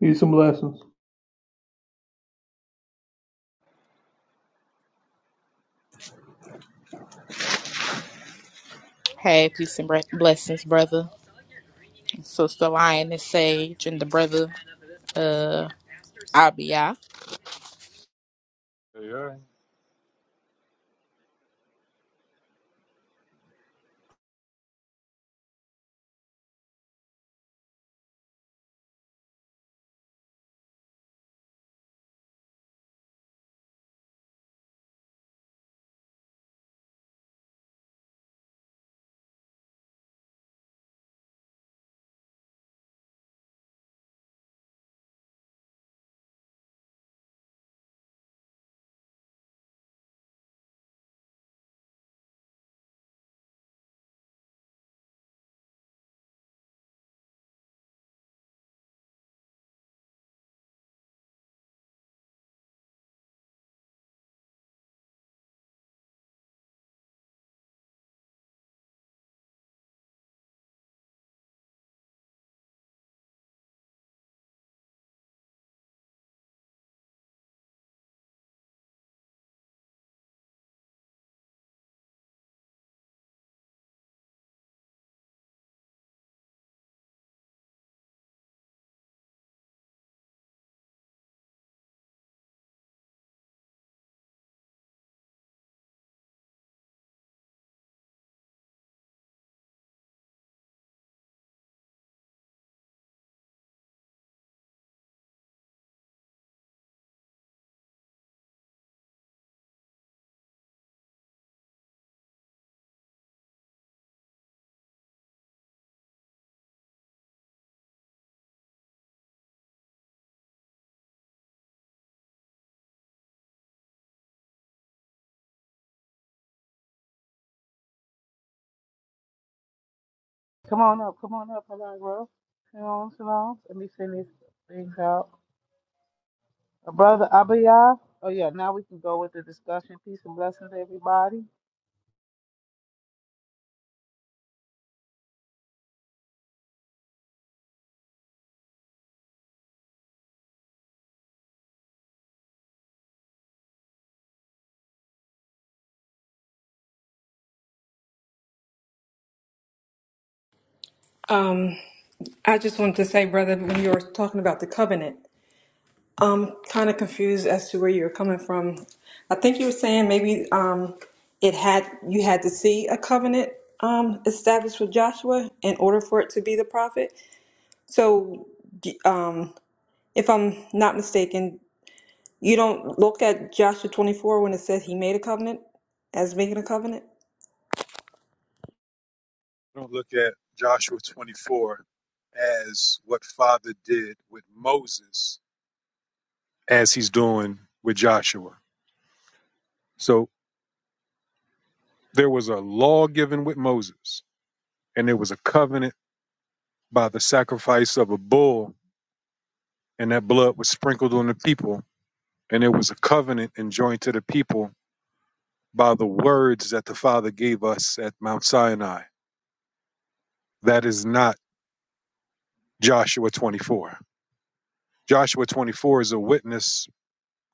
Peace and blessings. Hey, peace and bre- blessings, brother. and Sister Lion and Sage and the brother, uh, Abia. They Come on up, come on up, Allegra. Shalom, shalom. Let me send these things out. Uh, Brother Abiyah. Oh yeah, now we can go with the discussion. Peace and blessings, everybody. Um, I just wanted to say, brother, when you were talking about the covenant, I'm kind of confused as to where you're coming from. I think you were saying maybe um, it had you had to see a covenant um, established with Joshua in order for it to be the prophet. So, d- um, if I'm not mistaken, you don't look at Joshua 24 when it says he made a covenant as making a covenant. I don't look at Joshua 24 as what Father did with Moses as he's doing with Joshua. So there was a law given with Moses, and there was a covenant by the sacrifice of a bull, and that blood was sprinkled on the people. And there was a covenant enjoined to the people by the words that the Father gave us at Mount Sinai. That is not Joshua 24. Joshua 24 is a witness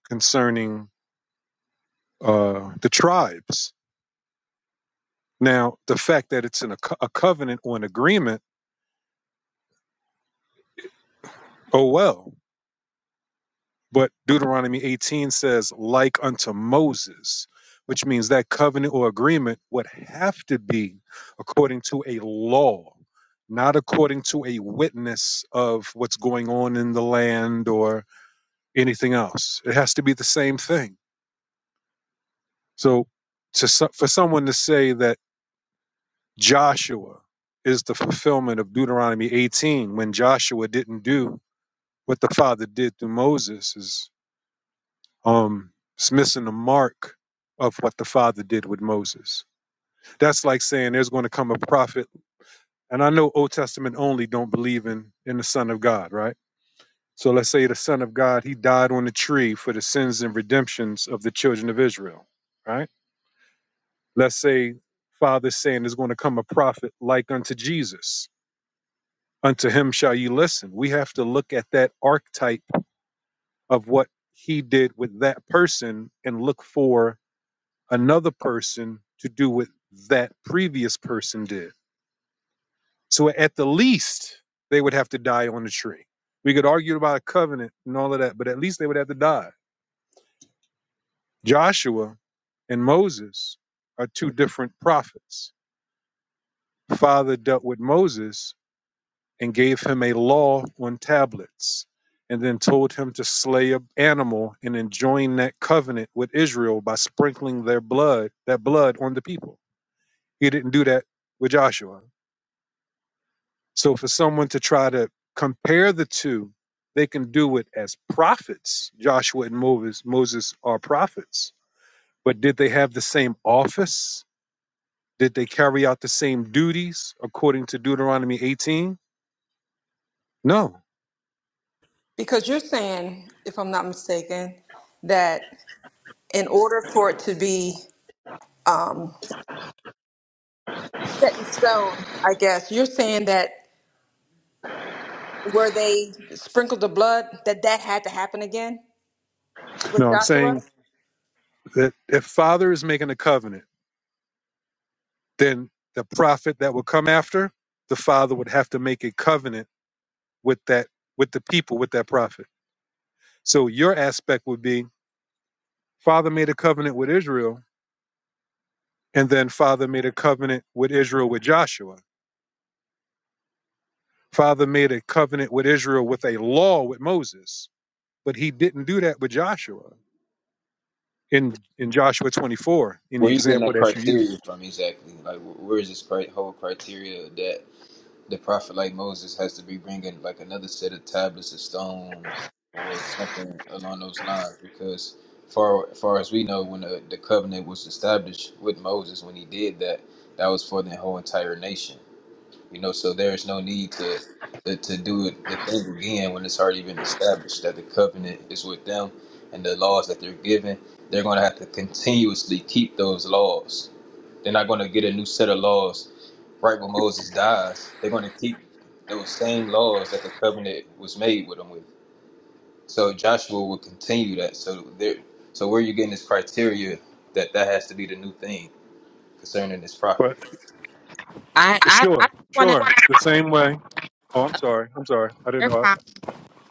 concerning uh, the tribes. Now, the fact that it's in a, co- a covenant or an agreement, oh well. But Deuteronomy 18 says, like unto Moses, which means that covenant or agreement would have to be according to a law, not according to a witness of what's going on in the land or anything else. It has to be the same thing. So, to, so- for someone to say that Joshua is the fulfillment of Deuteronomy 18 when Joshua didn't do what the Father did through Moses is um it's missing the mark of what the Father did with Moses. That's like saying there's going to come a prophet and I know Old Testament only don't believe in in the Son of God, right? So let's say the Son of God, he died on the tree for the sins and redemptions of the children of Israel, right? Let's say Father's saying there's going to come a prophet like unto Jesus unto him shall you listen. We have to look at that archetype of what he did with that person and look for another person to do what that previous person did. So at the least, they would have to die on the tree. We could argue about a covenant and all of that, but at least they would have to die. Joshua and Moses are two different prophets. Father dealt with Moses, and gave him a law on tablets, and then told him to slay an animal and enjoin that covenant with Israel by sprinkling their blood, that blood on the people. He didn't do that with Joshua. So for someone to try to compare the two, they can do it as prophets. Joshua and Moses, Moses are prophets. But did they have the same office? Did they carry out the same duties according to Deuteronomy 18? No. Because you're saying, if I'm not mistaken, that in order for it to be um, set in stone, I guess. You're saying that where they sprinkled the blood, that that had to happen again with No, I'm saying Joshua? that if father is making a covenant, then the prophet that would come after the father would have to make a covenant with that with the people with that prophet. So your aspect would be father made a covenant with Israel, and then father made a covenant with Israel with Joshua. Father made a covenant with Israel with a law with Moses, but he didn't do that with Joshua in in Joshua 24 in the Where you getting example that that you criteria used. from exactly? Like, wh- where is this cri- whole criteria that the prophet like Moses has to be bringing like another set of tablets of stone or something along those lines? Because far far as we know, when the, the covenant was established with Moses, when he did that, that was for the whole entire nation. You know, so there is no need to, to to do it the thing again when it's already been established that the covenant is with them and the laws that they're given. They're going to have to continuously keep those laws. They're not going to get a new set of laws right when Moses dies. They're going to keep those same laws that the covenant was made with them with. So Joshua will continue that. So there, so where are you getting this criteria that that has to be the new thing concerning this But prophet? I, I, I sure, just want to, sure, the same way. Oh, I'm uh, sorry. I'm sorry. I didn't you're fine.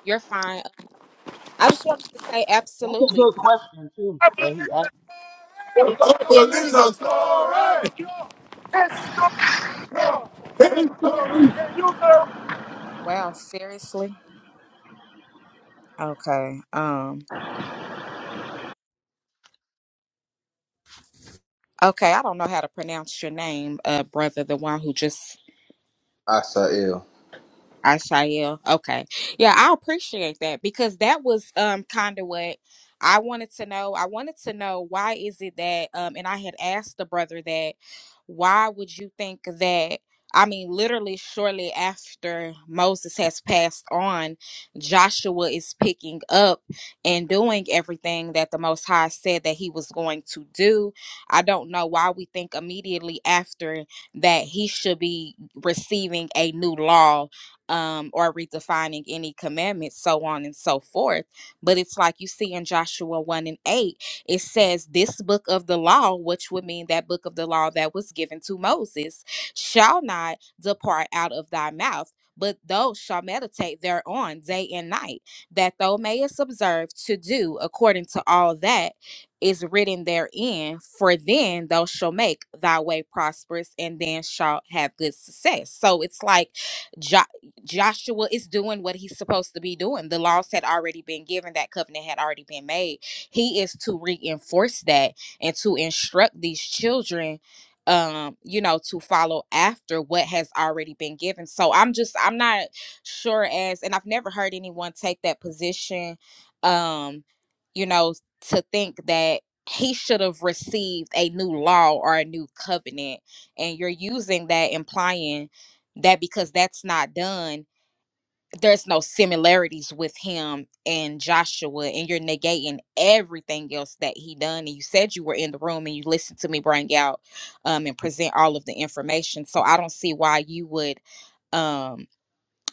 You're fine. I just wanted to say That's a absolutely. good Uh, question too that he The Bible is a story. His story. Wow, seriously? Okay. Um, okay. I don't know how to pronounce your name, uh, brother, the one who just Asael. Ashael. Okay. Yeah, I appreciate that because that was um kind of what I wanted to know. I wanted to know why is it that um and I had asked the brother that why would you think that I mean literally shortly after Moses has passed on, Joshua is picking up and doing everything that the most high said that he was going to do. I don't know why we think immediately after that he should be receiving a new law um, or redefining any commandments, so on and so forth. But it's like you see in Joshua 1 and 8, it says, This book of the law, which would mean that book of the law that was given to Moses, shall not depart out of thy mouth. But thou shalt meditate thereon day and night, that thou mayest observe to do according to all that is written therein. For then thou shalt make thy way prosperous, and then shalt have good success. So it's like Joshua is doing what he's supposed to be doing. The laws had already been given, that covenant had already been made. He is to reinforce that and to instruct these children um you know to follow after what has already been given so i'm just i'm not sure as and i've never heard anyone take that position um you know to think that he should have received a new law or a new covenant and you're using that implying that because that's not done there's no similarities with him and Joshua, and you're negating everything else that he done. And you said you were in the room and you listened to me bring out um, and present all of the information. So I don't see why you would. um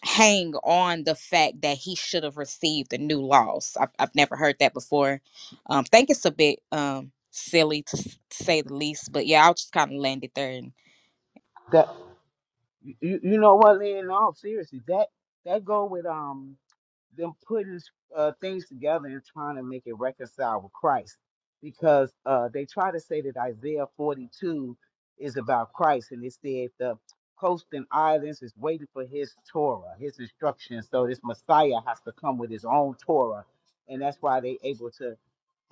hang on the fact that he should have received a new loss. I've, I've never heard that before. Um, think it's a bit um silly to s- say the least, but yeah, I'll just kind of land it there. And asked. You, you you know what, Lynn? In seriously, that that go with um them putting uh, things together and trying to make it reconcile with Christ, because uh they try to say that Isaiah 42 is about Christ, and it said the coast and islands is waiting for his Torah, his instruction. So this Messiah has to come with his own Torah, and that's why they able to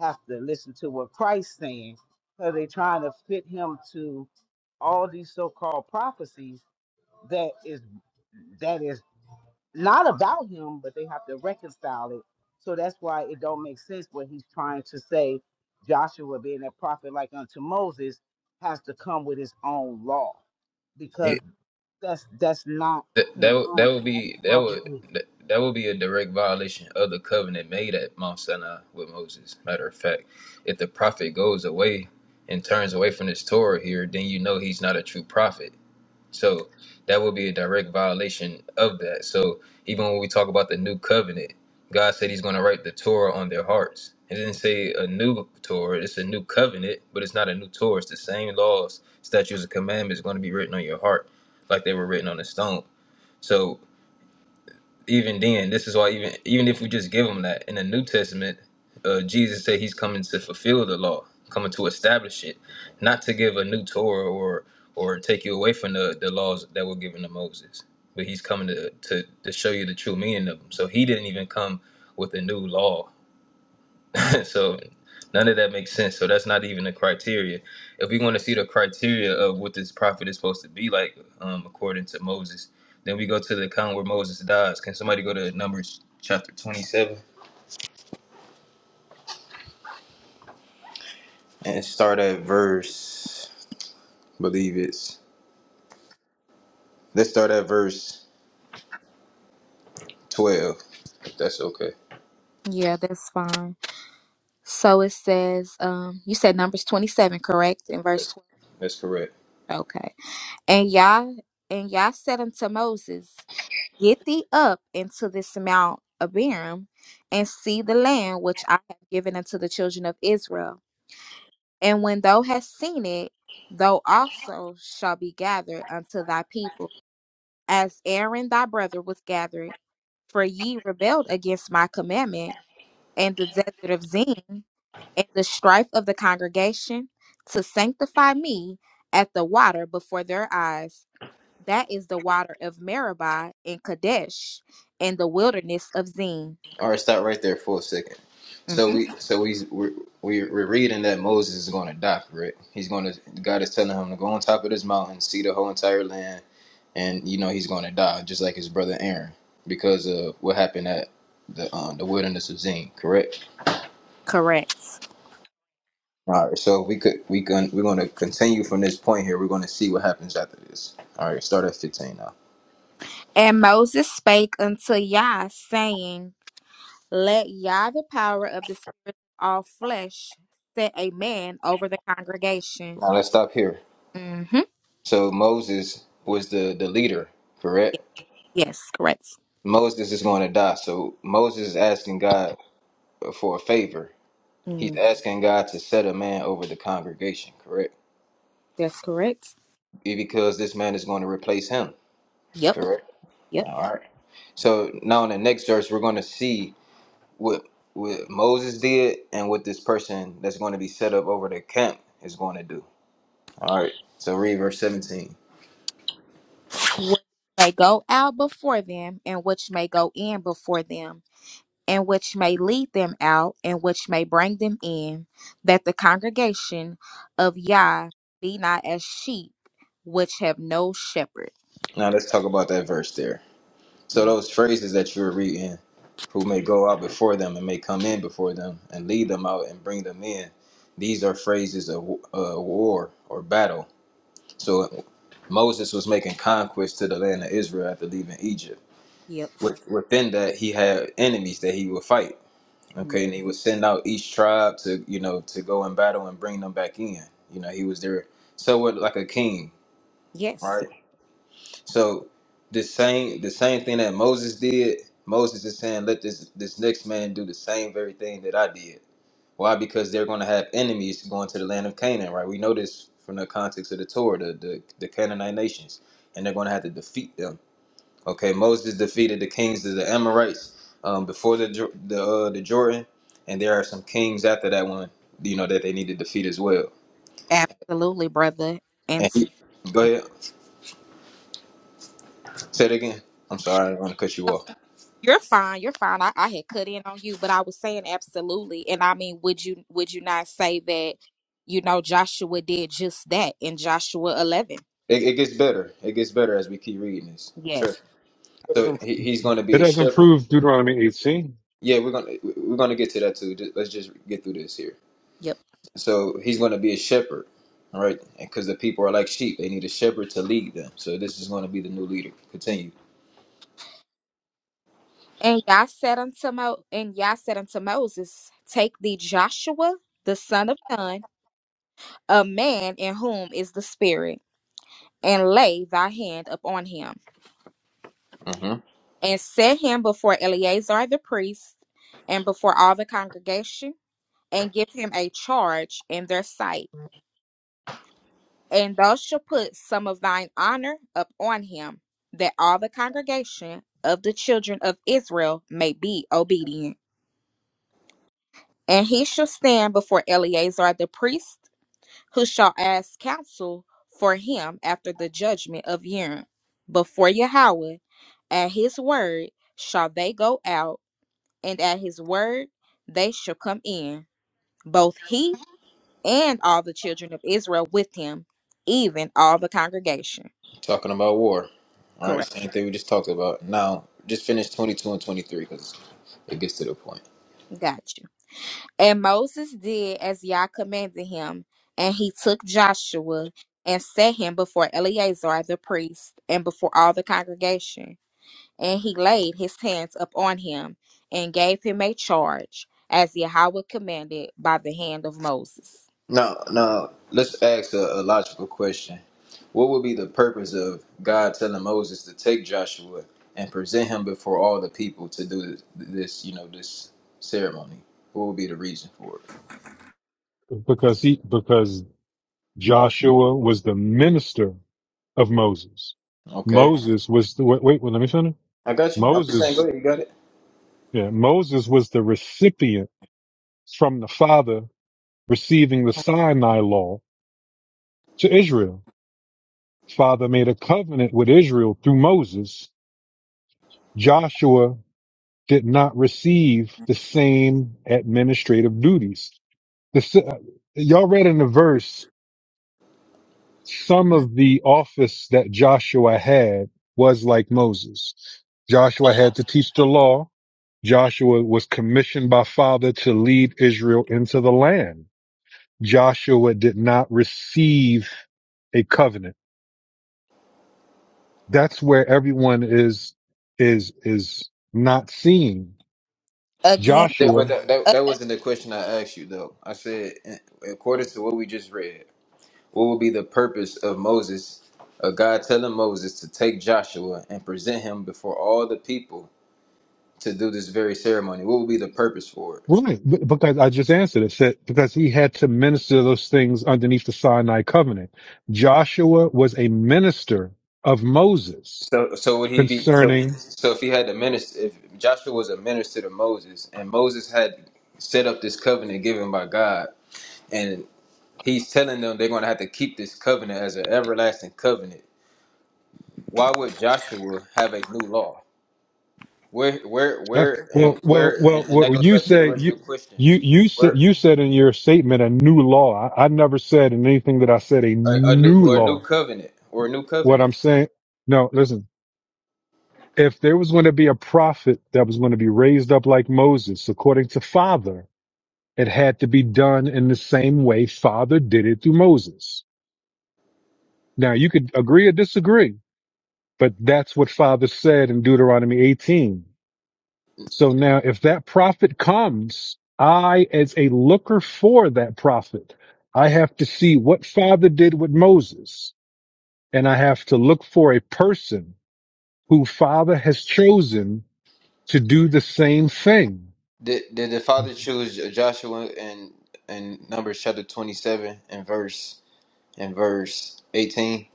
have to listen to what Christ's saying, because they trying to fit him to all these so-called prophecies that is that is not about him, but they have to reconcile it. So that's why it don't make sense when he's trying to say Joshua being a prophet like unto Moses has to come with his own law because that's that's not That that would- that congruent. would That's his be that brother would said. that, that would be a direct violation of the covenant made at Mount Sinai with Moses. Matter of fact, if the prophet goes away and turns away from this Torah here, then you know he's not a true prophet. So that would be a direct violation of that. So even when we talk about the new covenant, God said He's going to write the Torah on their hearts. It didn't say a new Torah; it's a new covenant, but it's not a new Torah. It's the same laws, statutes, and commandments going to be written on your heart, like they were written on a stone. So even then, this is why even even if we just give them that in the New Testament, uh, Jesus said he's coming to fulfill the law, coming to establish it, not to give a new Torah or or take you away from the, the laws that were given to Moses. But he's coming to, to to show you the true meaning of them. So he didn't even come with a new law so none of that makes sense. So that's not even a criteria. If we want to see the criteria of what this prophet is supposed to be like, um, according to Moses, then we go to the account where Moses dies. Can somebody go to Numbers chapter twenty-seven? And start at verse, believe it's. Let's start at verse 12, if that's okay. yeah, that's fine. So it says, um, you said numbers twenty-seven, correct? In verse twelve. That's correct. Okay. And Yah and Yah said unto Moses, Get thee up into this mount Abiram, and see the land which I have given unto the children of Israel. And when thou hast seen it, thou also shall be gathered unto thy people, as Aaron thy brother was gathered. For ye rebelled against my commandment, and the desert of Zin, and the strife of the congregation, to sanctify me at the water before their eyes. That is the water of Meribah and Kadesh and the wilderness of Zin. All right, stop right there for a second. So hmm we, so we, we're, we're reading that Moses is going to die for it. He's going to. God is telling him to go on top of this mountain, see the whole entire land, and you know he's going to die, just like his brother Aaron, because of what happened at the um, the wilderness of Zin. Correct. Correct. All right. So we could we can we're going to continue from this point here. We're going to see what happens after this. All right. Start at fifteen now. And Moses spake unto Yah, saying, Let Yah, the power of the Spirit of all flesh, set a man over the congregation. Now let's stop here. hmm So Moses was the the leader. Correct. Yes, correct. Moses is going to die. So Moses is asking God for a favor. He's Mm, asking God to set a man over the congregation, correct? that's correct. Be- Because this man is going to replace him, Yep, correct? yep. All right. So now in the next verse, we're going to see what what Moses did and what this person that's going to be set up over the camp is going to do. All right. So read verse 17. Which may go out before them and which may go in before them and which may lead them out, and which may bring them in, that the congregation of Yah be not as sheep which have no shepherd. Now let's talk about that verse there. So Mm, those phrases that you were reading, who may go out before them and may come in before them and lead them out and bring them in, these are phrases of uh, war or battle. So Moses was making conquest to the land of Israel after leaving Egypt. Yep. With- Within that, he had enemies that he would fight. Mm, Okay, and he would send out each tribe to you know to go in battle and bring them back in. You know, he was there, so like a king, Yes, right? So the same the same thing that Moses did, Moses is saying, let this this next man do the same very thing that I did. Why? Because they're going to have enemies going to the land of Canaan, right? We know this from the context of the Torah, the the, the Canaanite nations, and they're going to have to defeat them. Okay, Moses defeated the kings of the Amorites um, before the Jor- the uh, the Jordan, and there are some kings after that one, you know, that they need to defeat as well. absolutely, brother. And And he, so go ahead, say it again. I'm sorry, I don't want to cut you off. you're fine. You're fine. I, I had cut in on you, but I was saying absolutely. And I mean, would you would you not say that you know Joshua did just that in Joshua eleven? It, it gets better. It gets better as we keep reading this. Sure. Yes. So know. he, he's going to It be a doesn't shepherd. prove Deuteronomy 18 Yeah, we're gonna we're gonna get to that too. Just, let's just get through this here. Yep. So he's going to be a shepherd, all right? Because the people are like sheep; they need a shepherd to lead them. So this is going to be the new leader. Continue. And Yah said unto Mo- and Yah said unto Moses, Take thee Joshua the son of Nun, a man in whom is the Spirit, and lay thy hand upon him, hmm and set him before Eleazar the priest, and before all the congregation, and give him a charge in their sight. And thou shalt put some of thine honor upon him, that all the congregation of the children of Israel may be obedient. And he shall stand before Eleazar the priest who shall ask counsel for him after the judgment of Urim. Before Yahweh, at his word shall they go out, and at his word they shall come in, both he and all the children of Israel with him, even all the congregation. Talking about war. All right, Correct. same thing we just talked about. Now, just finish twenty two and twenty three because it gets to the point. Got you. And Moses did as Yah commanded him, and he took Joshua and set him before Eleazar the priest and before all the congregation And he laid his hands upon him and gave him a charge, as Yahweh commanded by the hand of Moses. Now, now let's ask a, a logical question. What would be the purpose of God telling Moses to take Joshua and present him before all the people to do this, this you know, this ceremony? What would be the reason for it? because he because Joshua was the minister of Moses. Okay, Moses was the wait, wait, let me finish. I got you. I'm just saying, go Moses, ahead, you got it. yeah, Moses was the recipient from the Father receiving the Sinai law to Israel. Father made a covenant with Israel through Moses. Joshua did not receive the same administrative duties. The, si- y'all read in the verse some of the office that Joshua had was like Moses. Joshua had to teach the law. Joshua was commissioned by Father to lead Israel into the land. Joshua did not receive a covenant. That's where everyone is, is, is not seeing. Again, Yeah, but Joshua that, that, uh, that wasn't the question I asked you though. I said, in- according to what we just read, what would be the purpose of Moses, of God telling Moses to take Joshua and present him before all the people to do this very ceremony? What would be the purpose for it? Right, but- because I just answered it. Said because he had to minister those things underneath the Sinai covenant. Joshua was a minister of Moses So, so would he be so? concerning. So, if he had to minister, if Joshua was a minister to Moses, and Moses had set up this covenant given by God, and he's telling them they're going to have to keep this covenant as an everlasting covenant, why would Joshua have a new law? Where, where, Uh, where, well, and well, where, well, and, and that well. goes You back to the say original you question: you you said where you said in your statement a new law. I, I never said in anything that I said a a, a new new or a new law. covenant or a new What covenant? I'm saying, no, listen. If there was going to be a prophet that was going to be raised up like Moses, according to Father, It had to be done in the same way Father did it through Moses. Now you could agree or disagree, but that's what Father said in Deuteronomy 18. So now if that prophet comes, I, as a looker for that prophet, I have to see what Father did with Moses and I have to look for a person who Father has chosen to do the same thing. Did did the father choose Joshua in in Numbers chapter twenty seven and verse and verse eighteen?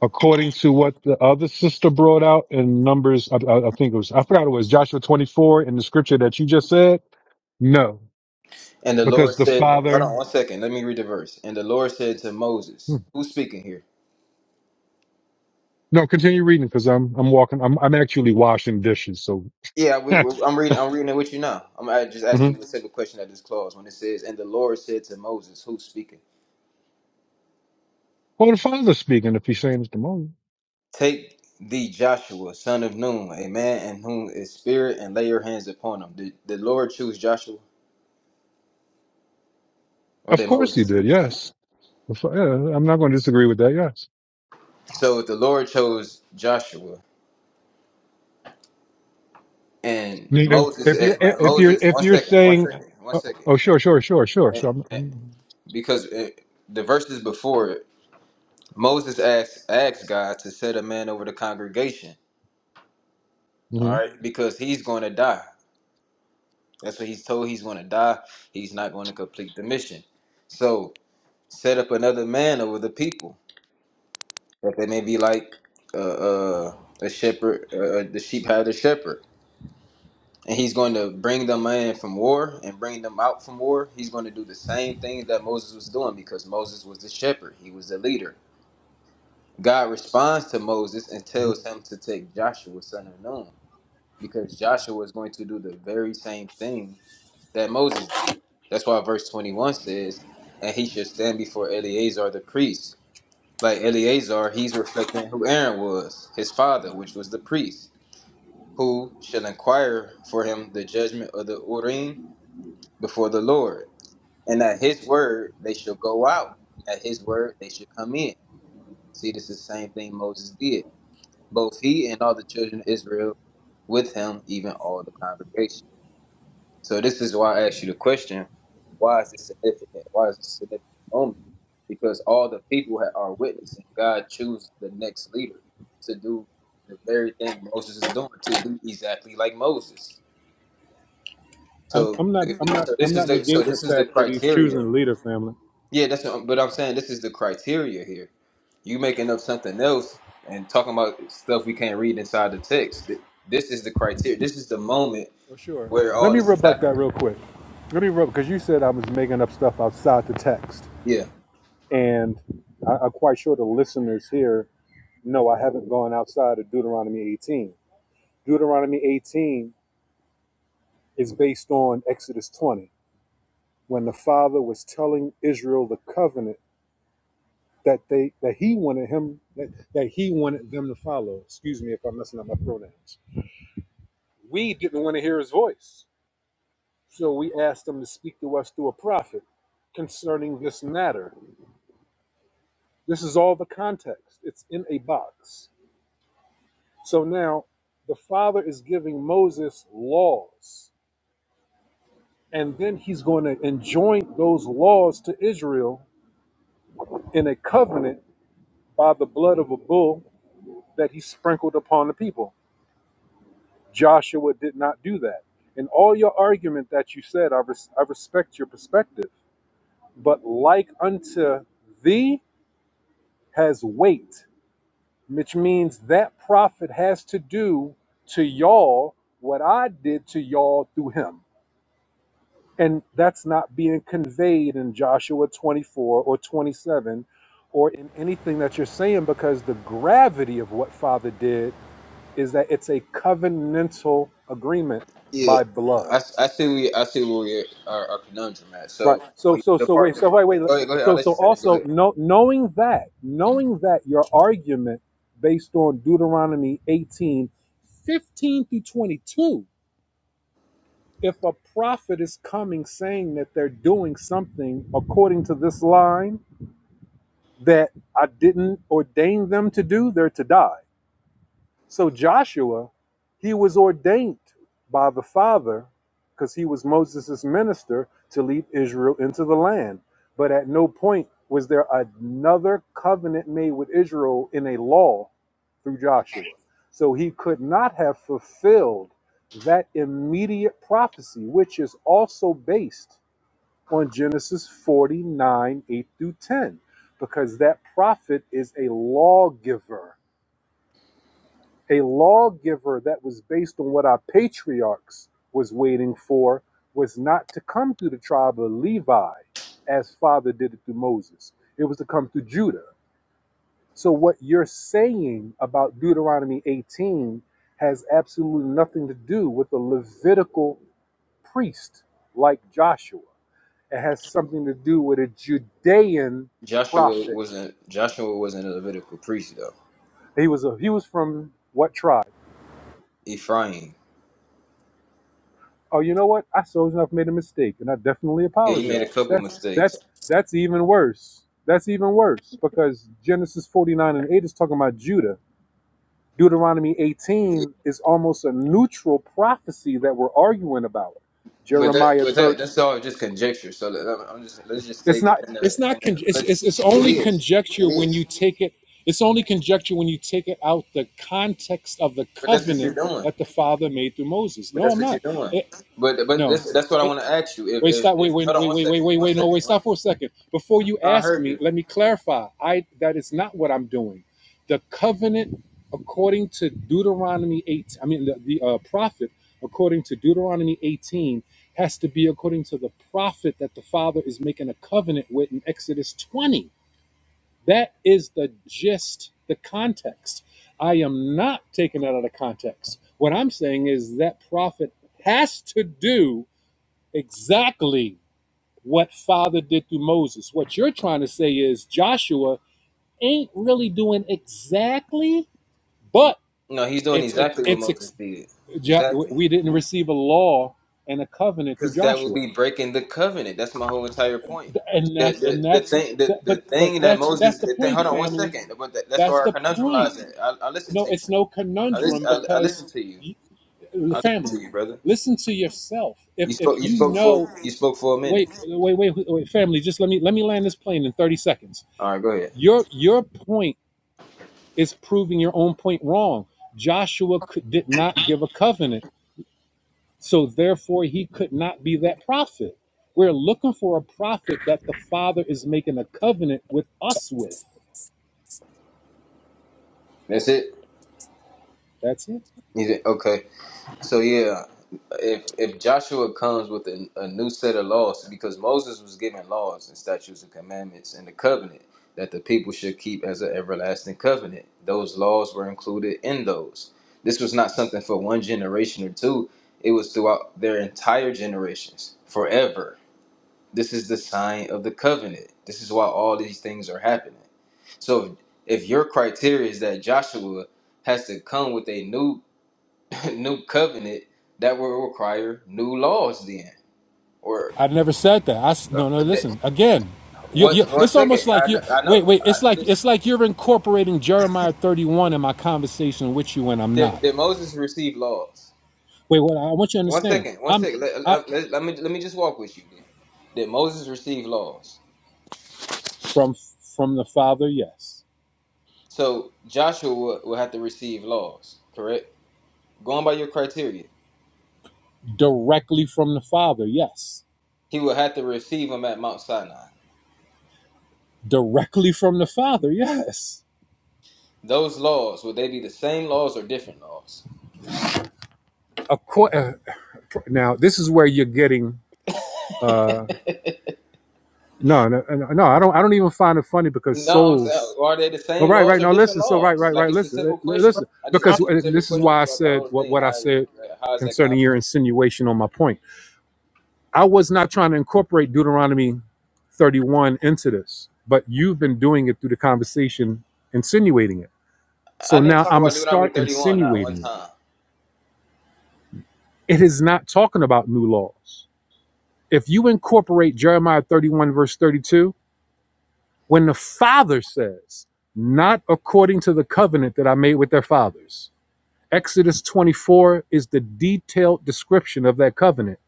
according to what the other sister brought out in Numbers, I, I, I think it was, I forgot it was Joshua 24 in the scripture that you just said? No, And the Lord because the said, "Hold father, on one second. Let me read the verse." And the Lord said to hmm. Moses, "Who's speaking here?" no, continue reading because I'm, I'm walking, I'm, I'm actually washing dishes. So, Yeah, we, we- I'm reading. I'm reading it with you now. I'm I just hmm asking you a simple question at this clause when it says, "And the Lord said to Moses, Who's speaking? well, the father's speaking if he's saying it's the moon. Take thee Joshua, son of Nun, a man in whom is spirit, and lay your hands upon him." Did the Lord choose Joshua, or Of did course he Moses? choose did. Joshua? Yes. The fa- yeah, I'm not going to disagree with that. Yes. So the Lord chose Joshua I and mean, If, Moses. if eh, you're, if you're, Moses, if one you're second, one saying, second, one oh, second. oh, sure, sure, sure, sure. Eh, So I'm, eh, I'm Because eh, the verses before it, Moses asked asked God to set a man over the congregation. mhm. All right, because he's going to die. That's what he's told. He's going to die. He's not going to complete the mission. So set up another man over the people that they may be like uh, uh, a shepherd. Uh, uh, the sheep had a shepherd. and he's going to bring them in from war and bring them out from war. He's going to do the same things that Moses was doing because Moses was the shepherd, he was the leader. God responds to Moses and tells him to take Joshua, son of Nun, because Joshua is going to do the very same thing that Moses did. That's why verse 21 says, and he should stand before Eleazar the priest. Like Eleazar, he's reflecting who Aaron was, his father, which was the priest, who shall inquire for him the judgment of the Urim before the Lord, and at his word they shall go out, and at his word they shall come in. See, this is the same thing Moses did. Both he and all the children of Israel with him, even all the congregation. So this is why I asked you the question, why is this significant? Why is this a significant moment? Because all the people are witnessing God choose the next leader to do the very thing Moses is doing, to be exactly like Moses. I'm, So, I'm not. I'm not. so I'm this is not the so negating the this is the fact that he's choosing criteria. a leader, family. Yeah, that's what, but I'm saying this is the criteria here. You making up something else and talking about stuff we can't read inside the text. Th- This is the criteria. This is the moment Oh, sure. where Let all me this is rebut that happening. real quick. Let me rebut because you said I was making up stuff outside the text, Yeah, and I, I'm quite sure the listeners here know I haven't gone outside of Deuteronomy 18. Deuteronomy 18 is based on Exodus 20, when the Father was telling Israel the covenant that they that he wanted him that, that he wanted them to follow. Excuse me if I'm messing up my pronouns. We didn't want to hear his voice So we asked them to speak to us through a prophet concerning this matter. This is all the context, it's in a box. So now the Father is giving Moses laws, and then he's going to enjoin those laws to Israel in a covenant by the blood of a bull that he sprinkled upon the people. Joshua did not do that. And all your argument that you said, I, res- I respect your perspective, but like unto thee has weight which means that prophet has to do to y'all what I did to y'all through him. And that's not being conveyed in Joshua 24 or 27 or in anything that you're saying because the gravity of what Father did is that it's a covenantal agreement yeah. by blood. I, I see we I see where we are, our our conundrum at. Right. So So when so the so wait. part, the So wait wait. part go ahead go ahead I'll So let so you finish. Go also ahead. no, knowing that knowing that your argument based on Deuteronomy 18, 15 through 22, if a prophet is coming saying that they're doing something according to this line that I didn't ordain them to do, they're to die. So Joshua, he was ordained by the Father because he was Moses' minister to lead Israel into the land. But at no point was there another covenant made with Israel in a law through Joshua. So he could not have fulfilled that immediate prophecy, which is also based on Genesis 49 8 through 10, because that prophet is a lawgiver a lawgiver that was based on what our patriarchs was waiting for was not to come through the tribe of Levi as father did it through Moses. It was to come through Judah. So what you're saying about Deuteronomy 18 has absolutely nothing to do with a Levitical priest like Joshua. It has something to do with a Judean Joshua prophet. wasn't Joshua wasn't a Levitical priest though. He was a he was from what tribe? Ephraim. oh, you know what? I so enough made a mistake, and I definitely Yeah, he made a apologize. couple That's mistakes. that's that's even worse. That's even worse because Genesis 49 and 8 is talking about Judah. Deuteronomy 18 is almost a neutral prophecy that we're arguing about. But that, Jeremiah but that, 30. that's all just conjecture. So let, I'm I'm just let's just stay It's not. within the. It's not. And Con- the it's, let's it's just, it's it only is, it conjecture when you is. take it. It's only conjecture when you take it out the context of the But that's what you're covenant doing. that the Father made through Moses. But No, that's I'm what not. you're doing. It, But but no. that's that's what I want to ask you. If, Wait, if stop. Wait, if wait, hold on wait, one wait, wait, second, wait, one wait. No, second. wait, One, stop for a second. Before you I ask heard me, you. let me clarify. I that is not what I'm doing. The covenant, according to Deuteronomy 8, I mean the, the uh, prophet, according to Deuteronomy 18, has to be according to the prophet that the father is making a covenant with in Exodus 20. That is the gist, the context. I am not taking that out of context. What I'm saying is that prophet has to do exactly what Father did through Moses. What you're trying to say is Joshua ain't really doing exactly, Mm, but No, he's doing it's exactly what it's, it's Moses did. Exactly, we didn't receive a law and a covenant through because that would Joshua, be breaking the covenant. That's my whole entire point. and The, that's and the, the that's thing the, the but but thing that that's that's Moses the the thing, point, hold on one family. second but that, that's That's where our the conundrum point. lies at I, I listen No, to you it's no I conundrum listen I, I because listen to you the I listen family. to you brother Listen to yourself. If You if spoke. You you spoke for. know, You spoke for a minute. wait, wait, wait, wait, family. Just let me let me land this plane in thirty seconds All right, go ahead. your your point Is proving your own point wrong. Joshua could, did not give a covenant, so therefore he could not be that prophet. We're looking for a prophet that the Father is making a covenant with us with. That's it. That's it. You did- okay. So yeah, if if Joshua comes with a, a new set of laws, because Moses was given laws and statutes and commandments and the covenant that the people should keep as an everlasting covenant. Those laws were included in those. This was not something for one generation or two. It was throughout their entire generations, forever. This is the sign of the covenant. This is why all these things are happening. So if, if your criteria is that Joshua has to come with a new new covenant, that will require new laws then. Or I never said that. I s- no no. that, Listen again. You, one you, one it's second, almost like I know, you I know. wait wait. I, It's like listen, it's like you're incorporating Jeremiah 31 in my conversation with you, and I'm did, not. did Moses receive laws? Wait, what? I want you to One understand. second, one I'm second. Let, I, let, let, let me let me just walk with you then. Did Moses receive laws? from from the Father. Yes, So Joshua will have to receive laws, correct? Going by your criteria. directly from the Father. Yes He will have to receive them at Mount Sinai. directly from the father yes Those laws, would they be the same laws or different laws? of course now this is where you're getting no no no no, i don't i don't even find it funny because No, I'm saying, souls are they the all same right laws right or now different listen so right laws? right right Like it's a listen simple question. listen well, I just um, because asked you uh, simple this is questions why i throughout the said whole what, thing. what i Now, said how is that concerning your complicated? insinuation on my point i was not trying to incorporate deuteronomy 31 into this but you've been doing it through the conversation insinuating it so I now didn't talk i'm gonna about Deuteronomy start 31 not one insinuating it time, it is not talking about new laws if you incorporate Jeremiah 31, verse 32, when the Father says, not according to the covenant that I made with their fathers, Exodus 24 is the detailed description of that covenant.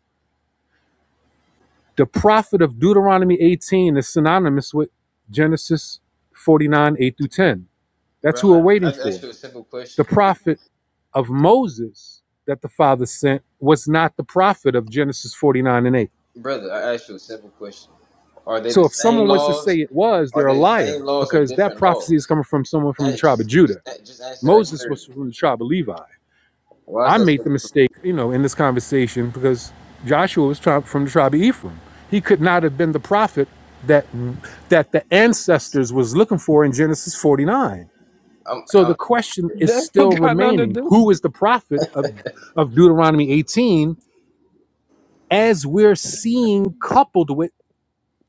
The prophet of Deuteronomy 18 is synonymous with Genesis 49, 8 through 10. That's bro. who we're I, I waiting just for. asked you a simple The question, prophet of Moses that the Father sent was not the prophet of Genesis 49 and 8 brother. I asked you a simple question. Are they the So if same someone was to say laws? it was, Are they're a they the same liar laws or because that different prophecy is laws? coming from someone from the Eh, tribe of Just, just, Judah. just answer that Moses clearly. was from the tribe of Levi. Why is I that made so the difficult? mistake, you know, in this conversation because Joshua was tri- from the tribe of Ephraim. He could not have been the prophet that that the ancestors was looking for in Genesis 49. So the question is That still don't got nothing to remaining: do. Who is the prophet of of Deuteronomy 18? As we're seeing, coupled with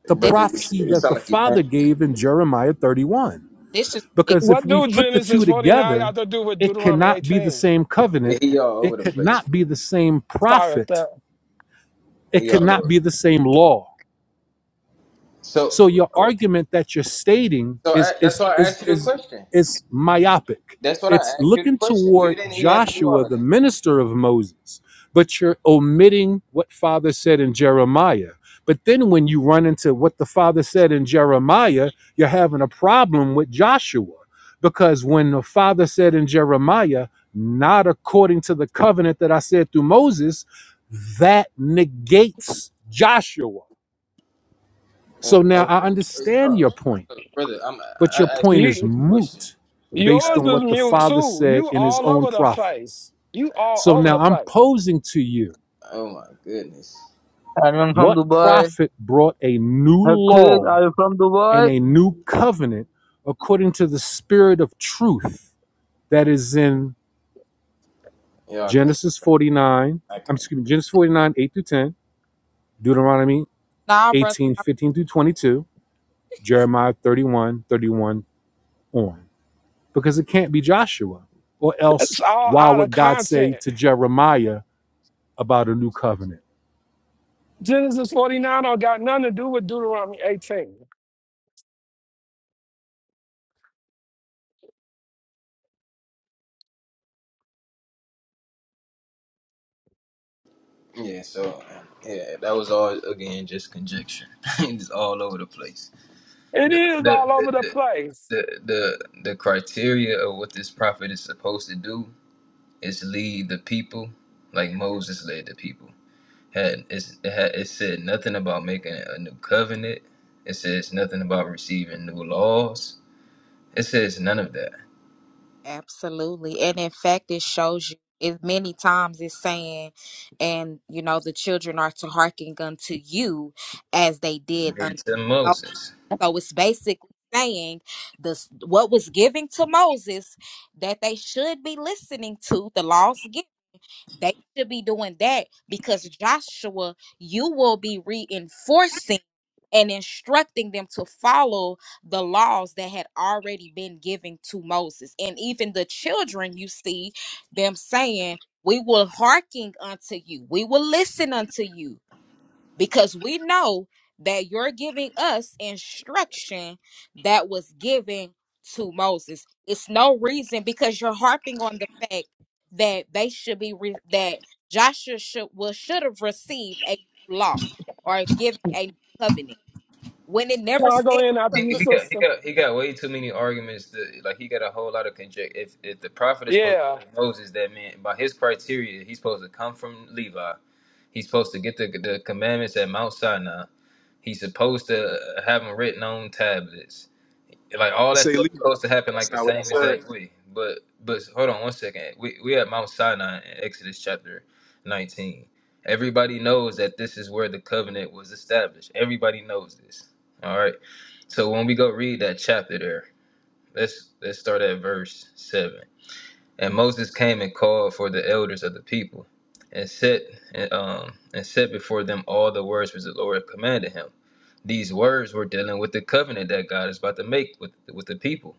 the this, brother. It's, prophecy it that the sound like you Father panicking. gave in Jeremiah 31. this is ridiculous. Because if What we do put the two Genesis 49 together, got to do with it Deuteronomy cannot be the 18? same covenant, Yeah, he all over it the could place. not be the same Sorry, at prophet, that. it He could all not over. be the same law. So, So your argument that you're stating so is I, that's is why I is asked you the is question. is myopic. That's what I It's asked you the looking question. You toward didn't. You had to do Joshua, all of the that. minister of Moses, but you're omitting what Father said in Jeremiah. But then when you run into what the Father said in Jeremiah, you're having a problem with Joshua. Because when the Father said in Jeremiah, not according to the covenant that I said through Moses, that negates Joshua. So Well, now okay, I understand your point Uh, brother. I'm. but I your I asked point you a is You, simple question. moot based I yours asked on you. is what the mute Father too. said You in his all own over the place. prophets. You all So over now the I'm place. posing to you Oh my goodness. Anyone from what Dubai? prophet brought a new Hakeem, law are you from Dubai? and a new covenant according to the spirit of truth that is in Y'all got it. Genesis 49, I I'm can't. excuse me, Genesis 49, 8 through 10, Deuteronomy Nah, brother. 18:15 through 22, Jeremiah 31:31 on. Because it can't be Joshua, or else That's all why out of would God say content. to Jeremiah, about a new covenant. Genesis 49 don't got nothing to do with Deuteronomy 18. Yeah. So, um, yeah, that was all again just conjecture. it's all over the place. It is the, all the, over the the, place. the the the criteria of what this prophet is supposed to do is lead the people like Moses led the people. Had it's, it, had, it said nothing about making a new covenant. It says nothing about receiving new laws. It says none of that. Absolutely. And in fact, it shows you it many times it's saying, and you know, the children are to hearken unto you as they did unto It's to Moses. Moses. So it's basically saying this what was given to Moses that they should be listening to the laws given. They should be doing that because Joshua, you will be reinforcing and instructing them to follow the laws that had already been given to Moses. And even the children, you see them saying, We will hearken unto you, we will listen unto you because we know that you're giving us instruction that was given to Moses. It's no reason because you're harping on the fact that they should be re- that Joshua should well should have received a law or given a covenant when it Can never I go said. in after He, you, he got he sister? got he got way too many arguments. That, like he got a whole lot of conjecture. If if the prophet is supposed to be Yeah. like Moses, that meant by his criteria, he's supposed to come from Levi. He's supposed to get the the commandments at Mount Sinai. He's supposed to have them written on tablets Like all that stuff is supposed to happen like That's the not what I same said. exact way. But but hold on one second. We we at Mount Sinai in Exodus chapter nineteen. Everybody knows that this is where the covenant was established. Everybody knows this. All right. So when we go read that chapter there, let's let's start at verse seven. And Moses came and called for the elders of the people, and set and, um and set before them all the words which the Lord commanded him. These words were dealing with the covenant that God is about to make with with the people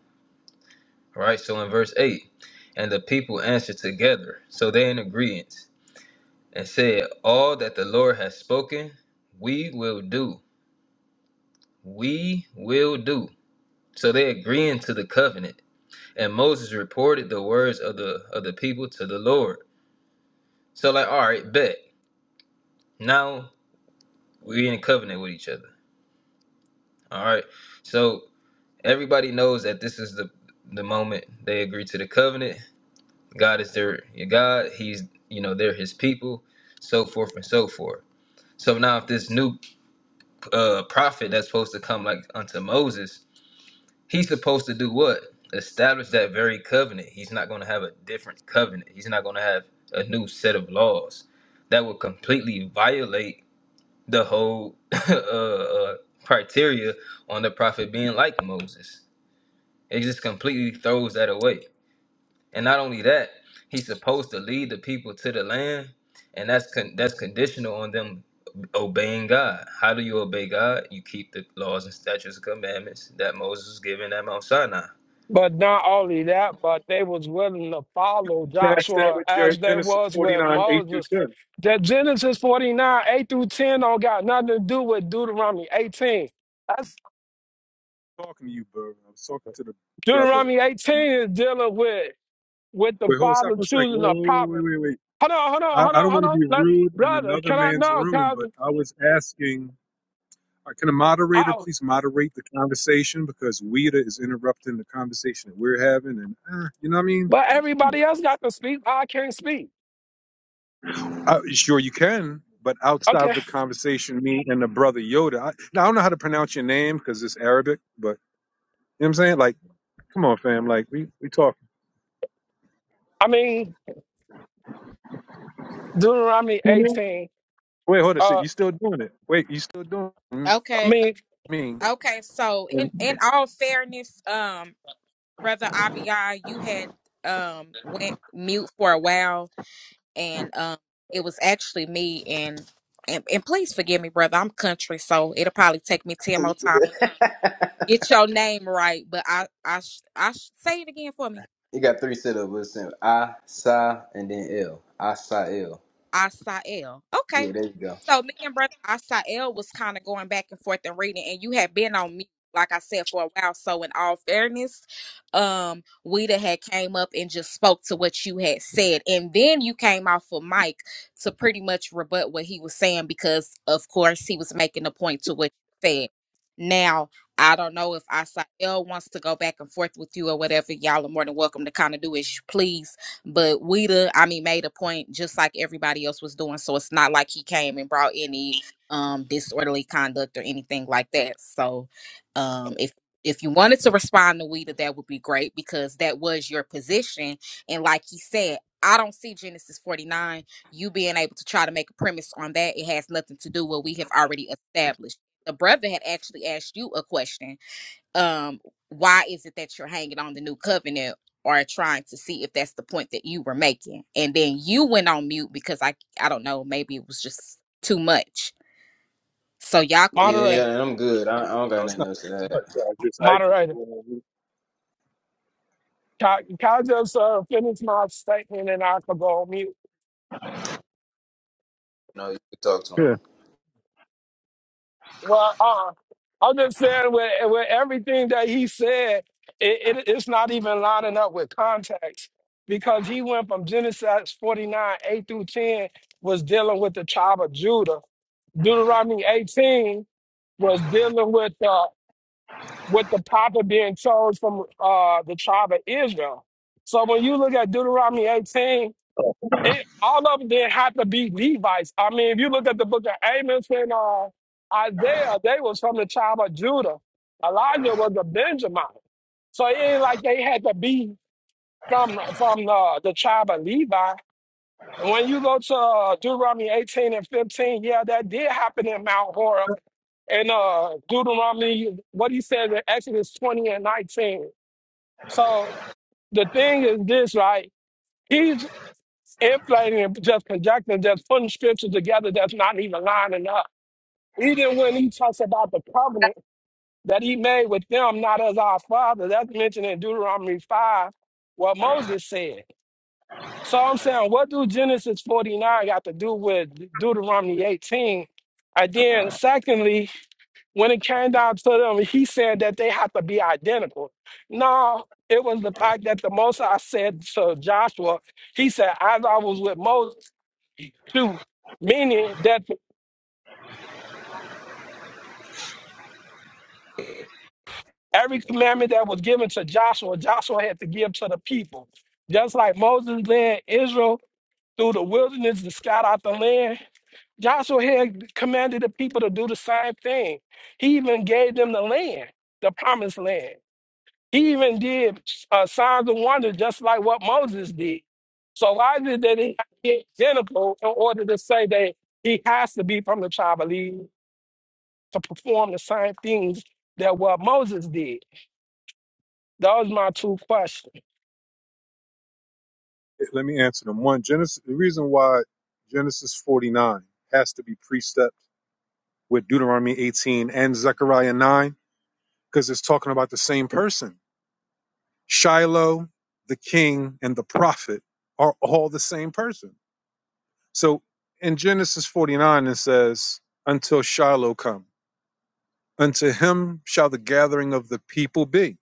Right? So in verse 8, and the people answered together, so they in agreement, and said, All that the Lord has spoken, we will do. We will do. So they agreeing to the covenant. And Moses reported the words of the of the people to the Lord. So like, all right, bet. Now we in covenant with each other. All right. So everybody knows that this is the the moment they agree to the covenant God is their God. He's you know they're His people, so forth and so forth. So now, if this new uh, prophet that's supposed to come like unto Moses, he's supposed to do what? Establish that very covenant. He's not going to have a different covenant. He's not going to have a new set of laws that would completely violate the whole uh, uh, criteria on the prophet being like Moses. It just completely throws that away. And not only that, he's supposed to lead the people to the land, and that's con- that's conditional on them obeying God. How do you obey God? You keep the laws and statutes and commandments that Moses was given at Mount Sinai. But not only that, but they was willing to follow Contrast that Joshua with your as they Genesis was with 49, 8 Moses. through 10. That Genesis 49, 8 through 10 don't got nothing to do with Deuteronomy 18. That's talking to you, bro. I was talking to the brother. Deuteronomy 18 is dealing with with the Wait, hold, stop father for a second. Whoa, choosing a whoa, wait, prophet. wait, wait. Hold on, hold on, I, hold I on, don't want hold to on. be Let- rude in brother, another can I man's know? room, Can but I was asking, uh, can a I, moderator I- please moderate the conversation because Weeda is interrupting the conversation that we're having, and uh, you know what I mean? but Like, everybody else got to speak. I can't speak. I, sure you can, but outside of Okay. the conversation, me and the brother Yoda. I, now I don't know how to pronounce your name because it's Arabic, but you know what I'm saying? Like. Come on, fam. Like we we talking. I mean, Deuteronomy 18. Wait, hold on a sec. Uh, You still doing it? Wait, you still doing it? I Okay, mean, me? okay. So And in in all fairness, um, brother Abiyah, you had um went mute for a while and um, it was actually me and, and and please forgive me, brother. I'm country, so it'll probably take me ten more times. Get your name right, but I I sh- I sh- say it again for me. You got three syllables. It's I, Sa, and then L. I, Sa, L. Asael. Okay, Yeah, there you go. So me and brother Asael was kind of going back and forth and reading, and you had been on me, like I said, for a while. So in all fairness, um, Weeda had came up and just spoke to what you had said, and then you came off of Mike to pretty much rebut what he was saying because, of course, he was making a point to what you said. Now I don't know if Asael wants to go back and forth with you or whatever. Y'all are more than welcome to kind of do as you please but Weeda, I mean, made a point just like everybody else was doing. So it's not like he came and brought any um disorderly conduct or anything like that. So um if if you wanted to respond to Weeda, that would be great because that was your position. And like he said, I don't see Genesis 49, you being able to try to make a premise on that. It has nothing to do with what we have already established. The brother had actually asked you a question um why is it that you're hanging on the new covenant or trying to see if that's the point that you were making and then you went on mute because i i don't know maybe it was just too much so y'all could Yeah, pick back moderator, yeah, yeah, I'm good. I, I don't no, got it's nothing not else to that. much. I just I actually moderator. just went on mute. Can, can I just uh, finish my statement and I could go on mute? Yeah. Well, uh, I'm just saying with, with everything that he said, it, it, it's not even lining up with context because he went from Genesis 49, 8 through 10 was dealing with the tribe of Judah. Deuteronomy 18 was dealing with the, with the prophet being chose from uh, the tribe of Israel. So when you look at Deuteronomy 18, It, all of them didn't have to be Levites. I mean, if you look at the book of Amos and uh, Isaiah, they was from the tribe of Judah. Elijah was a Benjamin. So it ain't like they had to be from from the, the tribe of Levi. And when you go to uh, Deuteronomy 18 and 15, yeah, that did happen in Mount Horeb. And uh, Deuteronomy, what he says in Exodus 20 and 19. So the thing is this, right? inflating and just conjecting, just putting scripture together that's not even lining up. Even when he talks about the covenant that he made with them, not as our father, that's mentioned in Deuteronomy 5, what Moses said. So I'm saying, what do Genesis 49 got to do with Deuteronomy 18? And then, secondly, when it came down to them, he said that they have to be identical. No, it was the fact that the Most I said to Joshua, he said, as I was with Moses, two, meaning that every commandment that was given to Joshua, Joshua had to give to the people. Just like Moses led Israel through the wilderness to scout out the land, Joshua had commanded the people to do the same thing. He even gave them the land, the promised land. He even did uh, signs and wonders, just like what Moses did. So why did they have to be identical in order to say that he has to be from the tribe of Levi? to perform the same things that what Moses did? Those my two questions. Let me answer them. One, Genesis. The reason why Genesis forty nine has to be precept with Deuteronomy eighteen and Zechariah nine because it's talking about the same person. Shiloh, the king, and the prophet are all the same person. So in Genesis forty nine, it says, "Until Shiloh come." Unto him shall the gathering of the people be.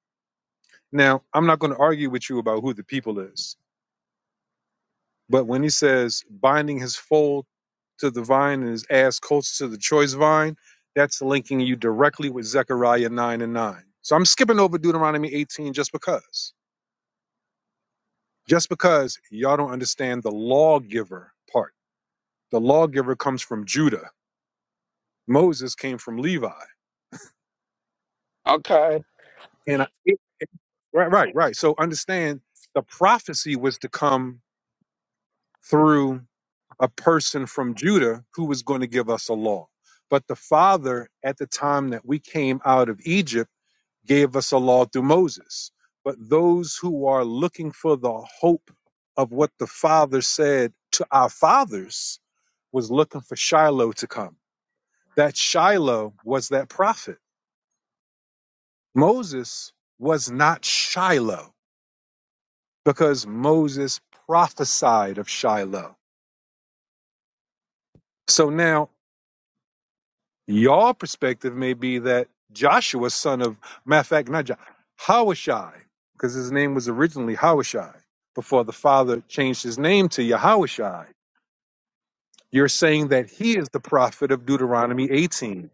Now, I'm not going to argue with you about who the people is, but when he says binding his foal to the vine and his ass coats to the choice vine, that's linking you directly with Zechariah 9 and 9. So I'm skipping over Deuteronomy 18 just because. Just because y'all don't understand the lawgiver part. The lawgiver comes from Judah. Moses came from Levi. Okay. And I, it- right, right, right. So understand the prophecy was to come through a person from Judah who was going to give us a law. But the Father, at the time that we came out of Egypt, gave us a law through Moses. But those who are looking for the hope of what the Father said to our fathers was looking for Shiloh to come. That Shiloh was that prophet. Moses was not Shiloh because Moses prophesied of Shiloh. So now Your perspective may be that Joshua, son of matter of fact, not Joshua, Hawashai, because his name was originally Hawashai before the father changed his name to Yahawashai. You're saying that he is the prophet of Deuteronomy 18.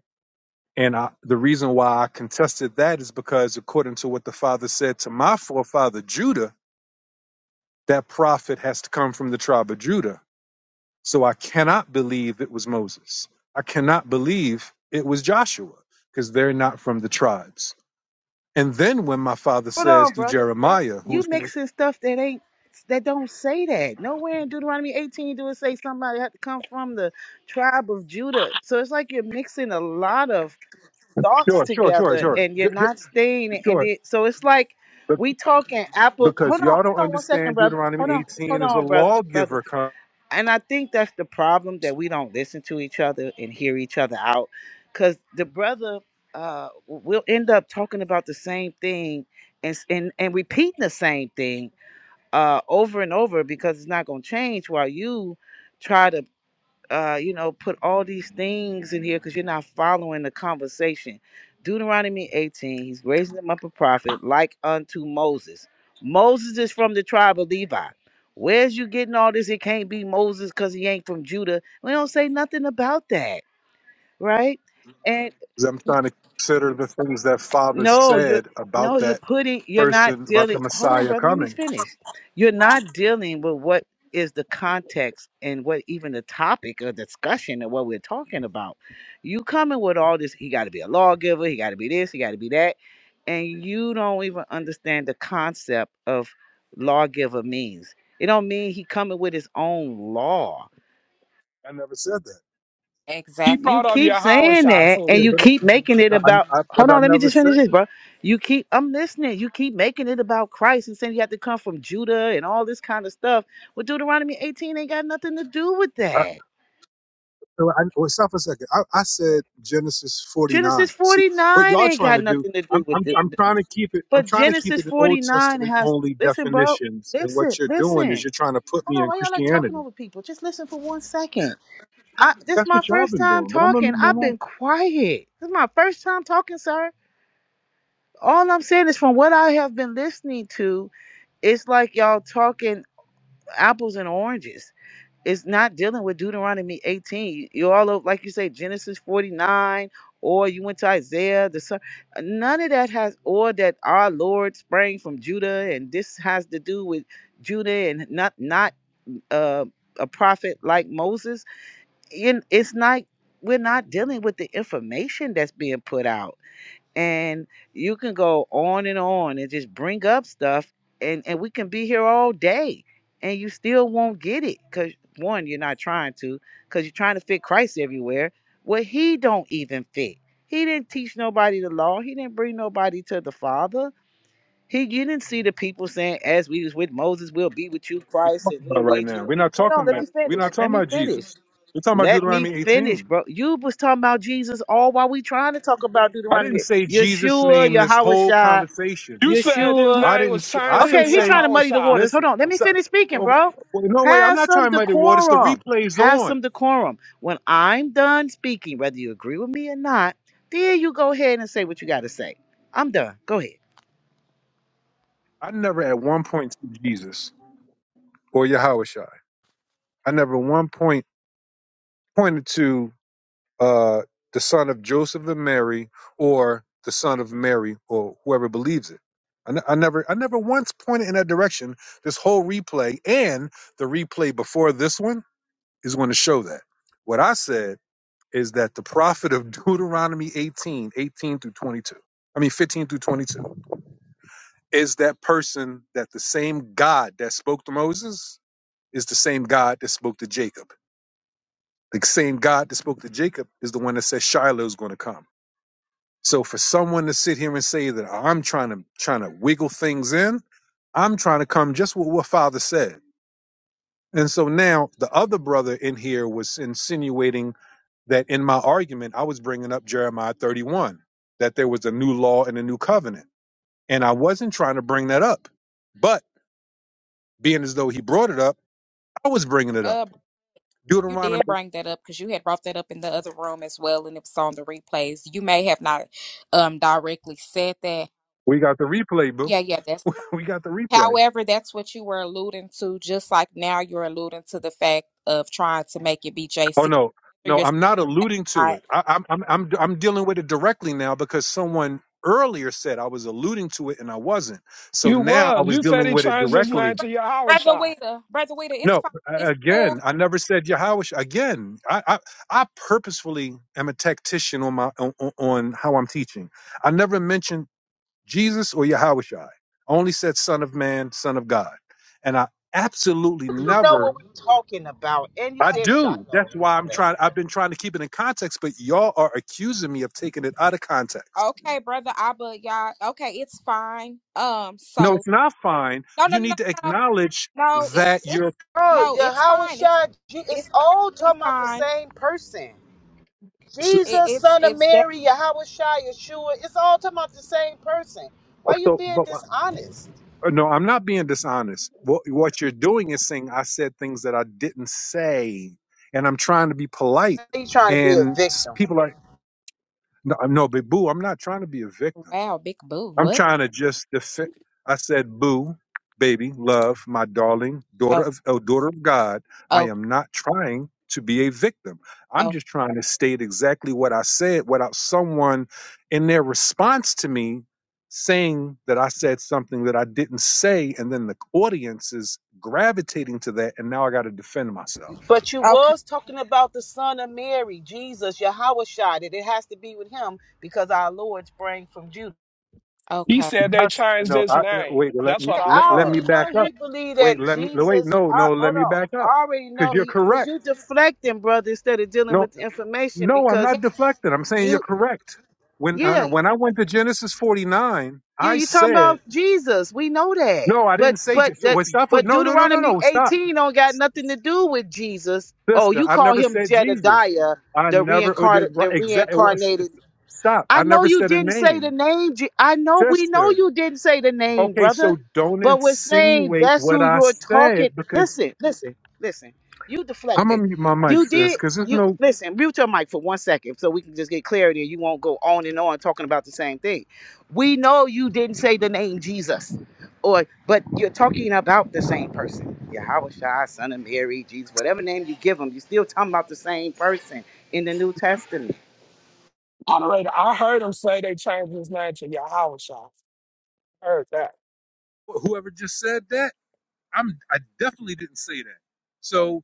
And I, the reason why I contested that is because, according to what the father said to my forefather Judah, that prophet has to come from the tribe of Judah. So I cannot believe it was Moses. I cannot believe it was Joshua because they're not from the tribes. And then when my father Hold says on, through brother. That Jeremiah, who is you mixing stuff that ain't that don't say that. Nowhere in Deuteronomy 18 do it say somebody had to come from the tribe of Judah. So it's like you're mixing a lot of thoughts sure, sure, sure, together sure, and you're Ju- ju- not staying it. and sure, it so it's like Be- we talking apple because hold on y'all hold don't on one second understand brother hold Deuteronomy on hold 18 as a on brother brother lawgiver. comes. and i think that's the problem that we don't listen to each other and hear each other out because the brother uh will end up talking about the same thing and s- and, and repeating the same thing uh over and over because it's not going to change while you try to uh, you know, put all these things in here because you're not following the conversation. Deuteronomy 18, he's raising him up a prophet like unto Moses. Moses is from the tribe of Levi. Where's you getting all this? It can't be Moses because he ain't from Judah. We don't say nothing about that, right? And. I'm trying to consider the things that father No, you're said no, about you're that putting you're not person, about dealing the hold on, Messiah brother, let me coming. finish. You're not dealing with what is the context and what even the topic of discussion and what we're talking about. You coming with all this, he gotta be a lawgiver, he gotta be this, he gotta be that, and you don't even understand the concept of lawgiver means. It don't mean he coming with his own law I never said that. He exactly you brought up keep saying Yahawashah that too. Yeah, and you but keep making it no, I, about I, but hold I on, let me never just said finish this, bro. that. You keep I'm listening. You keep making it about Christ and saying you have to come from Judah and all this kind of stuff. Well, Deuteronomy 18 ain't got nothing to do with that. So I, well, stop for a second. I, I said Genesis 49. Genesis See what 49 y'all ain't trying got to do. nothing to I'm, do with I'm it. I'm trying to keep it. I'm But trying to keep Genesis it in Old 49 Testament has only listen, bro. definitions. And what Listen, you're doing is listen. you're trying to put Hold me on, in why y'all like talking Christianity. over people? Just listen for one second. I this is That's what my y'all first been time doing. But I'm gonna talking. mute my I've mind. been quiet. This is my first time talking, sir. all I'm saying is from what I have been listening to, it's like y'all talking apples and oranges. It's not dealing with Deuteronomy 18. You all over, like you say Genesis 49, or you went to Isaiah. The son. None of that has, or that our Lord sprang from Judah, and this has to do with Judah and not not uh, a prophet like Moses. And it's not we're not dealing with the information that's being put out and you can go on and on and just bring up stuff and and we can be here all day and you still won't get it because one you're not trying to because you're trying to fit christ everywhere where he don't even fit he didn't teach nobody the law he didn't bring nobody to the father he you didn't see the people saying as we was with moses we'll be with you We're christ and talking about we'll right lead now. you We're not hold on talking let about. me We're finish not let talking me about finish Jesus. We're talking about let me Deuteronomy finish, 18. bro. You was talking about Jesus all while we trying to talk about I didn't Deuteronomy. say Jesus' Yeshua, name this Yahweh whole Shai, conversation. You said his Yeshua. I name didn't. was s- I changed to didn't Okay, he say. trying to muddy the Yahawashah. waters. Hold Listen. on. Let I'm me sorry. finish speaking, Oh, bro. well, no way. I'm Have not some trying about the water. It's the decorum. replays Have on. some decorum. When I'm done speaking, whether you agree with me or not, then you go ahead and say what you got to say. I'm done. Go ahead. I never at one point to Jesus or Yahushua. I never at one point pointed to uh, the son of Joseph and Mary or the son of Mary or whoever believes it. I ne- I never, I never once pointed in that direction. This whole replay and the replay before this one is going to show that. What I said is that the prophet of Deuteronomy 18, 18 through 22, I mean 15 through 22, is that person that the same God that spoke to Moses is the same God that spoke to Jacob. The same God that spoke to Jacob is the one that said Shiloh is going to come. So for someone to sit here and say that I'm trying to trying to wiggle things in, I'm trying to come just what what Father said. And so now the other brother in here was insinuating that in my argument I was bringing up Jeremiah 31, that there was a new law and a new covenant, and I wasn't trying to bring that up. But being as though he brought it up, I was bringing it uh up. you Deuteronomy. did bring that up because you had brought that up in the other room as well and it was on the replays you may have not um directly said that We got the replay, boo. yeah yeah that's fine. We got the replay. however that's what you were alluding to just like now you're alluding to the fact of trying to make it be Oh jc no, or no, your I'm not alluding to side. it. I, I'm I'm I'm I'm dealing with it directly now because someone earlier said I was alluding to it and I wasn't. So You now I was. was You said dealing he with it changed his name directly. to Brother Yahawashah. Weta, Brother Weta, it's No, fine. a- It's cool. again, I never said Yahweh. sh- Again, I, I I purposefully am a tactician on my on, on on how I'm teaching. I never mentioned Jesus or Yahweh. Shai. I only said Son of Man, Son of God, and I absolutely You know never what we're talking about. And you I said Shiloh do. That's and why all I'm that. trying. I've been trying to keep it in context, but y'all are accusing me of taking it out of context. Okay, brother Abba, y'all. Okay, it's fine. Um, No, so it's not fine. no, no, You no, no, need to no, acknowledge no. It's that you're. it's Bro, no, it's Yahweh fine. It's Shai, Je- it's it's all certainly talking about the fine. same person. So, It, Jesus, it's son of it's that. Mary, Yahweh Shai, Yeshua, it's all talking about the same person. Why you so- being but dishonest? uh, no, I'm not being dishonest. What, what you're doing is saying I said things that I didn't say, and I'm trying to be polite. You trying to be a And s- victim. people are no, no, but boo, I'm not trying to be a victim. Wow, big boo. I'm What? trying to just defend. I said, "Boo, baby, love, my darling daughter Oh, of oh, daughter of God." I oh, am not trying to be a victim. I'm oh. just trying to state exactly what I said without someone in their response to me saying that I said something that I didn't say, and then the audience is gravitating to that, and now I got to defend myself. But you Okay, was talking about the son of Mary, Jesus, Yahweh Shai, that it has to be with him because our Lord sprang from Judah. He okay. said they I, changed no, his I, wait, name. let That's me what Yeah, I let, I already heard. back know up. he believed that Wait, let me no, wait. Jesus. No, I, no, let hold me on. back up I already because know you're he because correct. you deflecting, brother, instead of dealing No, with the information No, I'm because Yeah. not deflected. I'm saying you're you correct. When uh, yeah when I went to Genesis 49, Yeah, I you talking said about Jesus. We know that. no. I But didn't say Je- but so, that well, stop. with- but No, no, no, no, Deuteronomy no. Stop, 18 don't got nothing to do with Jesus. Oh, sister. you I call never him said Jesus. Jedediah, I the never reincarnate the exactly reincarnated stop. I I know never you said a didn't say the name, name. Je- I know we know sister. you didn't say the name, Okay, brother. so don't But we're saying insinuate that's what who I you're said talking. because Listen, listen, listen. You I'm deflected. gonna mute my mic, You sis. did. Because there's You no listen. Mute your mic for one second so we can just get clarity, and you won't go on and on talking about the same thing. We know you didn't say the name Jesus, or but you're talking about the same person. Yahweh Shai, son of Mary, Jesus, whatever name you give him, you're still talking about the same person in the New Testament. Moderator, I heard him say they changed his name to Yahawashah. Heard that. whoever just said that. I'm I definitely didn't say that. So.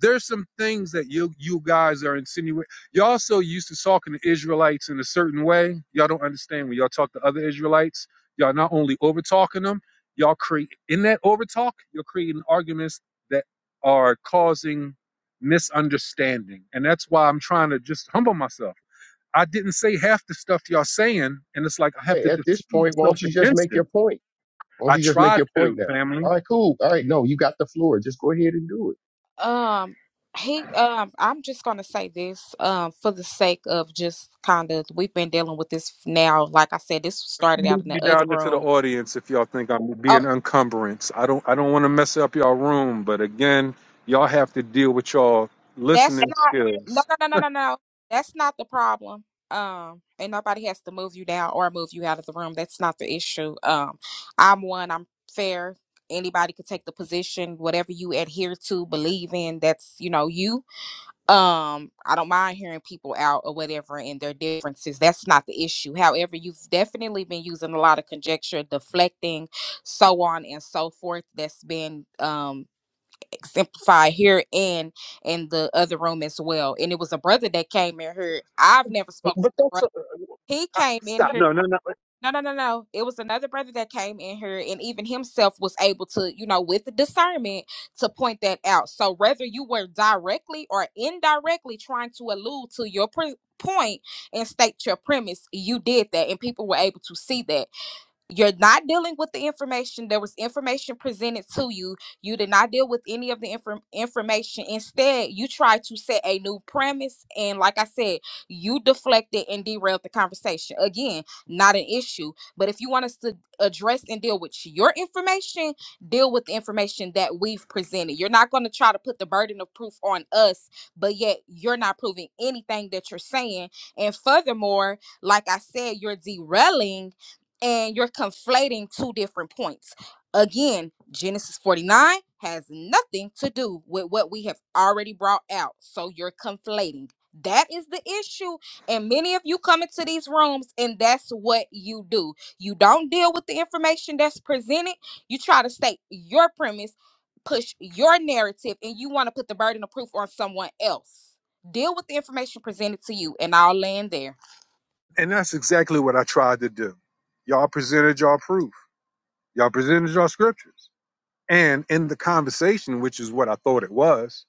there's some things that you you guys are insinuating. Y'all so used to talking to Israelites in a certain way. Y'all don't understand when y'all talk to other Israelites. Y'all not only over talking them, y'all create in that over talk, you're creating arguments that are causing misunderstanding. And that's why I'm trying to just humble myself. I didn't say half the stuff y'all saying, and it's like I have Okay, to at defend this point, why myself don't you just against make your it. point? Why don't I you just make tried your to, point now? family. All right, cool. All right, no, you got the floor. Just go ahead and do it. Um, he. Um, I'm just gonna say this. Um, for the sake of just kind of, we've been dealing with this now. Like I said, this started out in me the other down into the room. audience if y'all think I'm Oh, being encumbrance. I don't I don't want to mess up y'all room, but again, y'all have to deal with y'all That's listening not no skills. no no no no no. That's not the problem. Um, and nobody has to move you down or move you out of the room. That's not the issue. Um, I'm one. I'm fair. Anybody could take the position, whatever you adhere to, believe in. That's you know you. Um, I don't mind hearing people out or whatever and their differences. That's not the issue. However, you've definitely been using a lot of conjecture, deflecting, so on and so forth. That's been um exemplified here and in the other room as well. And it was a brother that came in here. I've never spoke to the brother. He came in here. No, no, no, no. It was another brother that came in here, and even himself was able to, you know, with the discernment, to point that out. So whether you were directly or indirectly trying to allude to your pre- point and state your premise, you did that, and people were able to see that you're not dealing with the information there was information presented to you you did not deal with any of the inform- information instead you tried to set a new premise and like i said you deflected and derailed the conversation again not an issue but if you want us to address and deal with your information deal with the information that we've presented you're not going to try to put the burden of proof on us but yet you're not proving anything that you're saying and furthermore like i said you're derailing and you're conflating two different points. Again, Genesis 49 has nothing to do with what we have already brought out. So you're conflating. That is the issue. And many of you come into these rooms and that's what you do. You don't deal with the information that's presented. You try to state your premise, push your narrative, and you want to put the burden of proof on someone else. Deal with the information presented to you, and I'll land there. And that's exactly what I tried to do. Y'all presented y'all proof. Y'all presented y'all scriptures. And in the conversation, which is what I thought it was,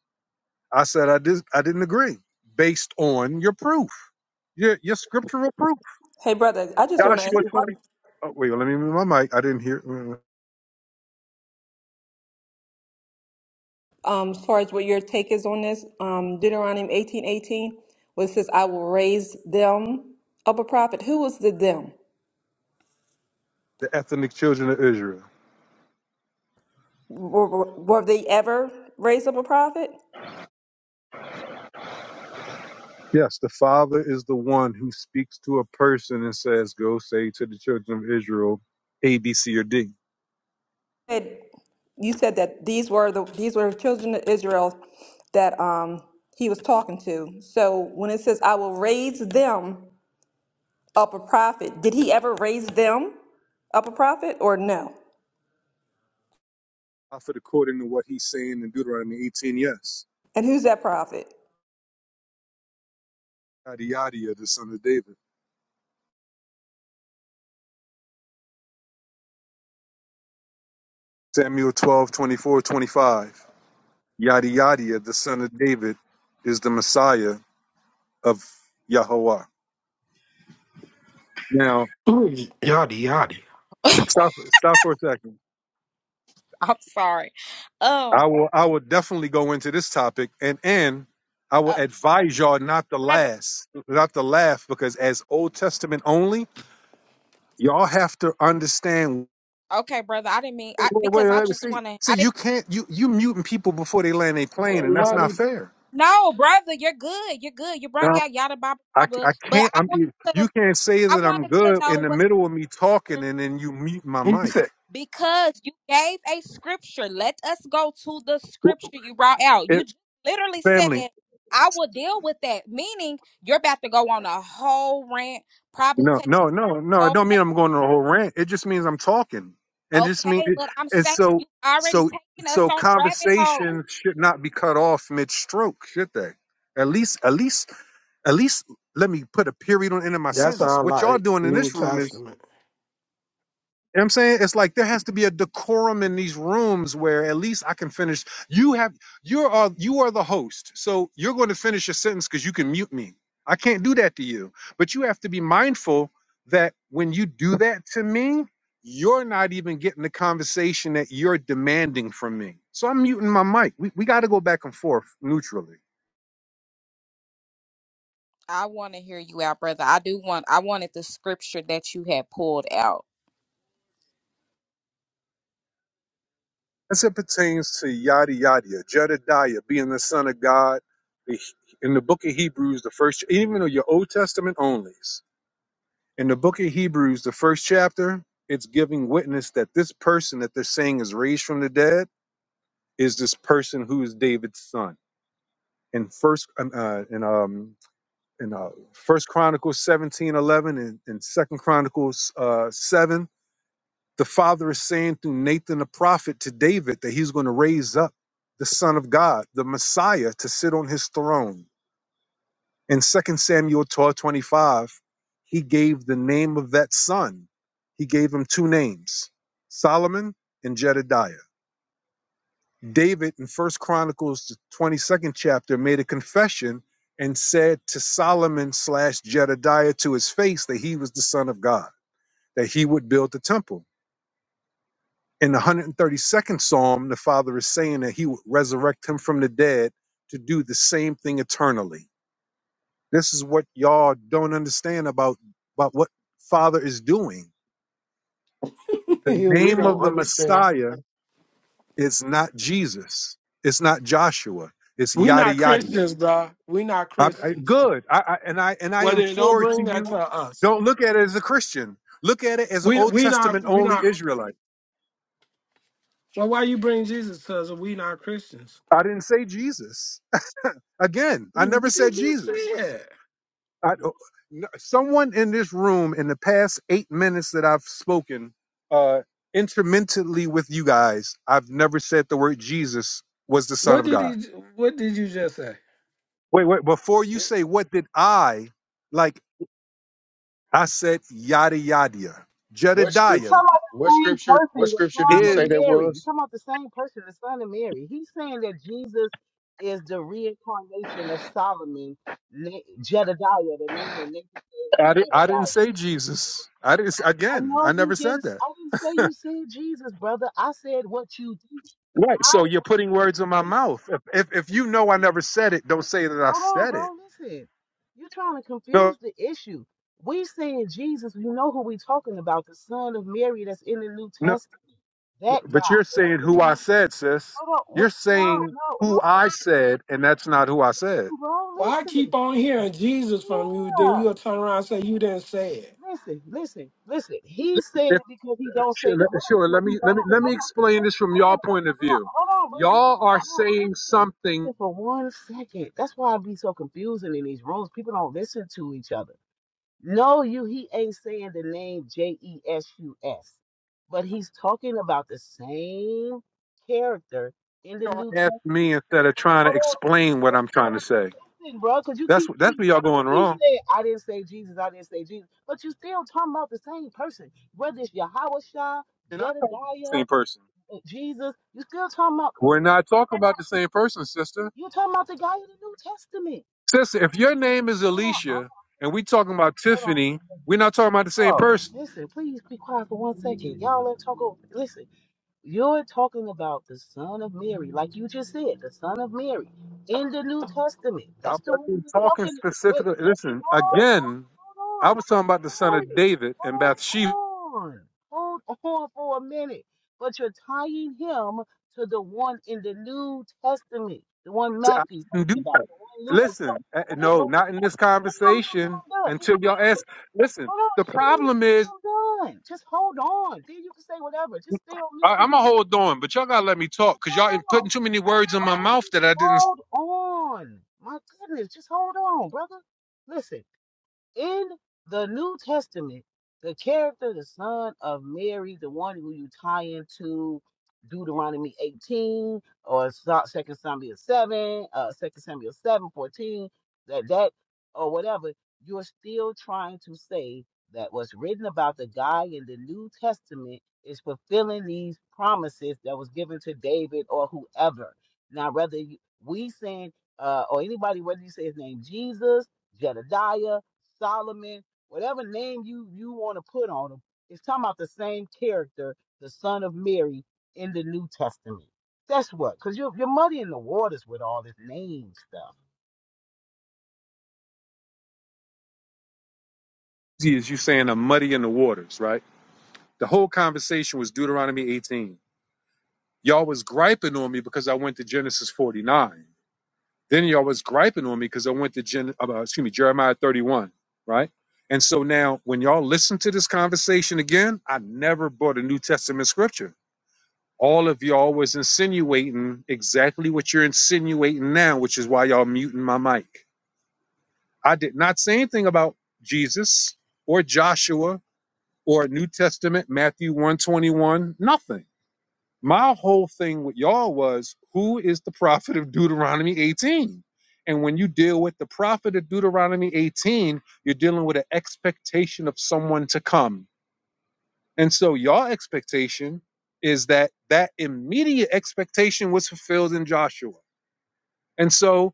I said I did I didn't agree based on your proof. Your your scriptural proof. Hey, brother, I just Joshua- want to ask you, what, Oh, wait, let me move my mic. I didn't hear mm, um, as far as what your take is on this, um, Deuteronomy 18:18 18, where it says, I will raise them up a prophet. Who was the them? the ethnic children of Israel. Were, were were they ever raised up a prophet? Yes, the Father is the one who speaks to a person and says, Go say to the children of Israel, A, B, C, or D. said- you said that these were the these were the children of Israel that um he was talking to. So when it says I will raise them up a prophet, did he ever raise them up a prophet or no? Prophet according to what he's saying in Deuteronomy 18, yes. And who's that prophet? Yadiadia, the son of David. Samuel 12, 24, 25. Yadiadia, the son of David, is the Messiah of Yahweh. Now, Ooh, yada yada. stop, stop for a second. I'm sorry. Um, I will I will definitely go into this topic and and I will uh, advise y'all not to brother. last, not to laugh, because as Old Testament only, y'all have to understand. Okay, brother. I didn't mean Wait, I, wait, because wait, I let me just see. want to. See, I didn't. you can't you you muting people before they land a He plane, said, and that's not Lottie, fair. No, brother. You're good. You're good. You brung Now, out yada baba I baba. I But can't. I I'm wanted to. you can't say I that I'm wanted to good in know the whether middle of me talking, and then you mute my mic. because you gave a scripture. Let us go to the Well, scripture you brought out. It, You just literally said. family, I will deal with that. Meaning, you're about to go on a whole rant, probably No, take no, no, no. a It whole don't mean I'm going on a whole rant. It just means I'm talking. And just mean Okay, it, but I'm and saying so you already so taking us so on the rabbit hole. conversations should not be cut off mid stroke, should they? At least at least at least let me put a period on the end of my That sentence. sound What y'all like doing in New this room is Testament. you know what I'm saying it's like there has to be a decorum in these rooms where at least I can finish. You have you are you are the host, so you're going to finish your sentence because you can mute me. I can't do that to you. But you have to be mindful that when you do that to me, you're not even getting the conversation that you're demanding from me. So I'm muting my mic. We we got to go back and forth neutrally. I want to hear you out, brother. I do want. I wanted the scripture that you had pulled out. as it pertains to yada yada, Jedediah being the son of God, the, in the book of Hebrews, the first, even in your Old Testament onlys, in the book of Hebrews, the first chapter, it's giving witness that this person that they're saying is raised from the dead is this person who is David's son. In first, um, uh, in um, in uh, First Chronicles seventeen eleven and, and Second Chronicles uh, seven, The Father is saying through Nathan the prophet to David that he's going to raise up the Son of God, the Messiah, to sit on his throne. In 2 Samuel 12:25, he gave the name of that son. He gave him two names, Solomon and Jedediah. David in First Chronicles the 22nd chapter made a confession and said to Solomon slash Jedediah to his face that he was the son of God, that he would build the temple. In the 132nd Psalm, the Father is saying that He would resurrect him from the dead to do the same thing eternally. This is what y'all don't understand about, about what Father is doing. The we name don't of the understand. Messiah is not Jesus. It's not Joshua. It's We yada not yada. Christians, bro. We not I, I, Christians. good. I, I, and I and I Well, then don't implore to bring that you, to us. don't look at it as a Christian. Look at it as an We Old we not Testament we only not. Israelite. Well, why you bring Jesus to us? if We not Christians. I didn't say Jesus. Again, I never What said did you just Jesus. say? I, uh, n- someone in this room in the past eight minutes that I've spoken uh, intermittently with you guys, I've never said the word Jesus was the Son What of did God. he? What did you just say? Wait, wait. Before you wait, say what did I like, I said yada yada. what You're scripture? Jedediah talking about the What same scripture? person, What the scripture did son you of is. say that Mary. You're was? talking about the same person, the son of Mary. He's saying that Jesus is the reincarnation of Solomon, Na- Jedediah, the name that Nathan gave him, I, di- I didn't Jedediah. say Jesus. I didn't. s- I Again, I know you never said didn't. that. I didn't say you said Jesus, brother. I said what you did. Right. I, So you're putting words in my this, mouth. If this, if, if you know I this, never said it, don't say that I Hold on, said it. bro. Listen, you're trying to No. confuse the issue. We saying Jesus. You know who we talking about? The Son of Mary that's in the New No. Testament. That guy. But you're that's saying in who the I New- said, sis. Hold on. we- You're no, saying no, no, who no. no, I said, and that's not who I said. Listen, bro. Well, I keep Listen. on hearing Jesus from you. Then Yeah. you'll turn around and say you didn't say it. Listen, listen, listen. He's saying If, it because he don't say sure, that. let Hold on, sure, let hold me on, let hold me on, let me hold explain this from on, y'all hold point of on, view. hold on, bro. Y'all are No, no, saying listen, something. listen for one second. That's why I be so confusing in these rooms. People don't listen to each other. No, you he ain't saying the name J E S U S, but he's talking about the same character in the Y'all New ask me Testament. instead of trying to Hold explain what on, I'm trying to say. listen, bro, because you That's keep what- that's you where y'all going keep wrong. saying I didn't say Jesus, I didn't say Jesus, but you still talking about the same person, whether it's Yahweh Shah, You're not talking to the Jedediah, same person. uh, Jesus. You still talking about We're not talking about the same person, sister. you talking about the guy in the New Testament. Sister, if your name is Hold on, hold on, Alicia and we talking about hold on. Tiffany, we're not talking about the same Bro, person. listen, please be quiet for one second. Y'all let talk over. Listen. You're talking about the son of Mary, like you just said, the son of Mary in the New Testament. I That's the one wasn't we're talking talking. Wait, specifically. Listen, hold again, I on, bro, was talking about the son of David and hold on, Bathsheba. hold on, hold on for a minute. But you're tying him to the one in the New Testament, the one I Matthew's didn't talking do, about, the one Luke is listen, talking. uh, no, Listen, not in this listen, just be on mute till conversation I'm done. Just until be y'all on ask. mute. Listen, Hold on, the just be on mute problem till is, I'm done. Just hold on. Then you can say whatever. Just stay on mute I, till I'm you going to do. hold on, but y'all got to let me talk because y'all in- Hold putting on. too many words in my Oh, mouth just that I didn't hold on. My goodness, just hold on, brother. Listen in the New Testament, the character, the son of Mary, the one who you tie into Deuteronomy 18 or Second Samuel 7, uh, 2 Samuel 7 14, that, that, or whatever, you're still trying to say that what's written about the guy in the New Testament is fulfilling these promises that was given to David or whoever. Now, whether you, we saying, uh, or anybody, whether you say his name Jesus, Jedediah, Solomon, whatever name you you want to put on him, it's talking about the same character, the son of Mary in the New Testament. That's what, because you're you're muddying the waters with all this name stuff. see as you saying I'm muddy in the waters, right? The whole conversation was Deuteronomy 18. Y'all was griping on me because I went to Genesis 49. Then y'all was griping on me because I went to Gen, uh, excuse me, Jeremiah 31, right? And so now when y'all listen to this conversation again, I never brought a New Testament scripture. All of y'all was insinuating exactly what you're insinuating now, which is why y'all muting my mic. I did not say anything about Jesus or Joshua or New Testament, Matthew 121, nothing. My whole thing with y'all was who is the prophet of Deuteronomy 18? And when you deal with the prophet of Deuteronomy 18, you're dealing with an expectation of someone to come. And so y'all expectation is that that immediate expectation was fulfilled in Joshua. And so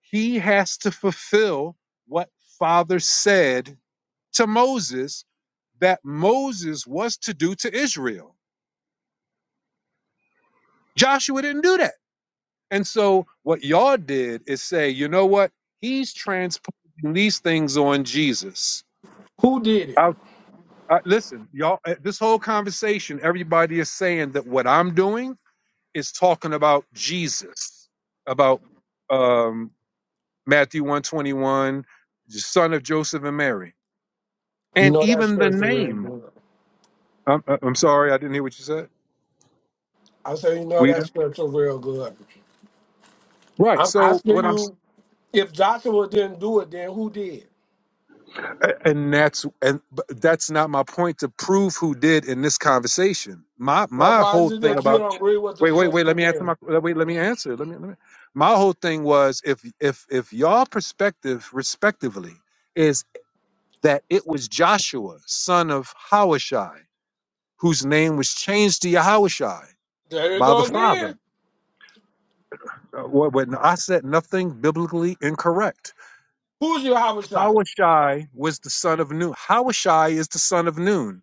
he has to fulfill what father said to Moses that Moses was to do to Israel. Joshua didn't do that. And so what y'all did is say, you know what? He's transposing these things on Jesus. Who did it? I, I, listen, y'all, uh, this whole conversation, everybody is saying that what I'm doing is talking about Jesus, about um, Matthew 121, the son of Joseph and Mary, You and know that even the scripture real name. good. I'm, uh, I'm sorry, I didn't hear what you said. I say you know We that scripture real good. right. I'm So what asking I'm you if Joshua didn't do it, then who did? A- and that's and but that's not my point to prove who did in this conversation. My Well, my why whole is it thing that you about don't agree with the wait wait wait sister let me answer there? my wait let me answer let me let me my whole thing was if if if y'all perspective respectively is that it was Joshua son of Hawashai whose name was changed to Yahushai There you by the go father. again. Uh, What when I said nothing biblically incorrect. Who's your Havashai? Hawashai was the son of Noon. Hawashai is the son of Noon.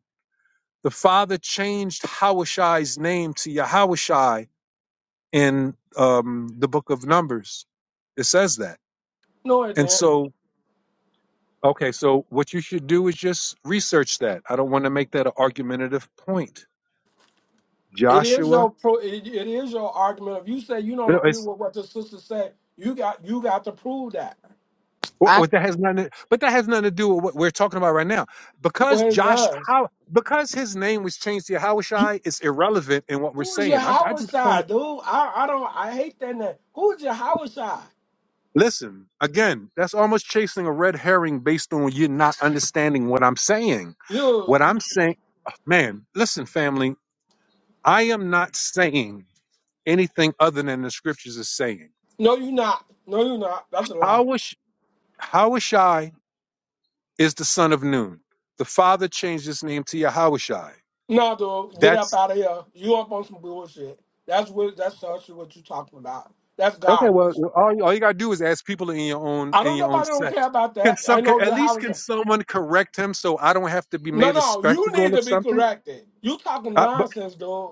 The father changed Hawashai's name to Yahawashai in um, the book of Numbers. It says that. No, it And didn't. so, okay, so what you should do is just research that. I don't want to make that an argumentative point. It is Joshua, your pro. It, it is your argument. If you say you you don't know, agree it's, with what the sister said, you got you got to prove that. what, I what that has nothing, to- but that has nothing to do with what we're talking about right now. Because Where's Josh, does? how, because his name was changed to Yahushai, it's irrelevant in what we're Who is your saying. I'm, I Howard just pointed side, dude? I, I don't. I hate that name. Who is your Howard side? Listen, again, that's almost chasing a red herring based on you not understanding what I'm saying. You What I'm saying, man, listen, family, I am not saying anything other than the scriptures is saying. no, you not. No, you not. That's a lie. Hawish, Hawishai is the son of Nun. The father changed his name to Yahawashai. No, dude, get up That's out of here. You up on some bullshit. That's what. That's actually what you talking about. That's okay. Well, garbage. well, all you, all you gotta do is ask people in your own I in don't know. your own Nobody don't care sect. about Can that. some, I can, know at your least Howard can side. someone correct him so I don't have to be No, made a no, you spectacle need to of be something? corrected. You talking Uh, nonsense, dude.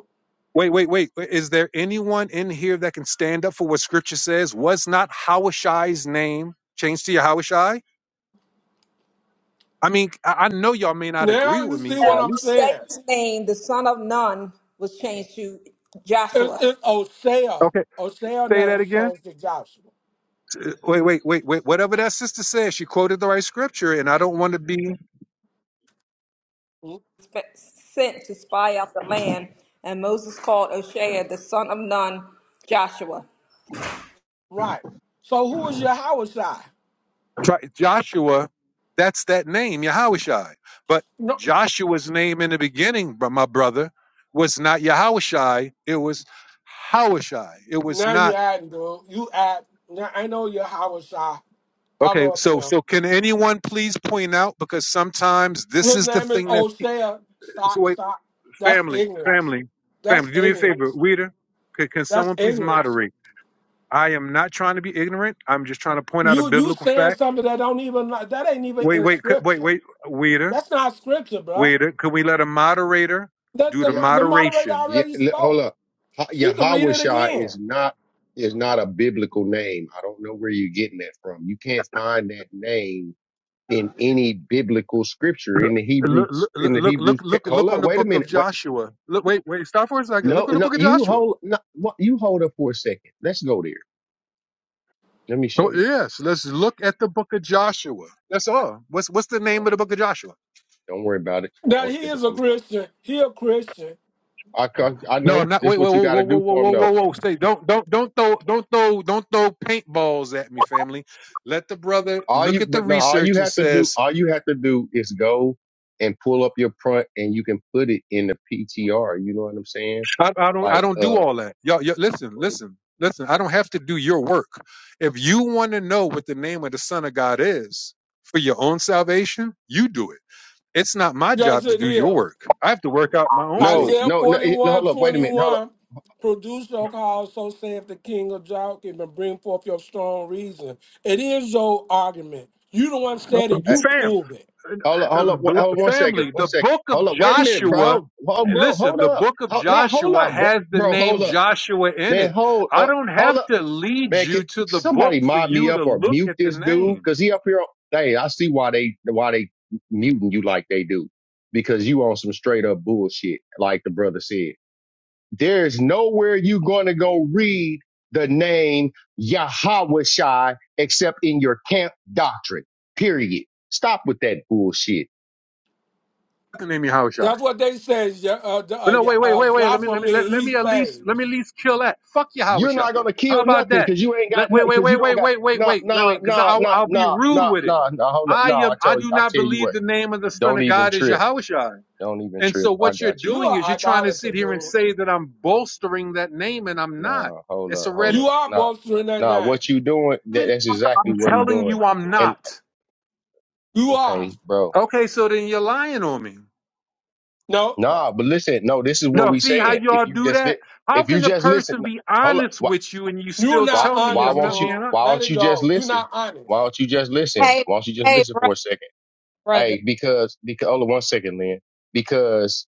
Wait, wait, wait. Is there anyone in here that can stand up for what scripture says? Was not Hawashai's name changed to Yahushai? I mean, I I know y'all may not agree Now you with me, see but what No. at I'm least. saying. Hosea's name, the son of Nun, was changed to It's, Joshua, it's Osea. Okay, Osea say name that was again. changed to Joshua. Uh, Wait, wait, wait, wait. Whatever that sister says, she quoted the right scripture, and I don't want to be Mm, sp- sent to spy out the land, and Moses called Hosea the son of Nun Joshua. Right. So who is your Hawashai? try, Joshua. That's that name, Yahushai. But No. Joshua's name in the beginning, br- my brother, was not Yahushai. It was Hawashai. It was Now you not. adding, dude. You add. Now I know your Hawashai. I'm Okay, up so now. so can anyone please point out because sometimes this His is the name is thing that Osea. so Stop, wait, stop. That's family, ignorance. family, That's family, do me a favor, ignorance. reader. Can, can That's someone please ignorance. moderate? I am not trying to be ignorant. I'm just trying to point out a You you biblical saying fact. something that don't even that ain't even Wait, in wait, could- wait, scripture. wait, waiter, That's not scripture, bruh. waiter. Can we let a moderator That do the the Yeah, mo- the moderator moderation? yeah. already li- Hold spoke. up. Ha- She could read Yahweh it Shai again. is not is not a biblical name. I don't know where you're getting that from. You can't find that name in any biblical scripture in the Look, Hebrews look, in look, the look, Hebrews. look, Te- look hold on up. the Wait a book minute. of Wait. Joshua. Look, wait, wait, stop for a second. No, Look on the no, book of you Joshua. hold, no, what- you hold up for a second. Let's go there. Let me Oh, show you. yes, let's look at the book of Joshua. That's all. What's what's the Oh, name of the book of Joshua? Don't worry about it. Now Don't he just, is a I'm, Christian. He a Christian. I, I I No, know not this is wait, wait, what you whoa, got whoa, to whoa, do whoa, for him. whoa, whoa, though. whoa. Stay. Don't don't don't throw don't throw don't throw paintballs at me, family. Let the brother All look you, at the but no, all you research and have to do, says, all you have to do is go and pull up your print and you can put it in the PTR. You know what I'm saying? I, I don't I Like, don't do uh, all that. Y'all, y'all listen, listen, listen. I don't have to do your work. If you want to know what the name of the Son of God is for your own salvation, you do it. It's not my Yes, job to it do your is. work. I have to work out my own no, source. Isaiah no, no, it- no 41 hold up. Wait a minute. Hold up. 21, Produce your cause, so saith the king of Joachim, and bring forth your strong reason. It is your argument. You don't understand it. Uh, You Fam, prove it. Hold up. Hold up. one- Hold One second. family, One the second. book of Hold up. Wait a minute, Joshua, bro. Hold, bro. listen, Hold the up. book of Hold, no, hold Joshua up, bro. has the Bro, name hold up, Joshua in man. it. Hold I up. don't Hold up. have to lead man, could you to the book somebody for mob me you up to or look mute at the this dude? name. Cause he up here. Hey, I see why they why they muting you like they do, because you on some straight up bullshit, like the brother said. There's nowhere you gonna go read the name Yahweh except in your camp doctrine. Period. Stop with that bullshit. The name Yahushai. That's what they say. yeah, Uh, the- But uh, no, yeah, wait, wait, uh, wait, wait. Let me, Joshua let me, let, mean let he me at least, let me at saves. least kill that. Fuck You're Yahushai. not gonna How kill about nothing that? because you ain't got Let, nothing wait, wait, because wait, you don't wait, got wait, wait, no, wait, let, no, wait, because no, I'll, no, I'll be no, rude no, with it. no. nah hold up I no. I am, I tell you do I not tell you believe what the name of the Son don't of even God is trip Yahushai. Don't even And trip. so I what you're got you. You doing is are you're trying to idolater, sit here and dude. say that I'm bolstering that name and I'm not. Nah, hold It's up, a hold red up. You are Nah, bolstering that nah. name. What you doing? That, even that's after I'm exactly what he telling doing. you I'm And not. You are. okay, bro. Okay, so then you're lying on me. No, Nah, but listen. No, this is what No, we see how saying. If y'all you do just that? li- How if you can the just listen, person nah, be hold up. honest Why with you and you you're still why not tell me why I'm honest, not won't you being dude. honest why Let don't it you just go. You're listen? not honest. Why don't you just listen? hey Why don't you just hey listen for brother a second? brother Hey, because because hold on one second, Lynn. Because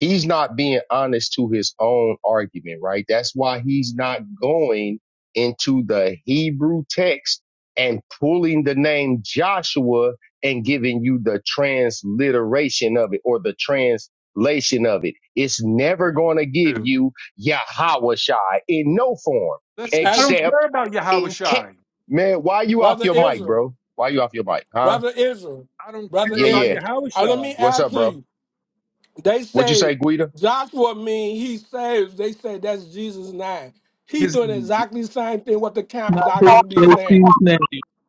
he's not being honest to his own argument, right? That's why he's not going into the Hebrew text and pulling the name Joshua and giving you the transliteration of it or the translation of it. It's never going to give too? you Yahawashai in no form Listen, I As don't except care about Yahweh in ca- Shai. man. Why you off brother your mic, Israel. bro? Why you off your mic? Huh? Brother Israel, I don't Brother care Yeah, about yeah. Israel. Yahweh Uh, let me Shai. What's add up, to bro? you. They What'd you say, say Guida? Joshua mean he saves. They say that's Jesus' name. He His doing exactly the same thing what the Not camp his doctor would be saying. JC's name.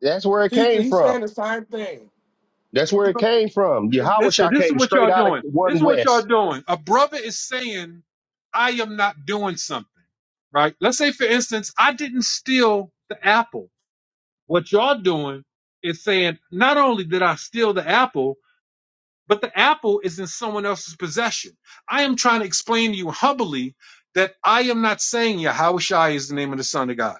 That's where it He came he's from. saying the same thing. That's where it came from. Listen, Yahushua this is came what straight y'all out of doing. This one is what y'all west. doing. A brother is saying, I am not doing something, right? Let's say, for instance, I didn't steal the apple. What y'all doing is saying, not only did I steal the apple, but the apple is in someone else's possession. I am trying to explain to you humbly that I am not saying Yahweh Shai is the name of the Son of God.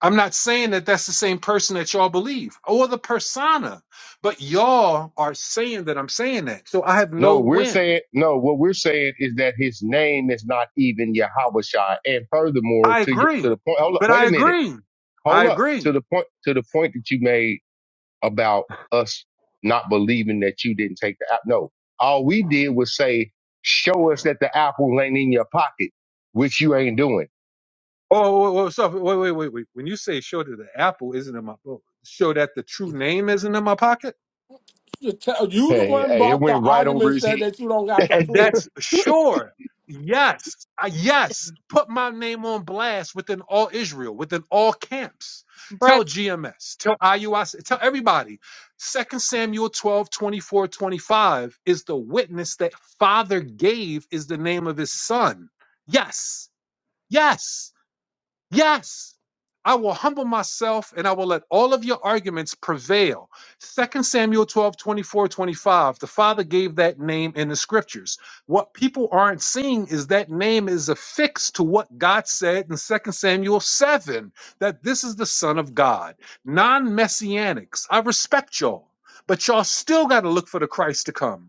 I'm not saying that that's the same person that y'all believe or the persona, but y'all are saying that I'm saying that. So I have no No, we're win. saying no. What we're saying is that his name is not even Yahushua. And furthermore, I to y- agree, to the point. Hold up. but Wait I a minute. agree. I Hold up. agree. To the point. To the point that you made about us not believing that you didn't take the app. No, all we did was say, show us that the apple ain't in your pocket, which you ain't doing. Oh, wait, wait, so- wait, wait, wait. wait. When you say show that the apple isn't in my book, show that the true name isn't in my pocket? You tell- you the Hey, one hey, it brought the went right over argument his said head. that you don't got to And prove that's it. sure. Yes. I, yes. Put my name on blast within all Israel, within all camps. Tell brother. GMS, tell IUIC, tell everybody. Second Samuel 12 24 25 is the witness that Father gave is the name of his son. Yes. Yes. Yes, I will humble myself and I will let all of your arguments prevail. Second Samuel 12 24 25. The Father gave that name in the scriptures. What people aren't seeing is that name is affixed to what God said in Second Samuel 7 that this is the Son of God. Non messianics, I respect y'all, but y'all still got to look for the Christ to come.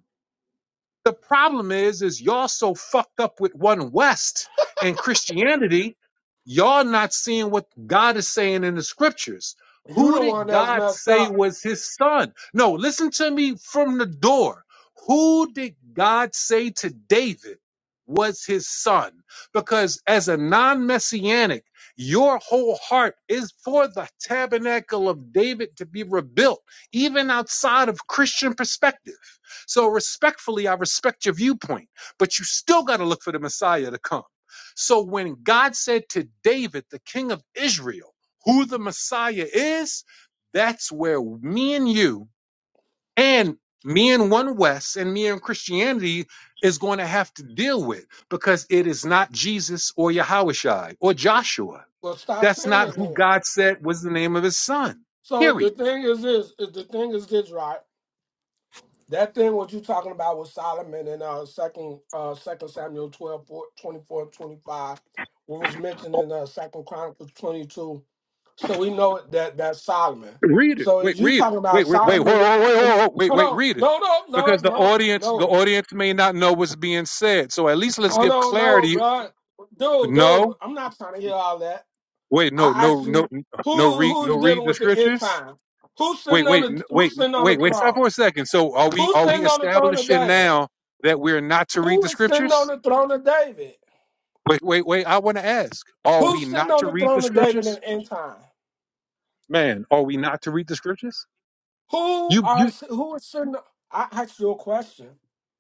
The problem is, is y'all so fucked up with one West and Christianity, y'all not seeing what God is saying in the scriptures. You Who the one did that's God messed say up. was his son? No, listen to me from the door. Who did God say to David was his son? Because as a non messianic, your whole heart is for the tabernacle of David to be rebuilt, even outside of Christian perspective. So respectfully, I respect your viewpoint, but you still got to look for the Messiah to come. So when God said to David, the king of Israel, who the Messiah is, that's where me and you and me and one West and me and Christianity is going to have to deal with because it is not Jesus or Yahushua or Joshua. Well, stop That's saying not it who then. God said was the name of his son. So Period. the thing is this. is The thing is this, right? That thing what you talking about with Solomon in uh second uh second Samuel 12, four- twenty-four, twenty-five, what was mentioned in uh second Chronicles 22. So we know that that's Solomon. Read it. So Wait, is you read it. talking about Wait, wait, wait, whoa, Solomon whoa, whoa, whoa, am- whoa. wait, hold wait, on, read it. no, no, no, Because the no, audience, the no. audience may not know what's being said. So at least let's Oh give no, no, clarity. bro. Dude, dude, No, I'm not trying to hear all that. wait, no, I asked no, no, you no. who Read, no, who's read dealing the with the end scriptures. time? Who's Wait, sitting on wait, the n- wait, who's sitting on the wait, wait. Stop throne? for a second. So are we, Who's are we sitting on the throne of establishing David? now that we're not to read Who the is sitting on scriptures? the throne of David? Wait, wait, wait. I want to ask: Are we Who's sitting not on to the read the throne of David in scriptures? the end time? Man, are we not to read the scriptures? Who You you. are si-, who is sitting? I asked you a question.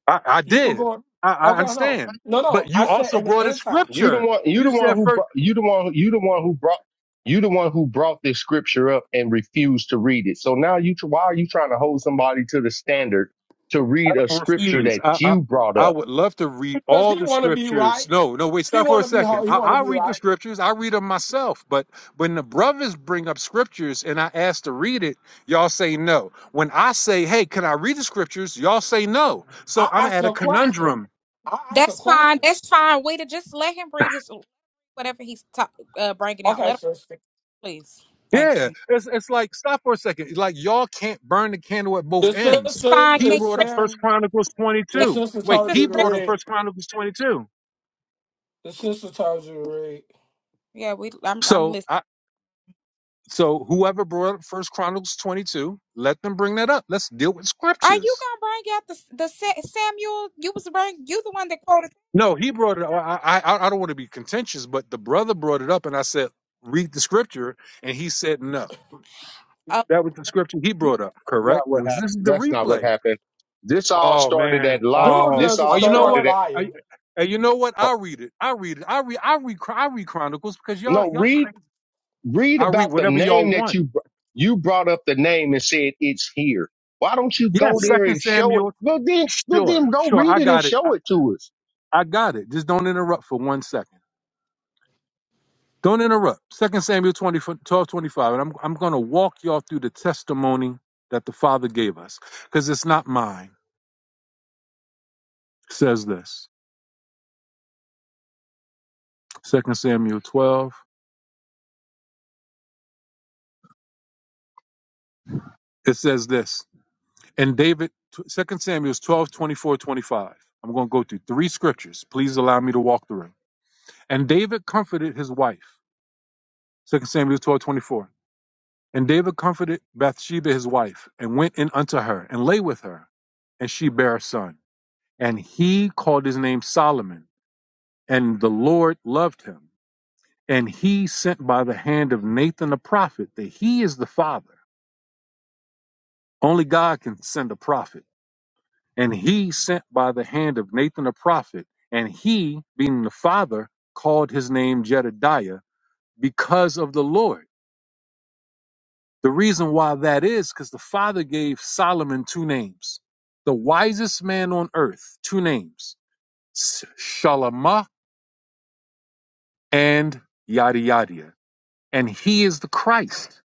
I, I You could did. go. I, I Okay, no, understand. no, But no. you I said also in the brought a end time You the scripture. one. You You the one said who. first. Brought, you the one. You the one who brought. You the one who brought this scripture up and refused to read it. So now you. Why are you trying to hold somebody to the standard to I read a don't scripture refuse. that I, I you brought I up? would love to read because all he the want to be scriptures. right. No, no, wait, He stop for a want to be second. ho- he I, want to I be read the right. scriptures. I read them myself. But when the brothers bring up scriptures and I ask to read it, y'all say no. When I say, hey, can I read the scriptures? Y'all say no. So I I'm asked at a a question. conundrum. I asked a That's fine. question. That's fine. Wait, just let him read his whatever he's ta- uh, bringing out. Okay, Let him, sister. please. Thank you. Yeah, it's it's like stop for a second. Like y'all can't burn the candle at both The ends. That's sisters fine. He Can you is brought read up First saying Chronicles twenty the can two. sister Wait, you read the told he you to brought scripture? up read. First Chronicles twenty two. The sister told you to read. Yeah, we. I'm. I'm So listening. I so whoever brought up First Chronicles twenty two, let them bring that up. Let's deal with Are you scriptures. gonna bring out the the Sa- Samuel? You was bring. You the one that quoted No, he brought it. up. I I I don't want to be contentious, but the brother brought it up, and I said read the scripture, and he said no. uh, That was the scripture he That's brought up, not correct? what Because happened. This is the That's not what replay. happened. This all Oh started at man. lot. Dude Oh. This is a Oh. all You straight know up started what? at. I, liar. and you know what? oh, I read it. I read it. I read. I read. Chron- I read Chronicles because y'all no, y'all read. crazy. Read I read about the whatever y'all name that want. you. br- You brought up the name and said it's here. Why don't you Yeah. go there Second and show it? Samuel. Well then, well Sure. then go Sure. read I it and got it. I, show it to us. I got it. Just don't interrupt for one second. Don't interrupt. Second Samuel 20 12 25. And I'm I'm gonna walk y'all through the testimony that the Father gave us because it's not mine. It says this. Second Samuel twelve. It says this. And David, Second Samuel 12, twenty-four, 25. I'm going to go through three scriptures. Please allow me to walk through. And David comforted his wife. Second Samuel 12:24. And David comforted Bathsheba, his wife, and went in unto her and lay with her. And she bare a son. And he called his name Solomon. And the Lord loved him. And he sent by the hand of Nathan the prophet that he is the father. Only God can send a prophet and he sent by the hand of Nathan the prophet, and he, being the father, called his name Jedediah because of the Lord. The reason why that is because the father gave Solomon two names the wisest man on earth, two names, S- Shalamah and Yada Yada. And he is the Christ.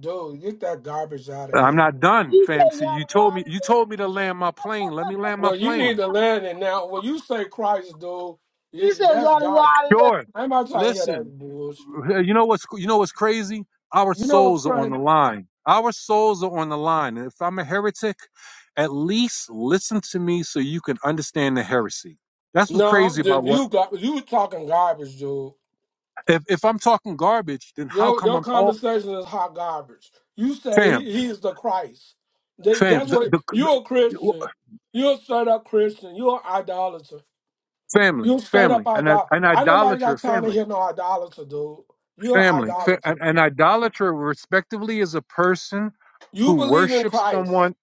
Dude, get that garbage out of I'm here. not done, He fam. said See, yada you told me you yada. told me to land my plane. Let me land my Well, you need plane. to learn it now. When you say Christ, dude, you, He said that's yada God. yada. Sure. I'm not trying to hear that Listen, bullshit. Hey, You know what's you know what's crazy? Our You know what's souls are on crazy? the line. Our souls are on the line. And if I'm a heretic, at least listen to me so you can understand the heresy. That's what's No, crazy I'm about then what you got you talking garbage, dude. if if I'm talking garbage, then how Your come your I'm all conversation is hot garbage. You say fam he, he is the Christ. They, fam that's the, what the, you're a the- Christian. You're a straight up Christian. You're an idolater. family You're straight up family and I- idol. an I nobody idolater got time to family hear no idolater, dude. You're an family fa- idolater. an an idolater respectively is a person You who believe in worships Christ. someone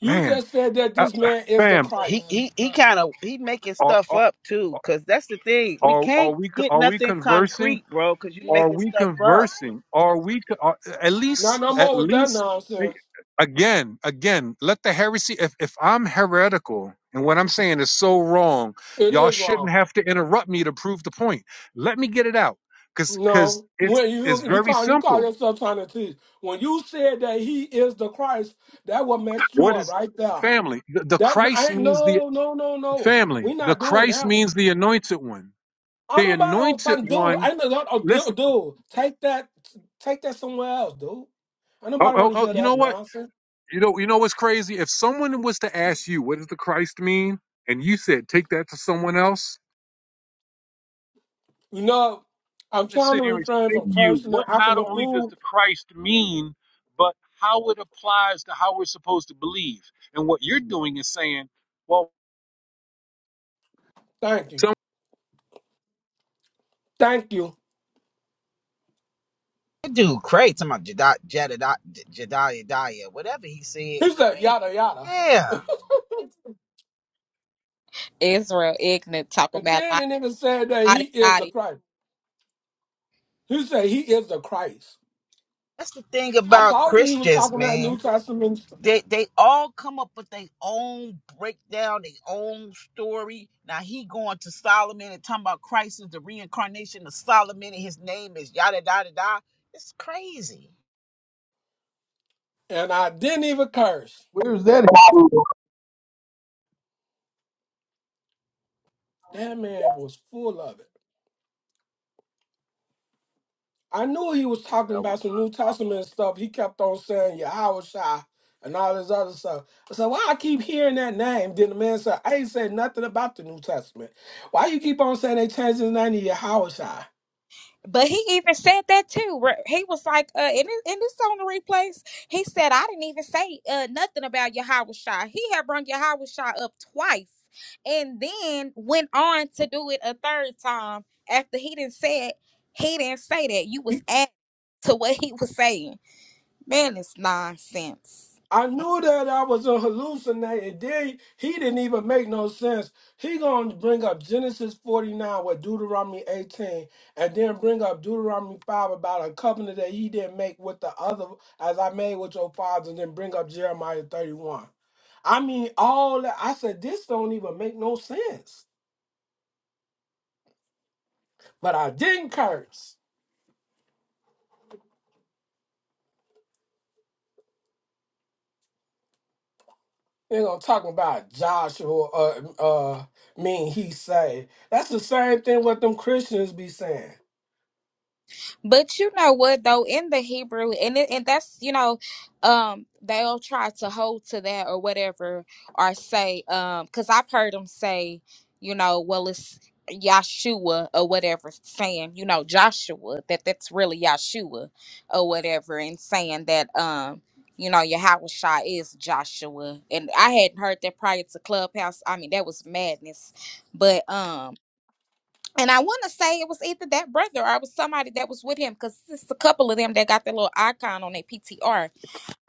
You man just said that uh, this man is the fam. He Christ. he he kind of he making stuff up too, cause that's the thing. We Are are can't we get are we nothing conversing? concrete, bro, cause you Are making we stuff up. conversing? Are we co- are, at Not least no at more with that least eh, nonsense. again again? Let the heresy. If if I'm heretical and what I'm saying is so wrong, It y'all is shouldn't wrong. have to interrupt me to prove the point. Let me get it out, cause cause No, it's when it's you you very call you call simple. yourself trying to teach. When you said that he is the Christ, that what messed you What up is right there. family? The, the That I Christ ain't means the no no no no. family. We The not doing Christ that one. means the anointed one. I The don't nobody on anointed time, dude. one. I know, that, oh, Listen. dude, dude. Take that, take that somewhere else, dude. I Oh nobody oh want to oh. hear You know that what? nonsense. You know, you know what's crazy? If someone was to ask you, "What does the Christ mean?" and you said, "Take that to someone else," You know, I'm to trying sit to here and refrain from explain to you cursing and what acting not the only does fool. the Christ mean, but how it applies to how we're supposed to believe. And what you're doing is saying, well, Thank you, thank you. That dude, crazy. Talking about Jedi, Jedi, Jedi, Jedi, whatever he said, He said crazy. yada yada. Yeah. Israel ignorant. Talk And about then the lottie nigga said that he lottie is the lottie. Christ. He said he is the Christ. That's the thing I about told you he was Christians, talking that New man. Testament, stuff, They they all come up with their own breakdown, their own story. Now he going to Solomon and talking about Christ is the reincarnation of Solomon and his name is yada yada da. It's crazy. and I didn't even curse. Where's that? He That man was full of it. I knew he was Yeah, talking that was about some New not. Testament stuff. He kept on saying Yahweh Shai and all this other stuff. I said, why I keep hearing that name? Then the man said, I ain't said nothing about the New Testament. Why you keep on saying they changed his name to Yahweh Shai? But he even said that too. where He was like, uh, in this, in this on the replays, he said, I didn't even say uh, nothing about Yahweh Shah. He had brung Yahweh Shah up twice and then went on to do it a third time after he didn't say it. He didn't say that. You was adding to what he was saying. Man, it's nonsense. I knew that I was a hallucinating. Then he didn't even make no sense. He gonna bring up Genesis 49 with Deuteronomy 18, and then bring up Deuteronomy 5 about a covenant that he didn't make with the other as I made with your fathers, and then bring up Jeremiah 31. I mean, all that I said, this don't even make no sense. But I didn't curse. They're gonna talk about Joshua uh uh mean he say. That's the same thing what them Christians be saying. But you know what though, in the Hebrew, and it, and that's you know, um, they'll try to hold to that or whatever, or say, um, because I've heard them say, you know, well it's Yahshua or whatever, saying you know Joshua that that's really Yahshua or whatever, and saying that um. You know, Yahweh is Joshua. And I hadn't heard that prior to Clubhouse. I mean, that was madness. But um and I want to say it was either that brother or it was somebody that was with him because it's a couple of them that got their little icon on their PTR.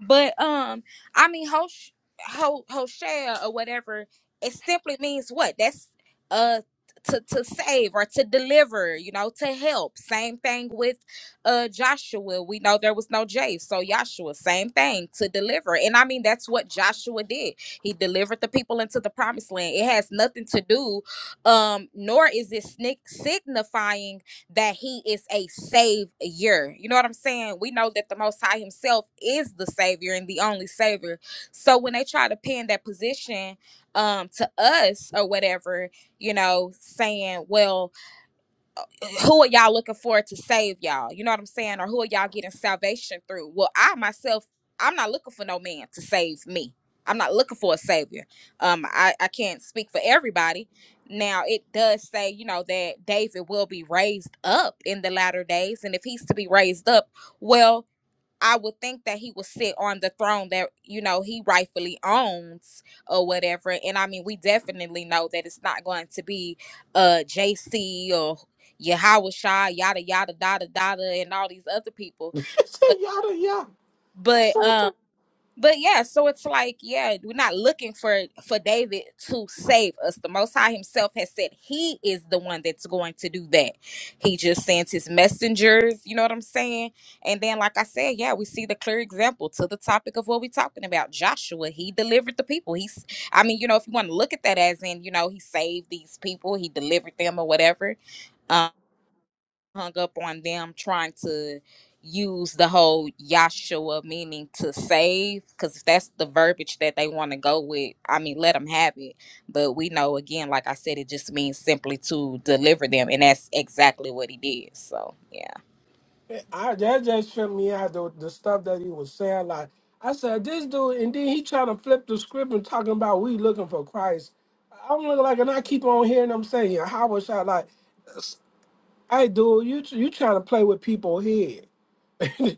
But um, I mean, Hosh, Ho, Hoshea or whatever, it simply means what? That's uh to to save or to deliver, you know, to help. Same thing with uh Joshua. We know there was no J, so Joshua, same thing to deliver. And I mean, that's what Joshua did. He delivered the people into the promised land. It has nothing to do, um, nor is it snick signifying that he is a savior. You know what I'm saying? We know that the Most High himself is the savior and the only savior. So when they try to pin that position um, to us or whatever, you know, saying, well, who are y'all looking for to save y'all? You know what I'm saying? Or who are y'all getting salvation through? Well, I myself, I'm not looking for no man to save me. I'm not looking for a savior. Um, I, I can't speak for everybody. Now it does say, you know, that David will be raised up in the latter days. And if he's to be raised up, well, I would think that he would sit on the throne that you know he rightfully owns or whatever. And I mean, we definitely know that it's not going to be uh JC or Yahweh Shah, yada yada, yada yada, and all these other people. But yada yada. I but saw um. the, But yeah, so it's like, yeah, we're not looking for for David to save us. The Most High Himself has said He is the one that's going to do that. He just sends His messengers. You know what I'm saying? And then, like I said, yeah, we see the clear example to the topic of what we're talking about. Joshua, he delivered the people. He's, I mean, you know, if you want to look at that as in, you know, he saved these people, he delivered them, or whatever hung up on them trying to use the whole Yahshua meaning to save, because if that's the verbiage that they want to go with, I mean, let them have it. But we know, again, like I said, it just means simply to deliver them, and that's exactly what he did. So, yeah. I, that just tripped me out the, the stuff that he was saying. Like I said, this dude, and then he trying to flip the script and talking about we looking for Christ. I'm looking like, and I keep on hearing them saying, yeah, "How was I like?" s- Hey, dude, you you trying to play with people here? you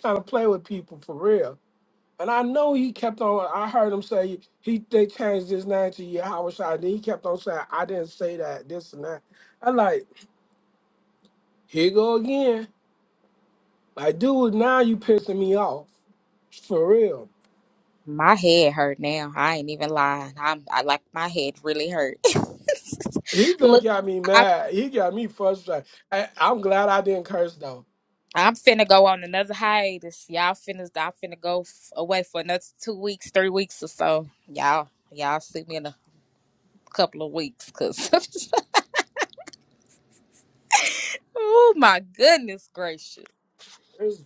trying to play with people for real? And I know he kept on. I heard him say he they changed his name to Yahweh Shai. Then he kept on saying, "I didn't say that." This and that. I like. Here you go again. Like, dude, now you pissing me off. For real. My head hurt now. I ain't even lying. I'm I like my head really hurt. He just Look, got me mad. He got me frustrated. I, I'm glad I didn't curse though. I'm finna go on another hiatus. Y'all finna, I'm finna go f- away for another two weeks, three weeks or so. Y'all, y'all see me in a couple of weeks, cause oh my goodness gracious, This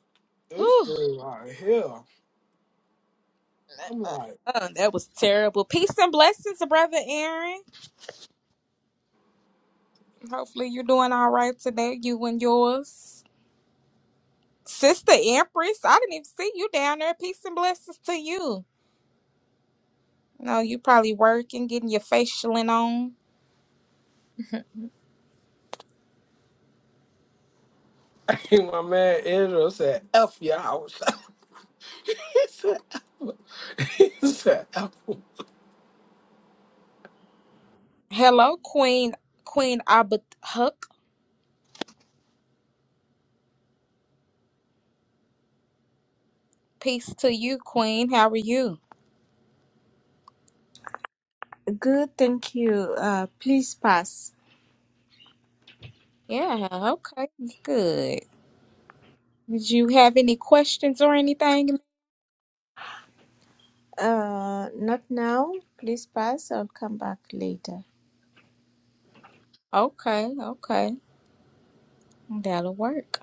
this Whew. dude right here. I'm Uh, like, uh, that was terrible. Peace and blessings, brother Aaron. Hopefully you're doing all right today, you and yours, sister Empress. I didn't even see you down there. Peace and blessings to you. No, you probably working, getting your facialing on. my man Israel said, F your house. he said, F. He said, F. Hello, Queen Queen Abuhuk. Peace to you, Queen. How are you? Good, thank you. Uh, please pass. Yeah, okay, good. Did you have any questions or anything? Uh, not now. Please pass. I'll come back later. Okay, okay, that'll work.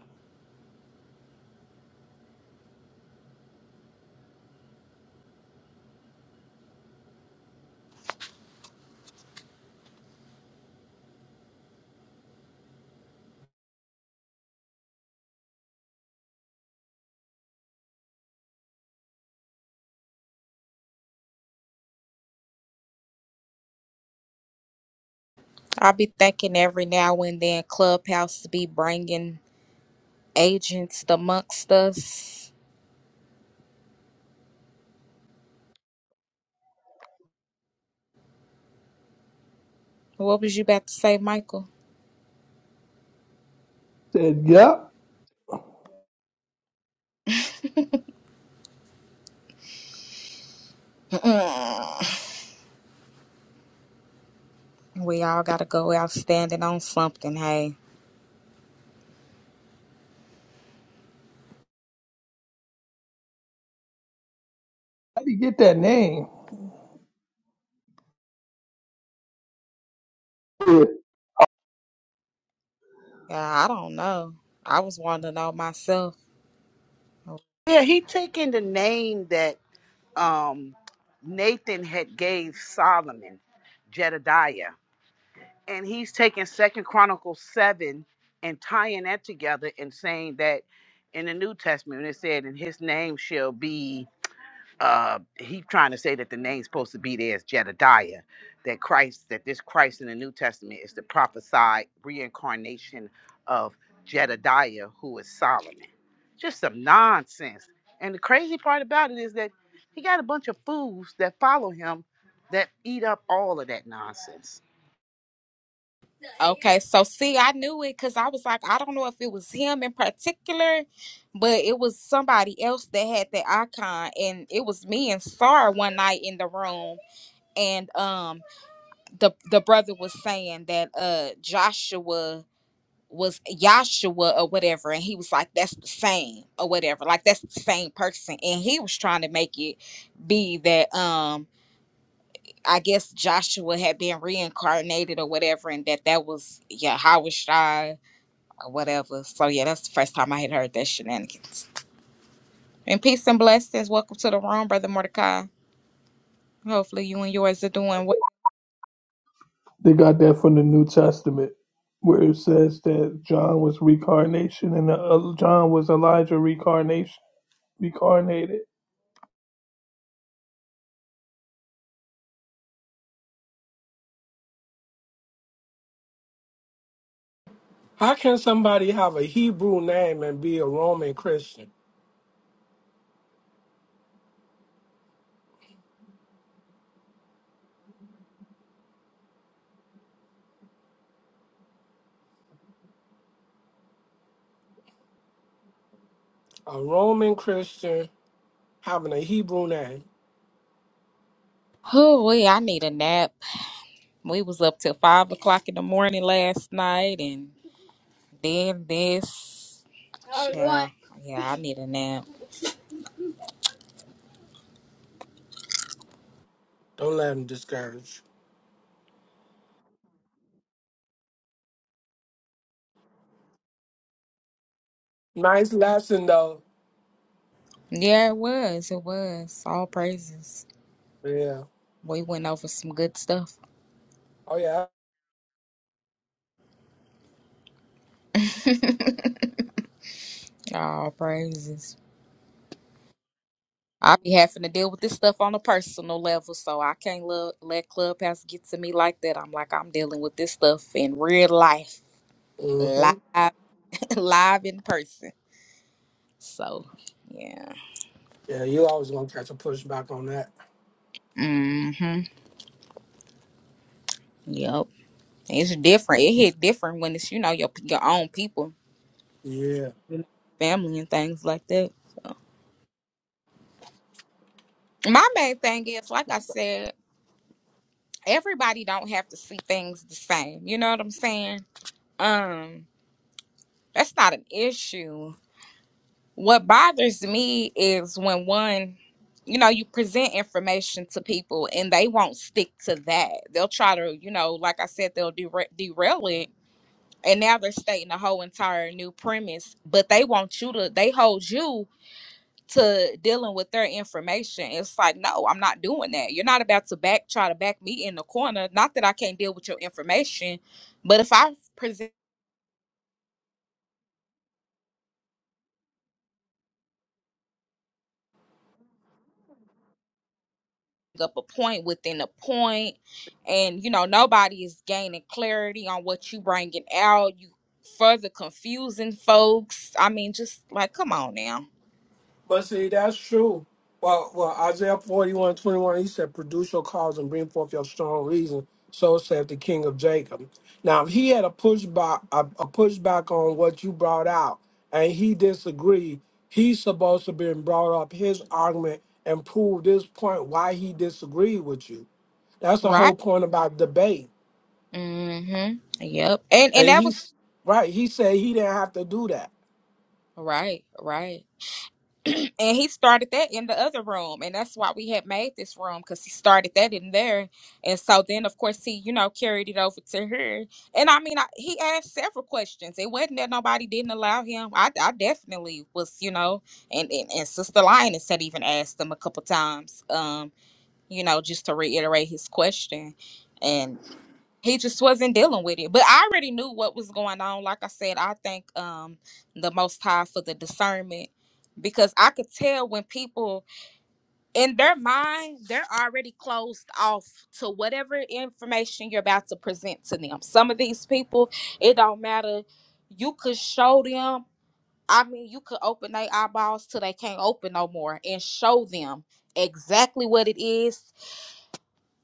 I'll be thinking every now and then Clubhouse to be bringing agents amongst us. What was you about to say, Michael? Said, yep. we all gotta go out standing on something, hey. How do you get that name? Yeah, Yeah, I don't know. I was wanting to know myself. Yeah, he taking the name that um Nathan had gave Solomon, Jedediah. and he's taking second chronicles 7 and tying that together and saying that in the new testament when it said and his name shall be uh he trying to say that the name's supposed to be there is jedediah that christ that this christ in the new testament is the prophesied reincarnation of jedediah who is solomon just some nonsense and the crazy part about it is that he got a bunch of fools that follow him that eat up all of that nonsense Okay, so see, I knew it because I was like, I don't know if it was him in particular, but it was somebody else that had that icon, and it was me and Sar one night in the room, and um, the the brother was saying that uh Joshua was Yahshua or whatever, and he was like, that's the same or whatever, like that's the same person, and he was trying to make it be that um I guess Joshua had been reincarnated or whatever, and that that was Yahweh Shai whatever. So yeah, that's the first time I had heard that shenanigans. And peace and blessings. Welcome to the room, brother Mordecai. Hopefully you and yours are doing well. they got that from the New Testament, where it says that John was reincarnation and the other John was Elijah reincarnation, reincarnated. How can somebody have a Hebrew name and be a Roman Christian? A Roman Christian having a Hebrew name. Oh, we I need a nap. We was up till five o'clock in the morning last night, and then this. Yeah, yeah, I need a nap. Don't let him discourage. Nice lesson though. Yeah, it was. It was all praises. Yeah. We went over some good stuff. Oh yeah. all praises. I be having to deal with this stuff on a personal level, so I can't let, let Clubhouse get to me like that. I'm like, I'm dealing with this stuff in real life, hmm live, live in person. So, yeah. Yeah, you always gonna catch a pushback on that. Mm-hmm. Yep. It's different. It hit different when it's, you know, your, your own people, Yeah. family and things like that. My main thing is, like I said, everybody don't have to see things the same. You know what I'm saying? Um, that's not an issue What bothers me is when one, you know, you present information to people and they won't stick to that. They'll try to, you know, like I said, they'll dera- derail it. And now they're stating a whole entire new premise, but they want you to, they hold you to dealing with their information. It's like, no, I'm not doing that. You're not about to back, try to back me in the corner. Not that I can't deal with your information, but if I present up a point within a point and you know nobody is gaining clarity on what you bringing out you further confusing folks i mean just like come on now But see, that's true. Well well Isaiah forty one twenty one, he said, Produce your cause and bring forth your strong reason. So said the king of Jacob. Now if he had a pushback a, a pushback on what you brought out and he disagreed, he's supposed to be brought up his argument and prove this point why he disagreed with you. That's the right whole point about debate. mm-hmm yep and and And that was he's right, he said he didn't have to do that. right right and he started that in the other room and that's why we had made this room because he started that in there and so then of course he you know carried it over to her and i mean I, he asked several questions it wasn't that nobody didn't allow him i, I definitely was you know and, and and sister lioness had even asked him a couple times um you know just to reiterate his question And he just wasn't dealing with it. But I already knew what was going on. Like I said, I thank um the most high for the discernment because I could tell when people in their mind they're already closed off to whatever information you're about to present to them. Some of these people, it don't matter. You could show them, I mean you could open their eyeballs till they can't open no more and show them exactly what it is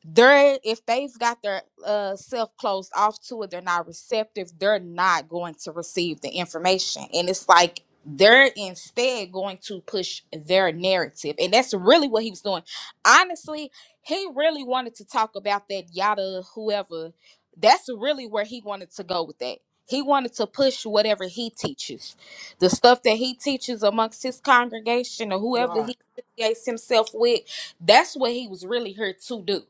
they're if they've got their uh, self closed off to it, they're not receptive. They're not going to receive the information, and it's like they're instead going to push their narrative, and that's really what he was doing. Honestly, he really wanted to talk about that yada whoever. That's really where he wanted to go with that. He wanted to push whatever he teaches, the stuff that he teaches amongst his congregation or whoever Right. he affiliates himself with. That's what he was really here to do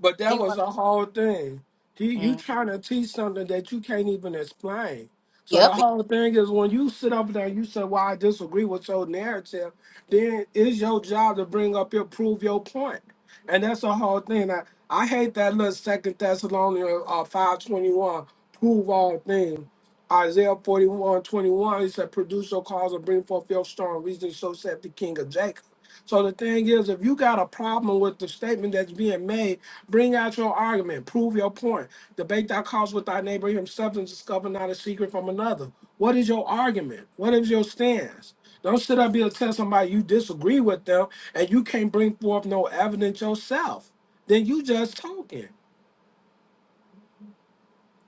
But that he was want. the whole thing. He, you Mm. trying to teach something that you can't even explain. So the Yep. whole thing is when you sit up there and you say, "Well, I disagree with your narrative," then it's your job to bring up your prove your point, and that's the whole thing. I, I hate that little Second Thessalonians uh, five twenty one, prove all things. Isaiah forty one twenty one, he said, "Produce your cause and bring forth your strong reason." So said the King of Jacob. So the thing is, if you got a problem with the statement that's being made Bring out your argument. Prove your point. Debate thy cause with thy neighbor himself and discover not a secret from another. What is your argument? What is your stance? Don't sit up here and tell somebody you disagree with them and you can't bring forth no evidence yourself. Then you just talking.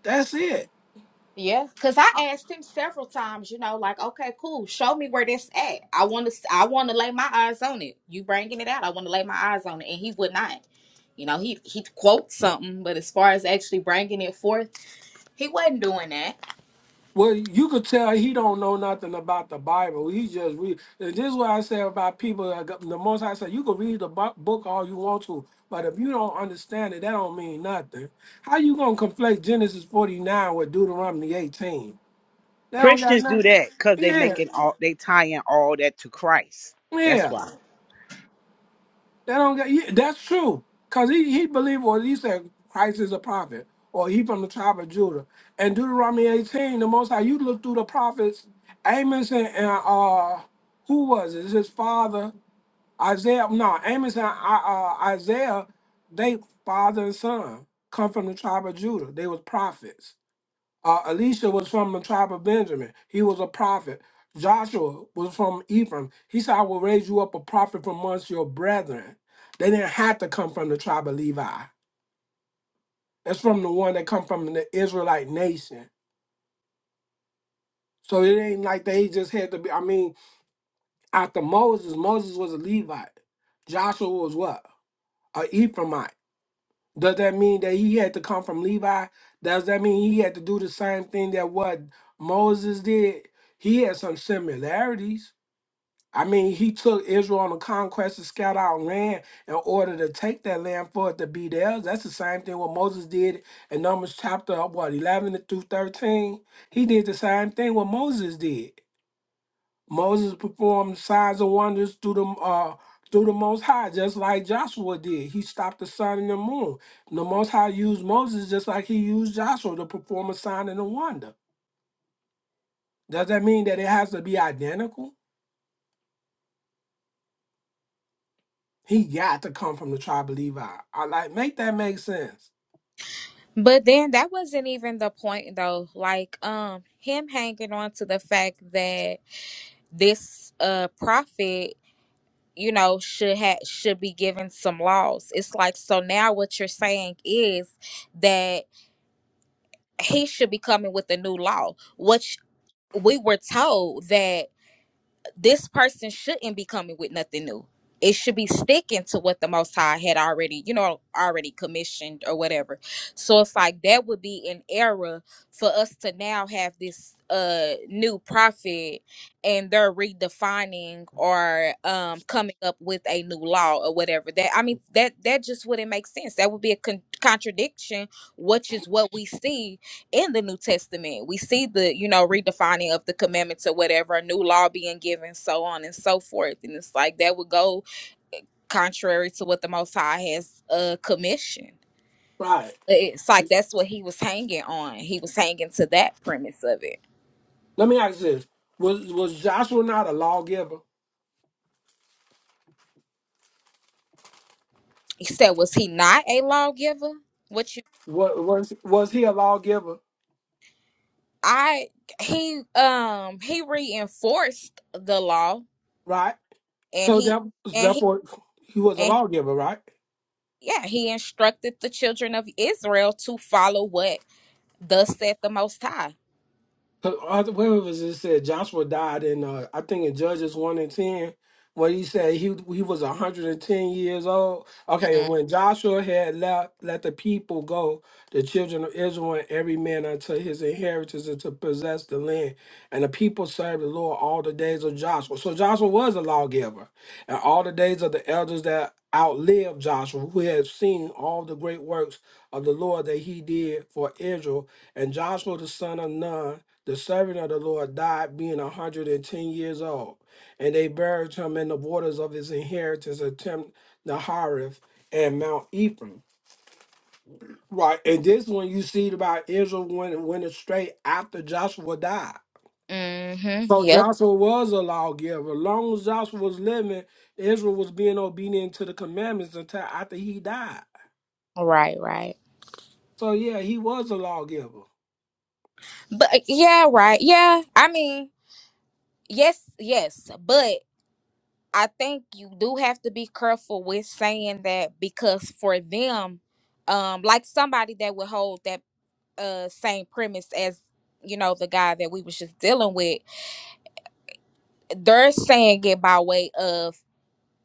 That's it. Yeah. Cause I asked him several times, you know, like, okay, cool, show me where this at. I want to, I want to lay my eyes on it. You bringing it out? I want to lay my eyes on it, and he would not. You know, he he quotes something, but as far as actually bringing it forth, he wasn't doing that. Well, you could tell he don't know nothing about the Bible. He just read. And this is what I say about people. that got- The most I say, you can read the bu- book all you want to, but if you don't understand it, that don't mean nothing. How you gonna conflate Genesis forty nine with Deuteronomy eighteen? That don't got Christians do nothing. that because they Yeah, making all they tying all that to Christ. That's yeah. why. That don't get. yeah, That's true, cause he he believed, or he said Christ is a prophet, or he from the tribe of Judah. And Deuteronomy eighteen, the Most High, you look through the prophets, Amos and and, uh, who was it? It's his father Isaiah. No, Amos and uh, uh, Isaiah, they father and son come from the tribe of Judah. They was prophets. Uh, Elisha was from the tribe of Benjamin. He was a prophet. Joshua was from Ephraim. He said, I will raise you up a prophet from amongst your brethren. They didn't have to come from the tribe of Levi. It's from the one that come from the Israelite nation. So it ain't like they just had to be. I mean, after Moses, Moses was a Levite. Joshua was what? A Ephraimite. Does that mean that he had to come from Levi? Does that mean he had to do the same thing that what Moses did? He had some similarities I mean, he took Israel on a conquest to scout out land in order to take that land for it to be theirs. That's the same thing what Moses did in Numbers chapter what eleven through thirteen. He did the same thing what Moses did. Moses performed signs and wonders through the uh through the Most High, just like Joshua did. He stopped the sun and the moon. The Most High used Moses just like he used Joshua to perform a sign and a wonder. Does that mean that it has to be identical? He got to come from the tribe of Levi. I like make that make sense. But then that wasn't even the point though. Like um him hanging on to the fact that this uh prophet you know should have should be given some laws it's like so now what you're saying is that he should be coming with a new law which we were told that this person shouldn't be coming with nothing new. It should be sticking to what the Most High had already, you know, already commissioned or whatever. So it's like that would be an error for us to now have this uh new prophet and they're redefining or um coming up with a new law or whatever that i mean that that just wouldn't make sense that would be a con- contradiction which is what we see in the New Testament. We see the, you know, redefining of the commandments or whatever, a new law being given, so on and so forth. And it's like that would go contrary to what the Most High has uh, commissioned. Right. It's like that's what he was hanging on. He was hanging to that premise of it. Let me ask this. Was was Joshua not a lawgiver? He said, was he not a lawgiver? What you What was was he a lawgiver? I he um he reinforced the law Right? and So he that and he therefore he was a and lawgiver, right? he, yeah, he instructed the children of Israel to follow what Thus saith the Most High. 'Cause I- Where was it said Joshua died in uh, I think in Judges one and ten, where he said he he was a hundred and ten years old. Okay, and when Joshua had left let the people go, the children of Israel every man unto his inheritance and to possess the land, and the people served the Lord all the days of Joshua. So Joshua was a lawgiver, and all the days of the elders that outlived Joshua, who had seen all the great works of the Lord that he did for Israel, and Joshua the son of Nun the servant of the Lord died being a 110 years old, and they buried him in the waters of his inheritance at Tim Nahareth and Mount Ephraim. Right, and this one you see about Israel when it went astray after Joshua died. Mm-hmm. So Yep. Joshua was a lawgiver. Long as Joshua was living, Israel was being obedient to the commandments until after he died. Right, right. So yeah, he was a lawgiver. But uh, yeah, right. Yeah. I mean, yes, yes. But I think you do have to be careful with saying that because for them, um, like somebody that would hold that uh same premise as, you know, the guy that we was just dealing with, they're saying it by way of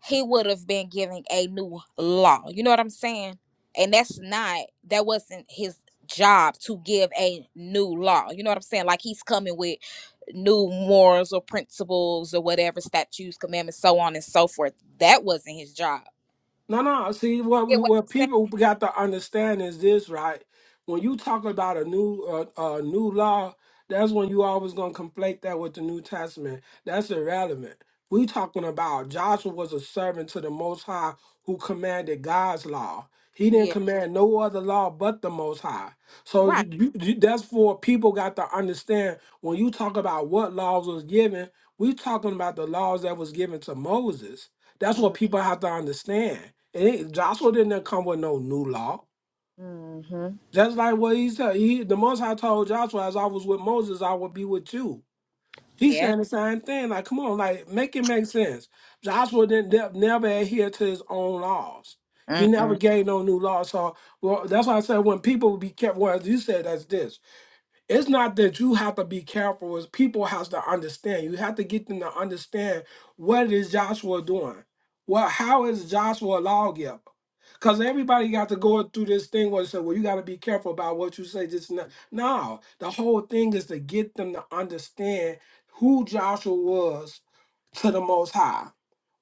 he would have been giving a new law. You know what I'm saying? And that's not that wasn't his job to give a new law. You know what I'm saying? Like he's coming with new morals or principles or whatever statutes, commandments, so on and so forth. That wasn't his job. No, no. See, what we, Get what what I'm saying? people got to understand is this, right? When you talk about a new uh, a new law, that's when you always gonna conflate that with the New Testament. That's irrelevant. We talking about Joshua was a servant to the Most High who commanded God's law. He didn't Yeah. command no other law but the Most High. So Right. you, you, you- that's for people got to understand when you talk about what laws was given. We talking about the laws that was given to Moses. That's what people have to understand. And It Joshua didn't come with no new law. Mm-hmm. That's like what he said. He, the Most High told Joshua, as I was with Moses, I will be with you. He's Yeah. saying the same thing. Like, come on, like make it make sense. Joshua didn't ne- never adhere to his own laws. He never Mm-mm. gave no new laws. So, well, that's why I said when people be kept. Well, you said that's this. It's not that you have to be careful, it's people has to understand. You have to get them to understand what is Joshua doing. Well, how is Joshua a lawgiver? Because everybody got to go through this thing where they say, well, you got to be careful about what you say. This and that. No, the whole thing is to get them to understand who Joshua was to the Most High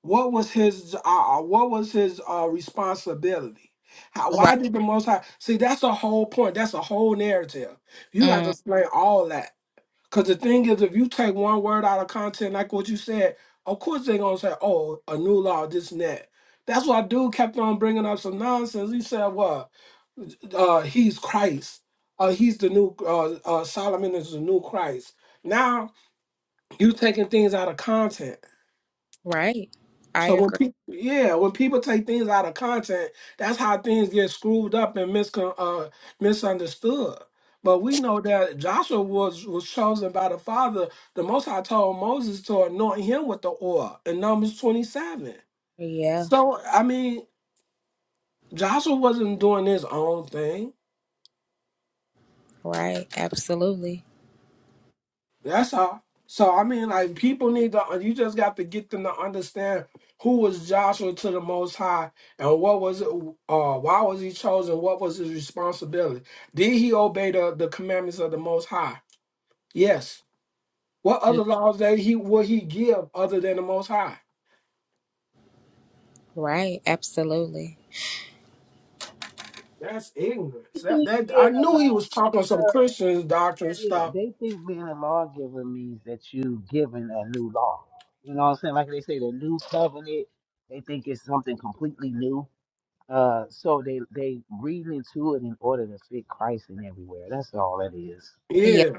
what was his uh, uh, what was his uh, responsibility? How, Right. why did the Most High see? That's a whole point. That's a whole narrative. You got to Mm. explain all that. Because the thing is, if you take one word out of content, like what you said, of course they're gonna say, "Oh, a new law, this and that." That's why dude kept on bringing up some nonsense. He said, "What? Uh, he's Christ. Uh, he's the new uh, uh, Solomon is the new Christ." Now you taking things out of content. Right. I So when agree. people, yeah, when people take things out of content, that's how things get screwed up and miscon uh, misunderstood. But we know that Joshua was was chosen by the Father. The Most High told Moses to anoint him with the oil in Numbers twenty seven. Yeah. So I mean, Joshua wasn't doing his own thing. Right. Absolutely. That's all. So I mean, like people need to. You just got to get them to understand who was Joshua to the Most High and what was it. Uh, why was he chosen? What was his responsibility? Did he obey the, the commandments of the Most High? Yes. What Yeah. other laws that he would he give other than the Most High? Right. Absolutely. That's They ignorance. That think that being I a- knew he was talking some Christians doctrine Yeah, stuff. they think being a lawgiver means that you giving a new law. You know what I'm saying? Like they say, the new covenant. They think it's something completely new. Uh, so they they read into it in order to fit Christ in everywhere. That's all that is. Yeah. Yeah.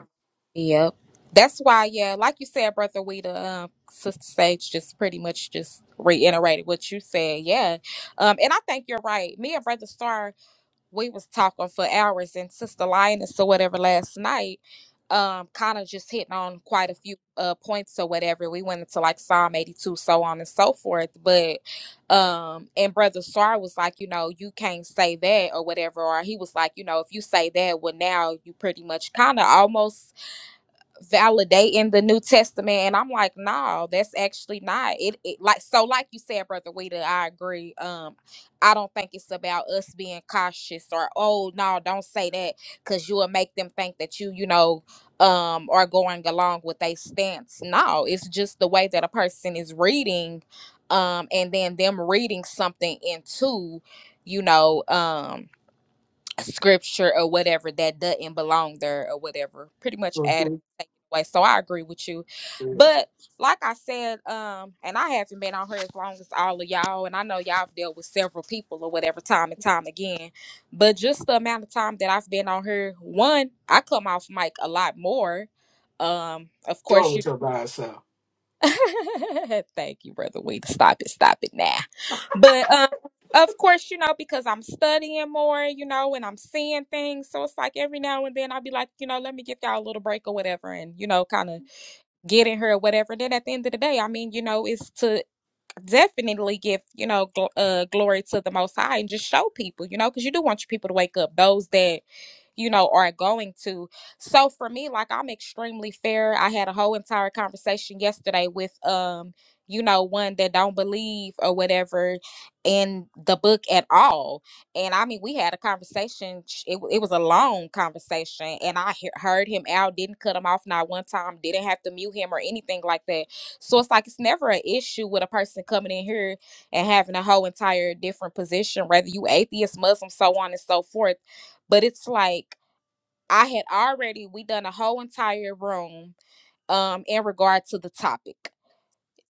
Yep. That's why, yeah, like you said, Brother Weta, um, Sister Sage just pretty much just reiterated what you said. Yeah. Um, and I think you're right. Me and Brother Star, we was talking for hours and Sister Lioness or whatever last night, um, kind of just hitting on quite a few uh points or whatever. We went into like Psalm 82, so on and so forth. But um, and Brother Star was like, you know, you can't say that or whatever, or he was like, you know, if you say that, well now you pretty much kinda almost validating the New Testament, and I'm like, no, that's actually not it, it. Like so, like you said, brother Weeda, I agree. Um, I don't think it's about us being cautious or oh no, don't say that because you will make them think that you, you know, um, are going along with a stance. No, it's just the way that a person is reading, um, and then them reading something into, you know, um scripture or whatever that doesn't belong there or whatever. Pretty much add Mhm. take away. So I agree with you. Yeah. But like I said, um, and I haven't been on here as long as all of y'all, and I know y'all have dealt with several people or whatever time and time again. But just the amount of time that I've been on here, one, I come off mic a lot more. Um, of Go course, you. with your by itself. Thank you, Brother Wade. Stop it. Stop it now. But um, of course, you know, because I'm studying more, you know, and I'm seeing things. So it's like every now and then I'll be like, you know, let me give y'all a little break or whatever and, you know, kind of get in here or whatever. Then at the end of the day, I mean, you know, it's to definitely give, you know, gl- uh, glory to the Most High and just show people, you know, because you do want your people to wake up. Those that you know, are going to. So for me, like I'm extremely fair. I had a whole entire conversation yesterday with um, you know, one that don't believe or whatever in the book at all. And I mean, we had a conversation. sh- It, w- it was a long conversation, and I he- heard him out. Didn't cut him off not one time. Didn't have to mute him or anything like that. So it's like it's never an issue with a person coming in here and having a whole entire different position, whether you atheist, Muslim, so on and so forth but it's like I had already we done a whole entire room um in regard to the topic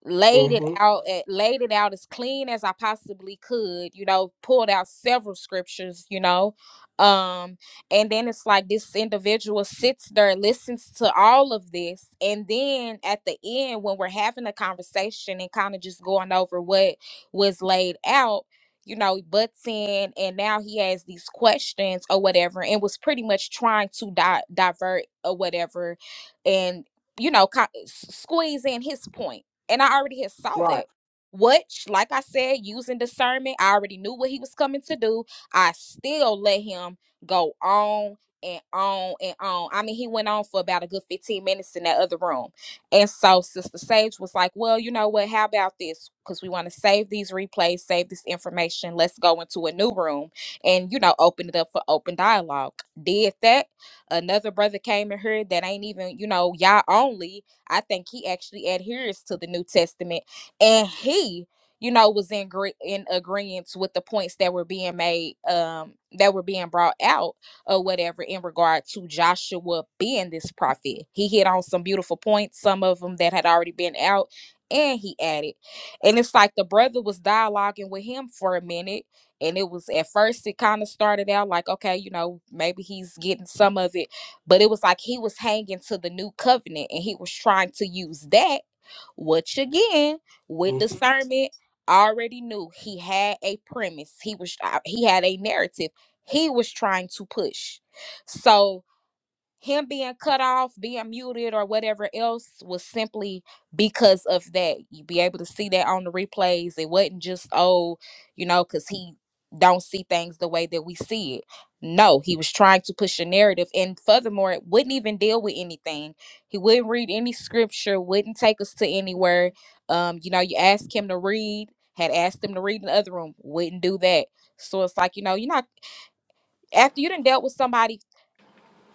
laid it hmm out at, laid it out as clean as I possibly could, you know, pulled out several scriptures, you know. Um and then it's like this individual sits there listens to all of this and then at the end when we're having a conversation and kind of just going over what was laid out you know he butts in and now he has these questions or whatever and was pretty much trying to di- divert or whatever and you know co- s- squeeze in his point and I already had saw that. Right. Which, like I said, using discernment, I already knew what he was coming to do. I still let him go on and on and on. I mean, he went on for about a good 15 minutes in that other room. And so Sister Sage was like, Well, you know what? How about this? Because we want to save these replays, save this information. Let's go into a new room and, you know, open it up for open dialogue. Did that. Another brother came in here that ain't even, you know, y'all only I think he actually adheres to the New Testament, and he, you know, was in gre- in agreement with the points that were being made, um, that were being brought out or whatever in regard to Joshua being this prophet. He hit on some beautiful points, some of them that had already been out, and he added, and it's like the brother was dialoguing with him for a minute. And it was at first, it kind of started out like, okay, you know, maybe he's getting some of it but it was like he was hanging to the new covenant and he was trying to use that, which again, with discernment, already knew he had a premise. He was uh, he had a narrative he was trying to push. So him being cut off, being muted, or whatever else was simply because of that. You be able to see that on the replays. It wasn't just oh, you know, because he don't see things the way that we see it. No, he was trying to push a narrative, and furthermore, it wouldn't even deal with anything. He wouldn't read any scripture. Wouldn't take us to anywhere. Um, you know, you asked him to read. Had asked him to read in the other room. Wouldn't do that. So it's like you know, you're not after you done dealt with somebody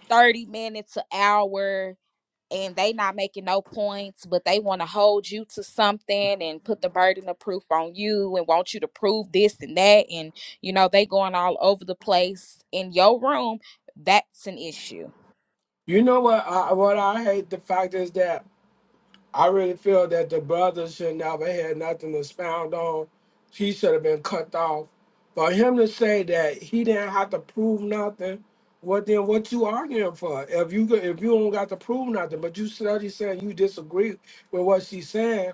thirty minutes, an hour and they not making no points, but they want to hold you to something and put the burden of proof on you and want you to prove this and that, and you know they going all over the place in your room. That's an issue You know what? I, what I hate the fact is that I really feel that the brother should never had nothing to expound on. He should have been cut off. For him to say that he didn't have to prove nothing, what then? What you arguing for? If you go- if you don't got to prove nothing, but you study saying you disagree with what she's saying,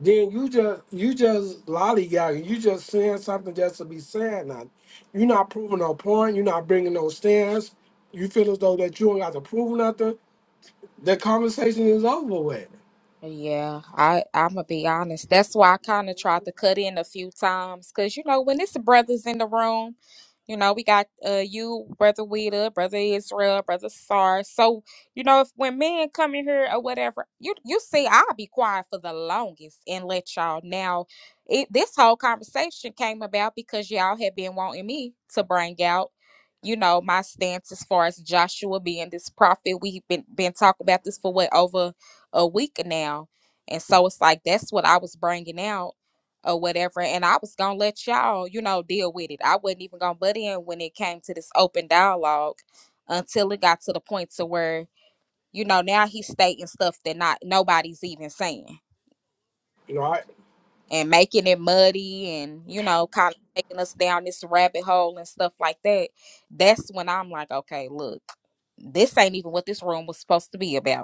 then you just you just lollygagging. You just saying something just to be saying nothing. You're not proving no point. You're not bringing no stance. You feel as though that you don't got to prove nothing. The conversation is over with. Yeah, I I'm gonna be honest. That's why I kind of tried to cut in a few times, cause you know when it's the brothers in the room, you know we got uh you, brother Weta, brother Israel, brother Sar. So you know if when men come in here or whatever, you you see I'll be quiet for the longest and let y'all. Now, it, this whole conversation came about because y'all had been wanting me to bring out. You know my stance as far as Joshua being this prophet. We've been been talking about this for what over a week now. And so it's like that's what I was bringing out or whatever. And I was going to let y'all, you know, deal with it. I wasn't even going to butt in when it came to this open dialogue until it got to the point to where, you know, now he's stating stuff that not nobody's even saying You know, and making it muddy and, you know, kind of taking us down this rabbit hole and stuff like that. That's when I'm like, okay, look, this ain't even what this room was supposed to be about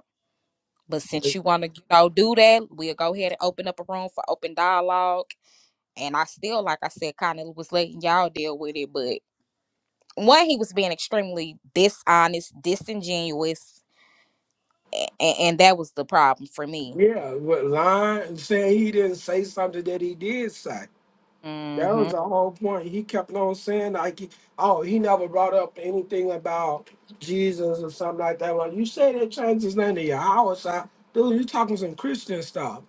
But since you want to, you know, do that, we'll go ahead and open up a room for open dialogue. And I still, like I said, kind of was letting y'all deal with it. But one, he was being extremely dishonest, disingenuous, and, and that was the problem for me. Yeah, but lying, saying he didn't say something that he did say. That hmm was the whole point. He kept on saying like, he- "Oh, he never brought up anything about Jesus or something like that." Well, you say they changed his name to Yahweh, so dude, you talking some Christian stuff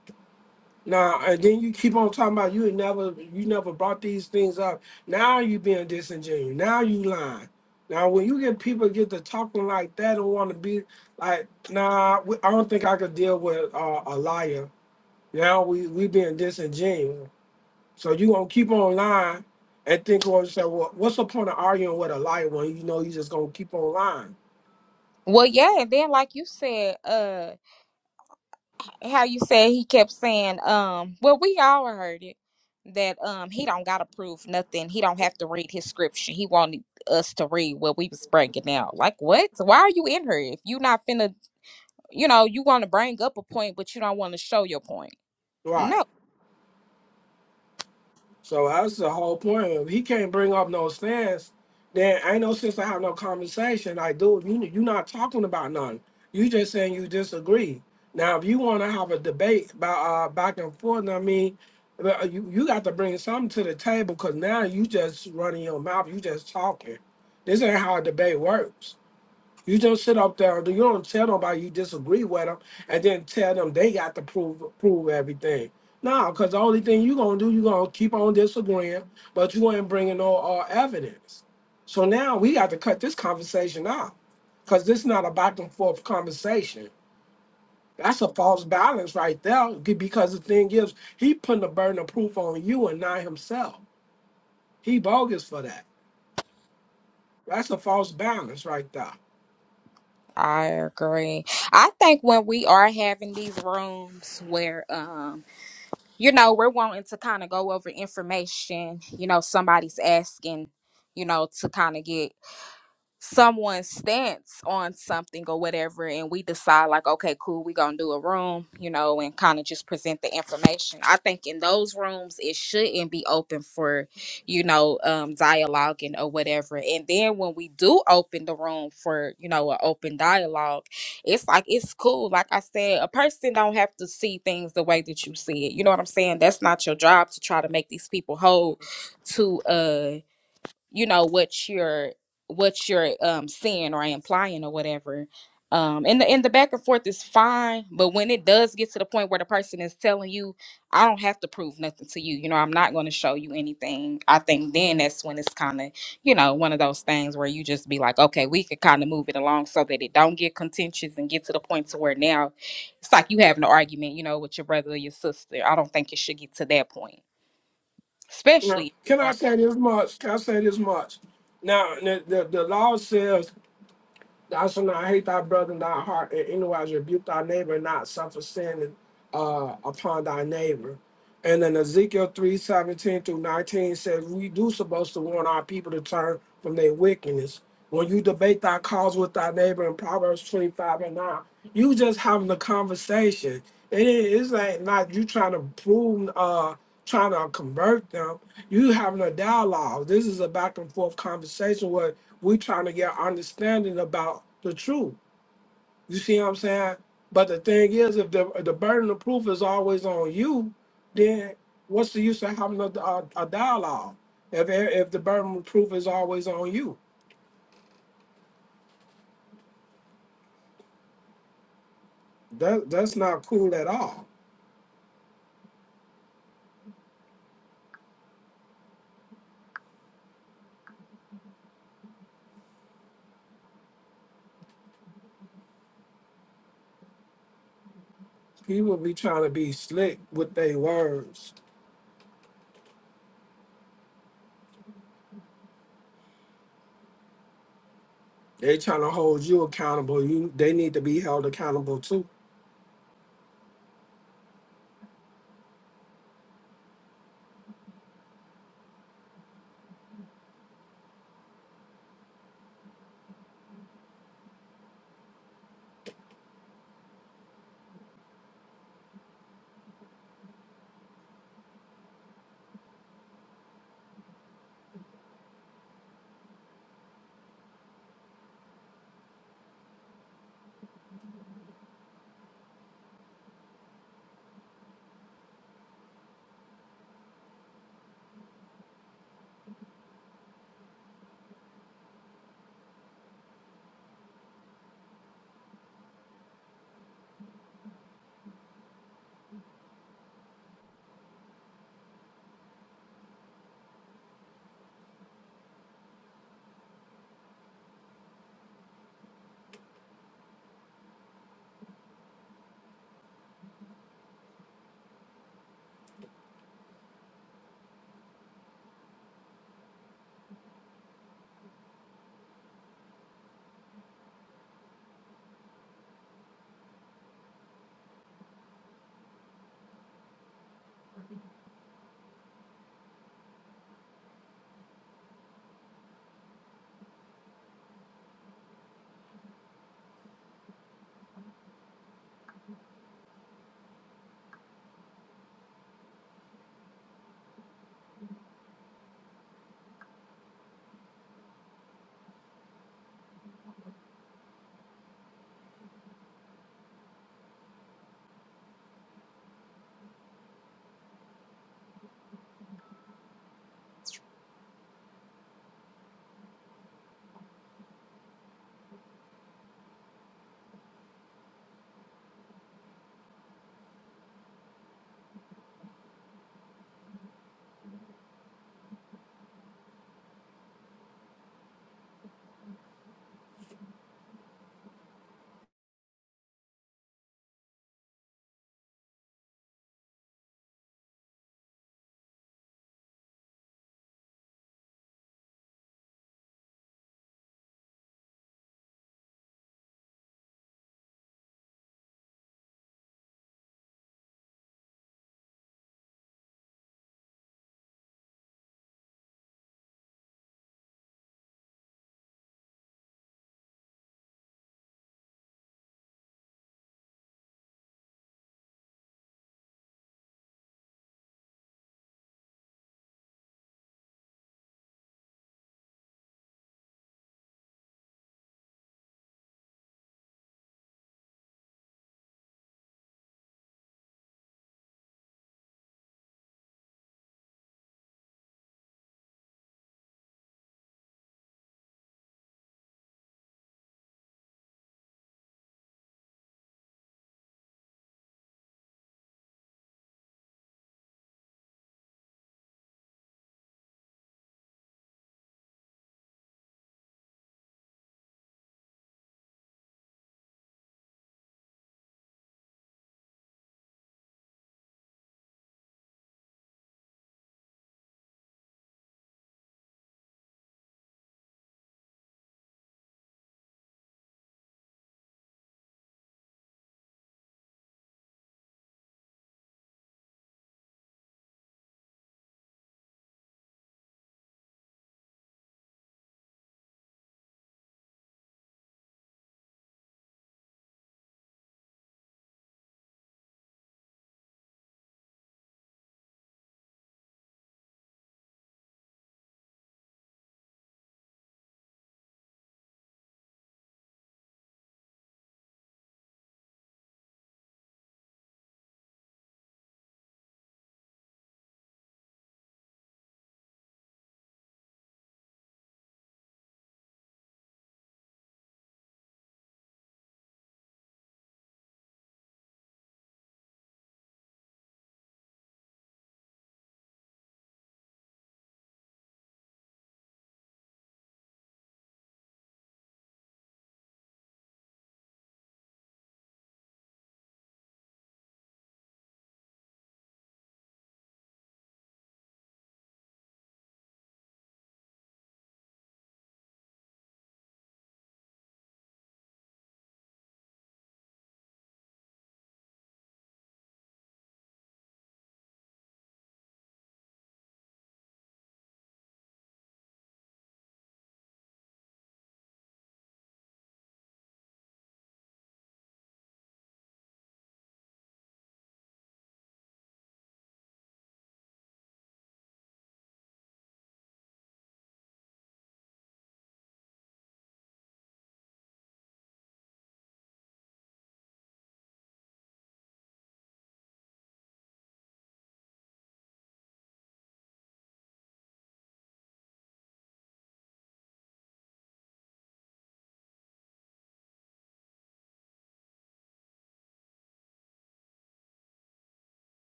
now, and then you keep on talking about you had never, you never brought these things up. Now you being disingenuous. Now you lying. Now when you get people get to talking like that and want to be like, "Nah, I don't think I could deal with uh, a liar." Now we we being disingenuous. So you gonna keep on lying and think or say, well, what's the point of arguing with a liar when you know you just gonna keep on lying? Well, yeah, and then like you said, uh, how you said he kept saying, um, well, we all heard it that um he don't gotta prove nothing. He don't have to read his scripture. He wanted us to read what we was bringing out. Like what? Why are you in here if you not finna? You know, you want to bring up a point, but you don't want to show your point. Right. No, So that's the whole point. If he can't bring up no stance, then ain't no sense to have no conversation. Like, dude, you you not talking about nothing. You just saying you disagree. Now, if you want to have a debate about uh, back and forth, I mean, uh, you you got to bring something to the table because now you just running your mouth. You just talking. This ain't how a debate works. You just sit up there. You don't tell nobody you disagree with them, and then tell them they got to prove prove everything. No, because the only thing you gonna do, you gonna keep on disagreeing, but you ain't bringing no uh, evidence. So now we got to cut this conversation out, because this not a back and forth conversation. That's a false balance right there, g- because the thing is, he putting the burden of proof on you and not himself. He bogus for that. That's a false balance right there. I agree. I think when we are having these rooms where um you know we're wanting to kind of go over information. You know, somebody's asking. You know, to kind of get someone's stance on something or whatever and we decide like okay cool we're gonna do a room you know and kind of just present the information i think in those rooms it shouldn't be open for you know um dialoguing or whatever and then when we do open the room for you know an open dialogue it's like it's cool like i said a person don't have to see things the way that you see it you know what i'm saying that's not your job to try to make these people hold to uh you know what you're what you're um saying or implying or whatever um and the and the back and forth is fine but when it does get to the point where the person is telling you i don't have to prove nothing to you you know i'm not going to show you anything i think then that's when it's kind of you know one of those things where you just be like okay we could kind of move it along so that it don't get contentious and get to the point to where now it's like you having an argument you know with your brother or your sister i don't think it should get to that point Now, especially can I say this much? Can I say this much? Now, the, the, the law says Thou shalt not hate thy brother in thy heart, and anywise rebuke thy neighbor, and not suffer sin uh, upon thy neighbor. And then Ezekiel three seventeen through 19 says, We do supposed to warn our people to turn from their wickedness. When you debate thy cause with thy neighbor in Proverbs 25 and 9, you just having a conversation. It is like not you trying to prove, uh, trying to convert them. You having a dialogue. This is a back and forth conversation where we trying to get understanding about the truth. You see what I'm saying? But the thing is, if the the burden of proof is always on you, then what's a, a dialogue? If if proof you that that's not cool at all. People be trying to be slick with their words. They trying to hold you accountable. You they need to be held accountable too.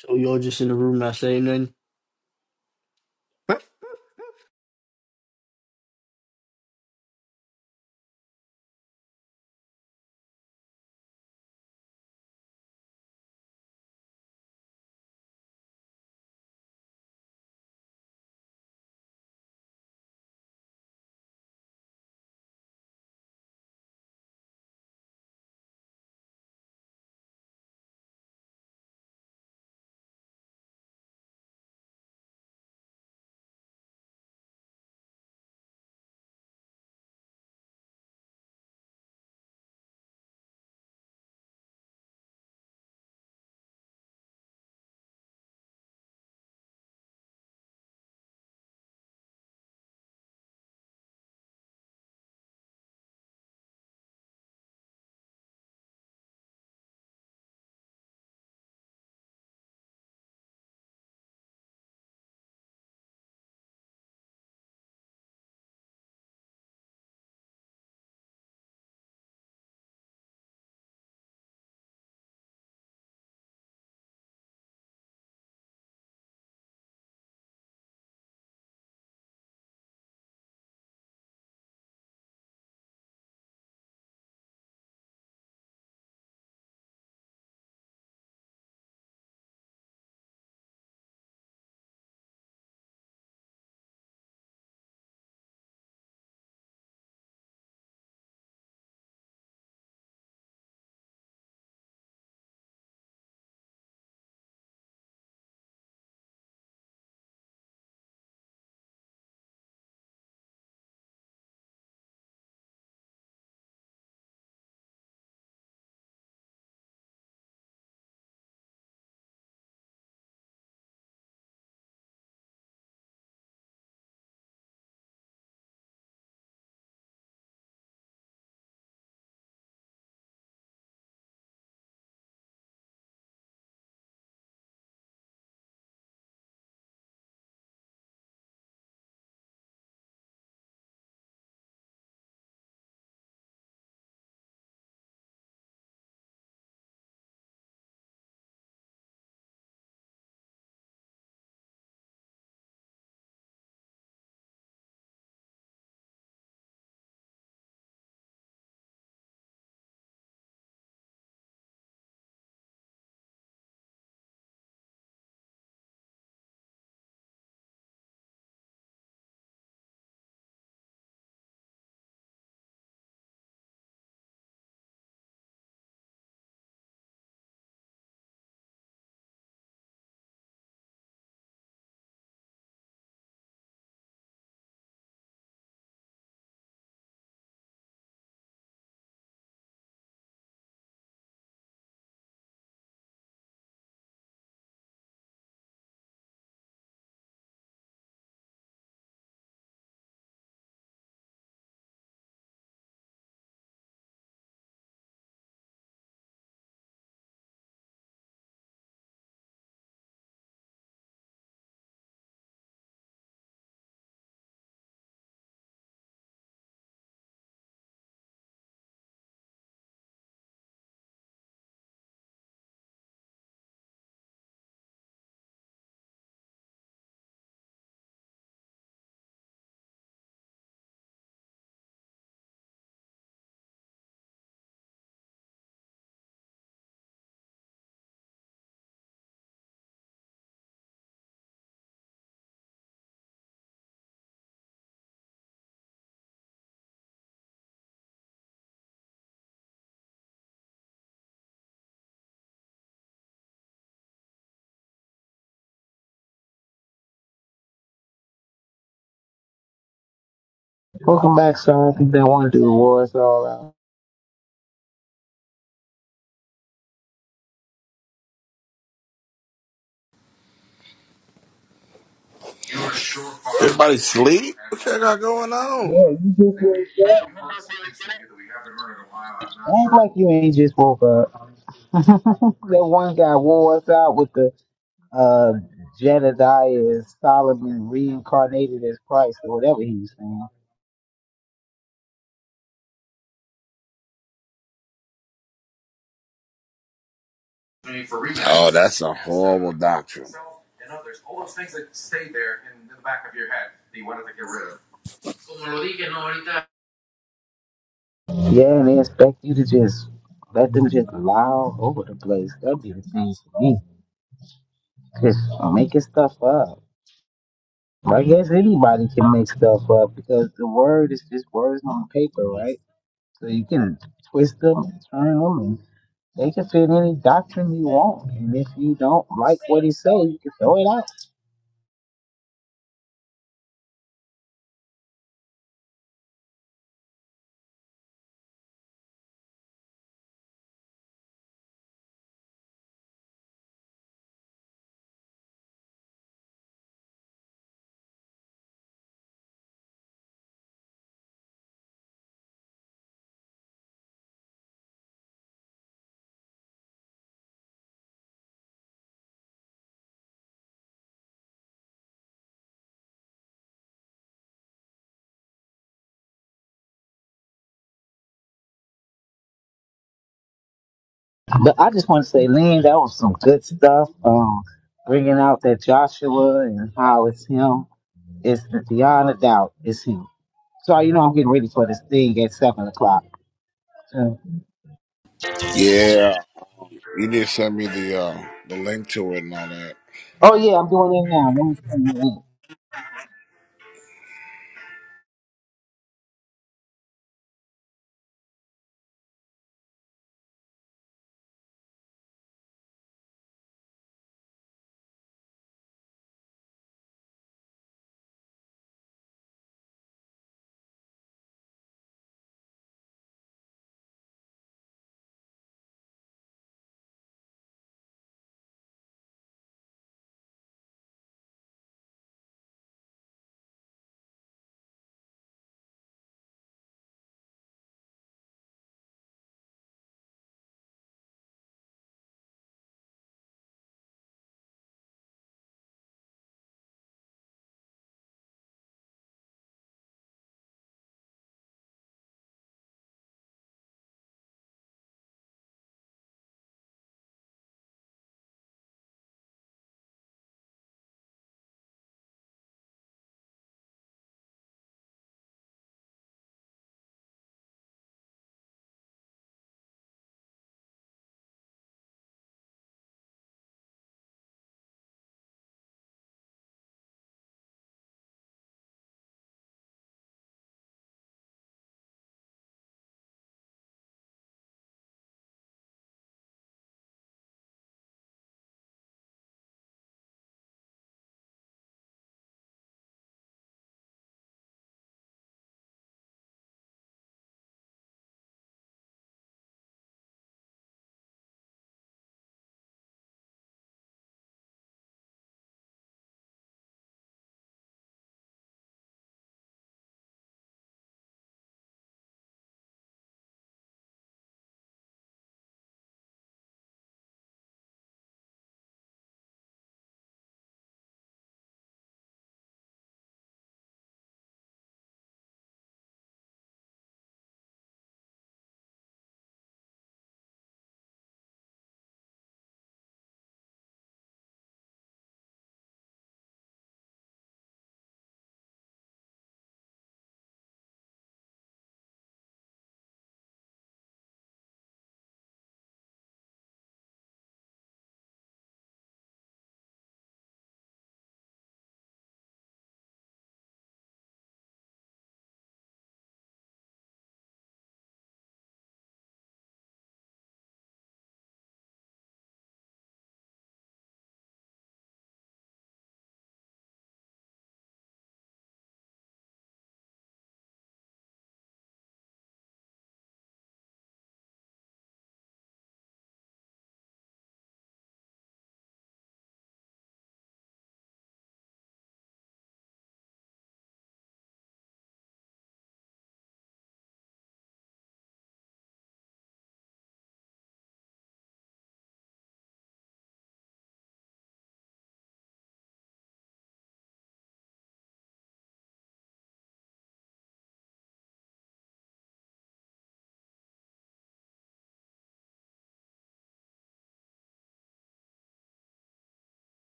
So y'all just in the room not saying nothing? Welcome back, sir. I think they want to do the wars all out. Everybody sleep? What y'all got going on? Yeah, you just wake Act like you ain't just woke up. that one guy wore us out with the uh, Jedediah as Solomon reincarnated as Christ or whatever he was saying. Oh, that's a horrible doctrine. You know, there's all those things that stay there in the back of of? your head. that you wanted to get rid of. Yeah, and they expect you to just let them just lie all over the place. That'd be the thing for me. Just making stuff up. I guess anybody can make stuff up because the word is just words on paper, right? So you can twist them and turn them They can fit any doctrine you want, and if you don't like what he say, you can throw it out. But I just want to say, Lynn, that was some good stuff. Um, bringing out that Joshua and how it's him. It's beyond a doubt, it's him. So you know, I'm getting ready for this thing at seven o'clock. So- Yeah, you need to send me the uh, the link to it and all that. oh yeah, I'm doing it now. Let me send you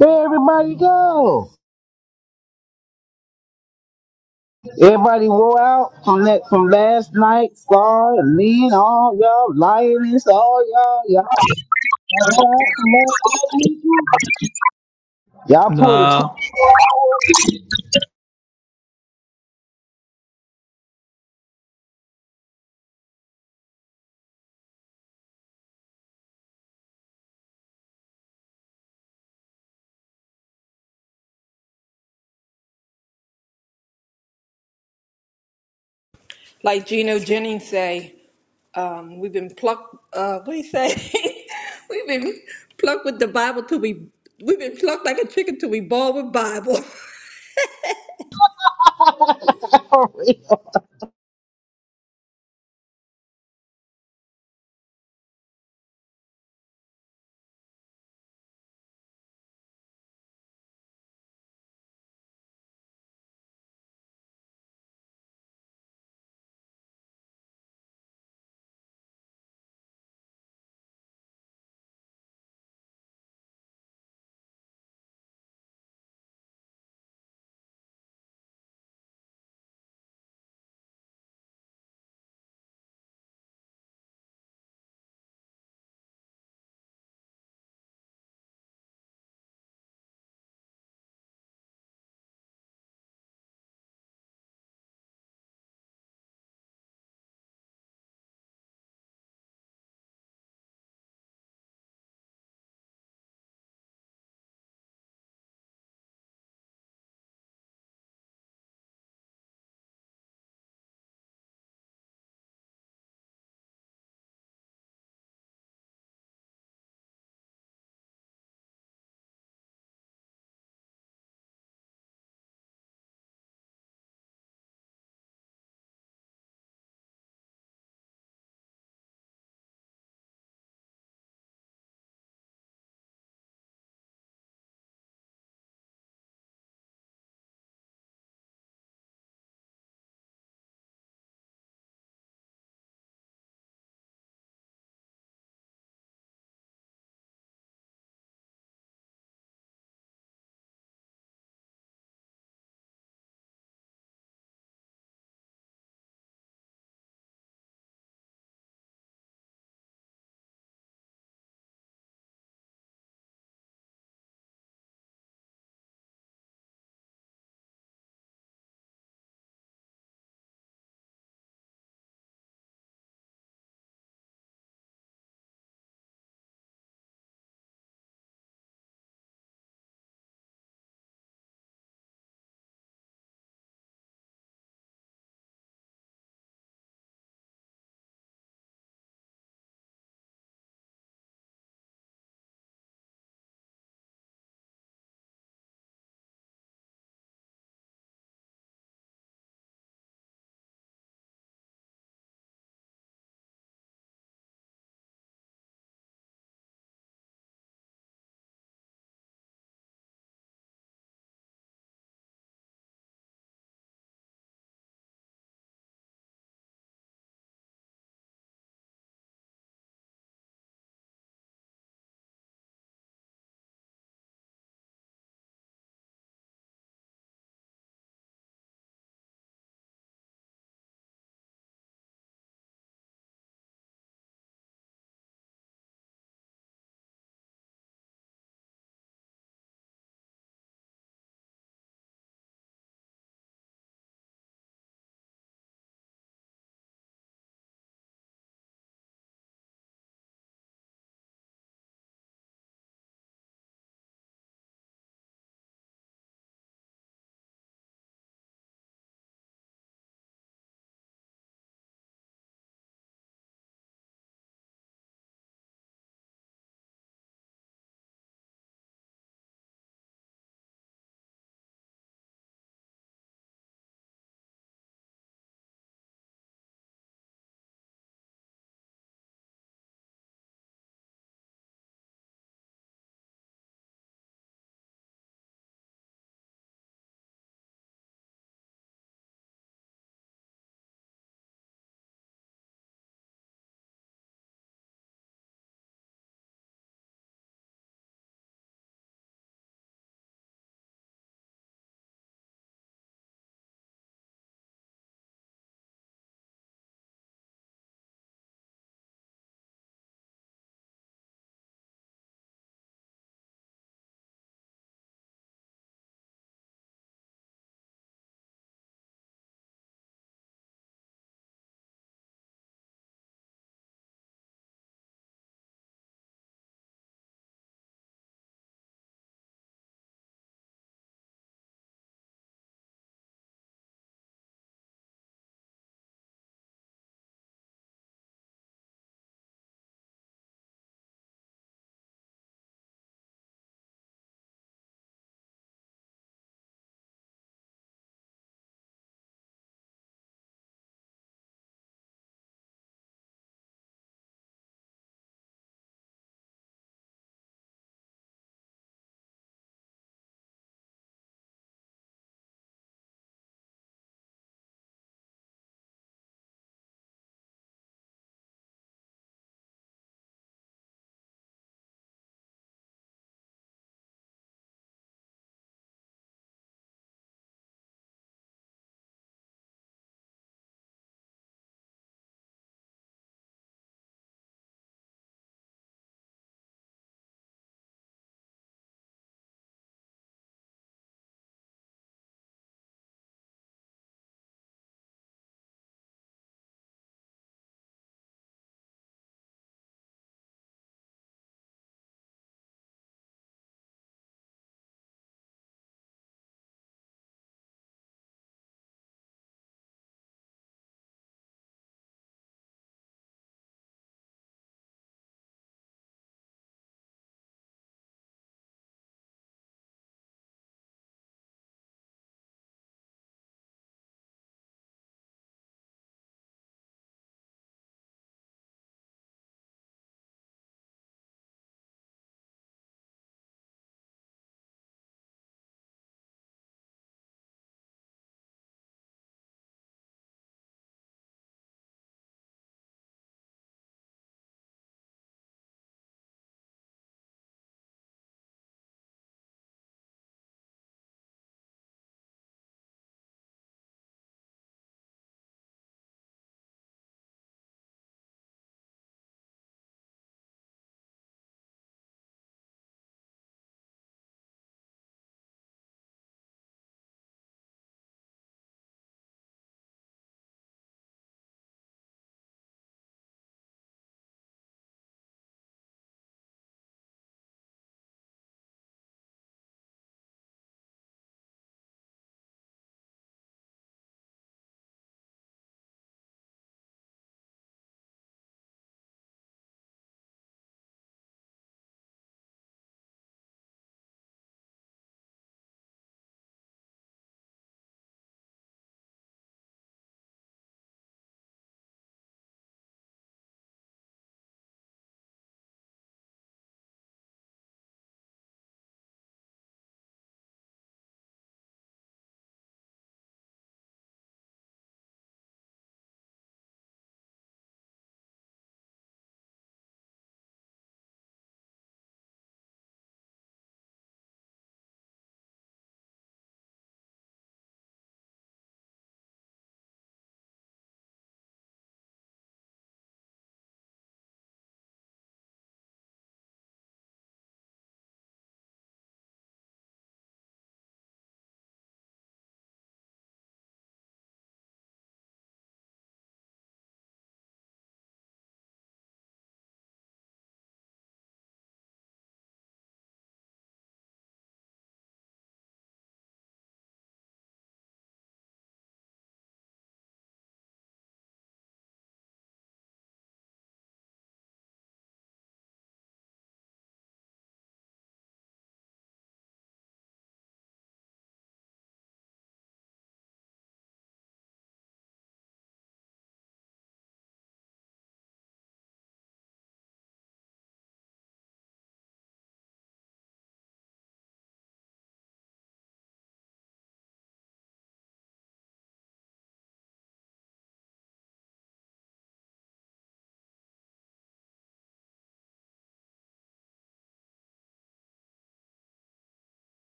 in. Where everybody go? Everybody wore out from that from last night. Scar, Lean, all y'all, lioness, all y'all, y'all. Y'all pulled a 20. Nah. Like Gino Jennings say, um, we've been plucked. Uh, what do you say? we've been plucked with the Bible till we. We've been plucked like a chicken till we ball with Bible.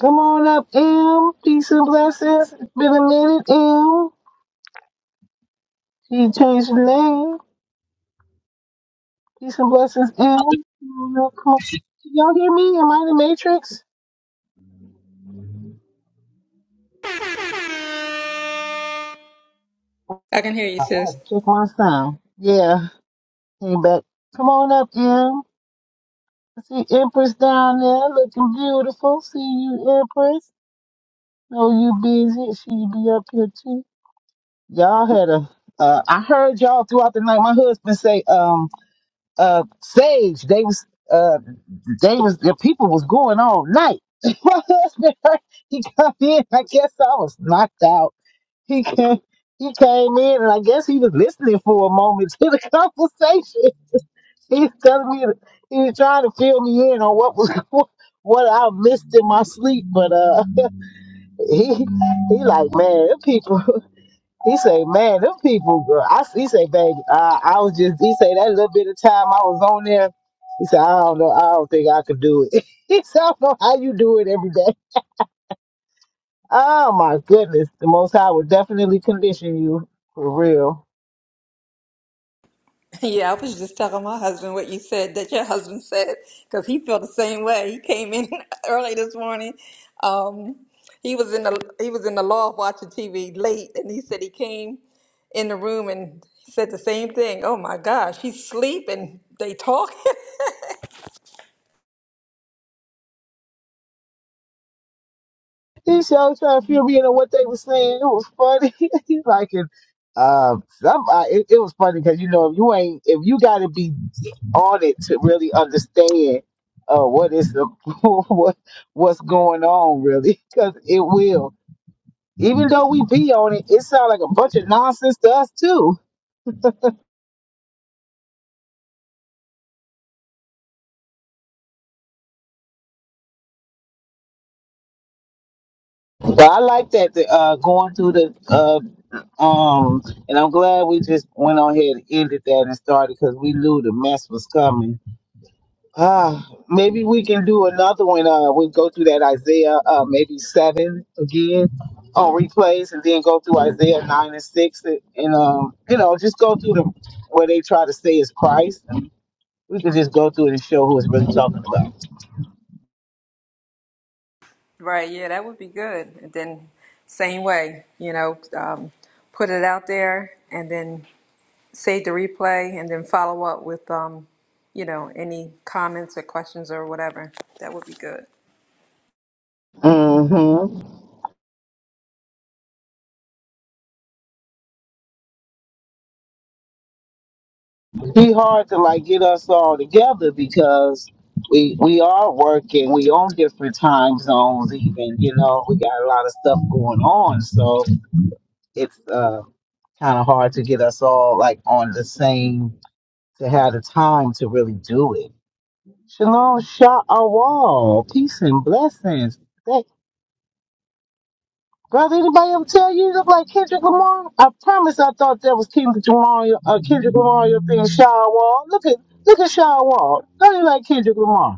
Come on up, M. Peace and blessings. It's been a minute, M. She changed her name. Peace and blessings, M. Come on up, come on. Can y'all hear me? Am I in the Matrix? I can hear you, sis. Check my sound. Yeah, came back. Come on up, M. I see Empress down there looking beautiful. See you, Empress. Know you busy. She be up here too. Y'all had a. Uh, I heard y'all throughout the night. My husband say, "Um, uh, Sage, they was, uh, they was the people was going all night." My husband, he come in. I guess I was knocked out. He came, he came in, and I guess he was listening for a moment to the conversation. He was telling me, he was trying to fill me in on what was going- what I missed in my sleep. But uh, he he like, man, them people. He say, man, them people, girl. I, he say, baby, I, I was just, he say, that little bit of time I was on there, he said, I don't know, I don't think I could do it. he said, I don't know how you do it every day. Oh my goodness, the Most High will definitely condition you for real. Yeah, I was just telling my husband what you said that your husband said because he felt the same way. He came in early this morning. Um, he was in the he was in the loft watching TV late, and he said he came in the room and said the same thing. Oh my gosh, she's sleeping. They talk. He said, I was trying to feel me into what they were saying. It was funny. He's like, and, um, some, I, it, it was funny because, you know, if you ain't, if you got to be on it to really understand uh, what is the, what, what's going on, really, because it will. Even though we be on it, it sounds like a bunch of nonsense to us, too. But I like that, the, uh, going through the, uh, um, and I'm glad we just went on here and ended that and started because we knew the mess was coming Ah, maybe we can do another one. Uh, we go through that Isaiah, uh, maybe seven again on replays, and then go through Isaiah nine and six, and, and um, you know, just go through the where they try to say is Christ. We can just go through it and show who it's really talking about. Right, yeah, that would be good. And then, same way, you know, um, put it out there and then save the replay and then follow up with, um, you know, any comments or questions or whatever. That would be good. Mm-hmm. Be hard to like get us all together because we we are working. We on different time zones, even you know, we got a lot of stuff going on, so it's uh. kind of hard to get us all like on the same to have the time to really do it. Shalom Sha'awal, peace and blessings. Hey, brother, anybody ever tell you you look like Kendrick Lamar? I promise I thought that was Kendrick Lamar, uh, Kendrick Lamar your being Sha'awal. Look at look at Sha'awal. Don't you like Kendrick Lamar?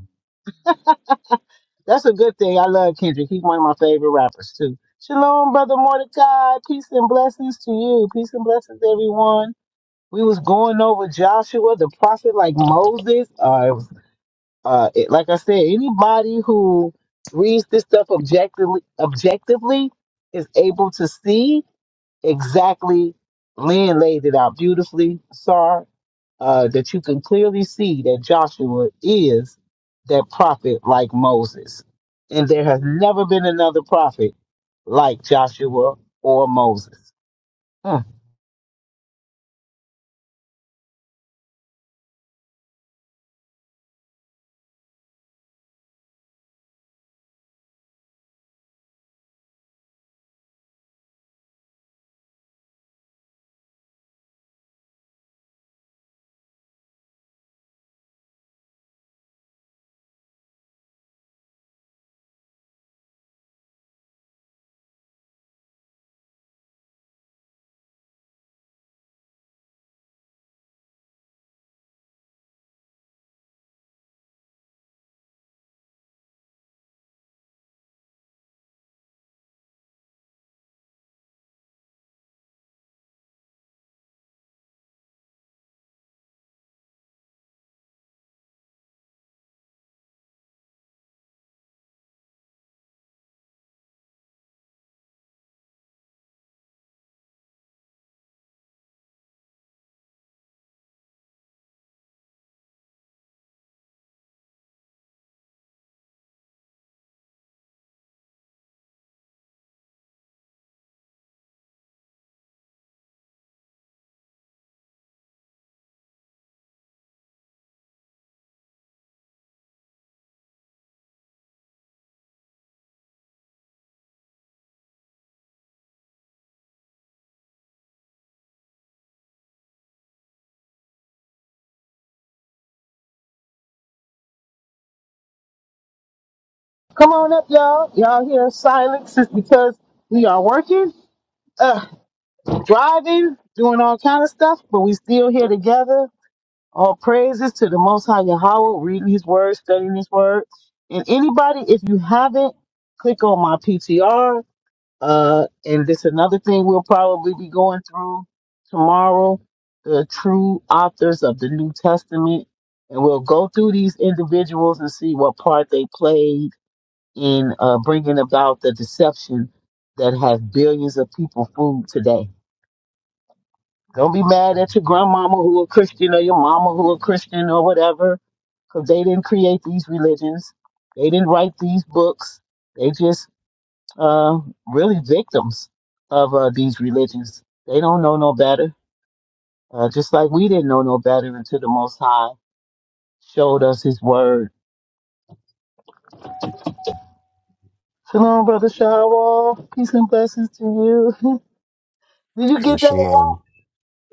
That's a good thing. I love Kendrick. He's one of my favorite rappers too. Shalom, brother Mordecai. Peace and blessings to you. Peace and blessings, everyone. we was going over Joshua, the prophet, like Moses. Uh, uh, it- like I said, anybody who reads this stuff objectively, objectively is able to see exactly. Lynn laid it out beautifully, Sar, uh, that you can clearly see that Joshua is that prophet like Moses. And there has never been another prophet like Joshua or Moses. Hmm. Come on up, y'all. Y'all hear silence is because we are working, uh, driving, doing all kind of stuff, but we still here together. All praises to the Most High Yahweh, reading His Word, studying His Word. And anybody, if you haven't, click on my PTR. Uh, and this another thing we'll probably be going through tomorrow: the true authors of the New Testament. And we'll go through these individuals and see what part they played in uh, bringing about the deception that has billions of people fooled today. Don't be mad at your grandmama who a Christian or your mama who a Christian or whatever, because they didn't create these religions. They didn't write these books. They just uh, really victims of uh, these religions. They don't know no better, uh, just like we didn't know no better until the Most High showed us His Word. Shalom, brother Shawwal. Peace and blessings to you. Did you Hey, get that? shalom.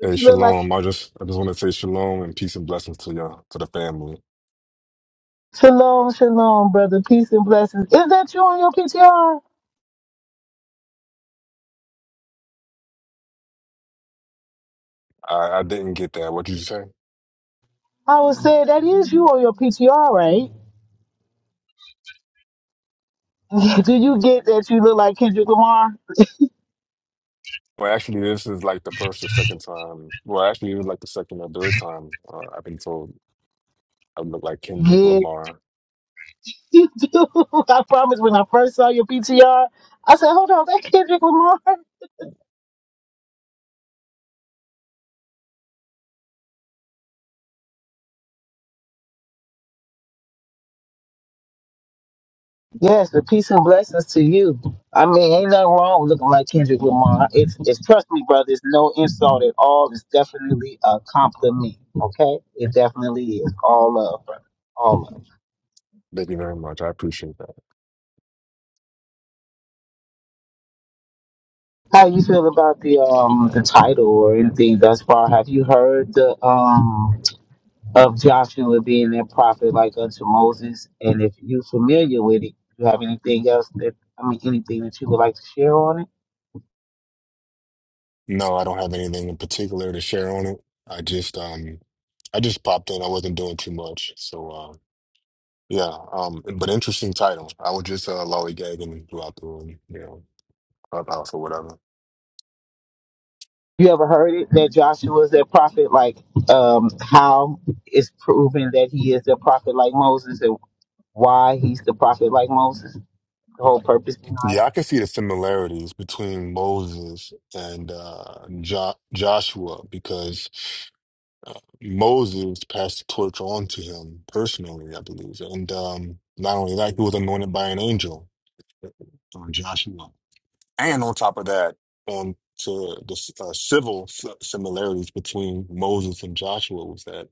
Did you look like? shalom. I just I just want to say shalom and peace and blessings to y'all, to the family. Shalom, shalom, brother. Peace and blessings. Is that you on your PTR? I, I didn't get that. What did you say? I would say that is you on your PTR, right? Do you get that you look like Kendrick Lamar? Well, actually, this is like the first or second time. Well, actually, it was like the second or third time uh, I've been told I look like Kendrick Yeah, Lamar. you do. I promise when I first saw your PTR, I said, hold on, that Kendrick Lamar? Yes, the peace and blessings to you. I mean, ain't nothing wrong with looking like Kendrick Lamar. It's, it's trust me, brother, it's no insult at all. It's definitely a compliment, okay? It definitely is. All love, brother. All love. Thank you very much. I appreciate that. How you feel about the um the title or anything thus far? Have you heard the um of Joshua being that prophet like unto Moses? And if you familiar with it, you have anything else that I mean anything that you would like to share on it? No, I don't have anything in particular to share on it. I just um I just popped in. I wasn't doing too much, so uh, yeah. Um, but interesting title. I was just uh, lollygagging throughout the room. You know. Clubhouse or whatever. You ever heard it that Joshua is that prophet like um how it's proven that he is the prophet like Moses and why he's the prophet like Moses? The whole purpose behind it? Yeah, I can see the similarities between Moses and uh, jo- Joshua because uh, Moses passed the torch on to him personally, I believe. And um, not only that, he was anointed by an angel, uh, Joshua. And on top of that, um, to the s- uh, civil s- similarities between Moses and Joshua was that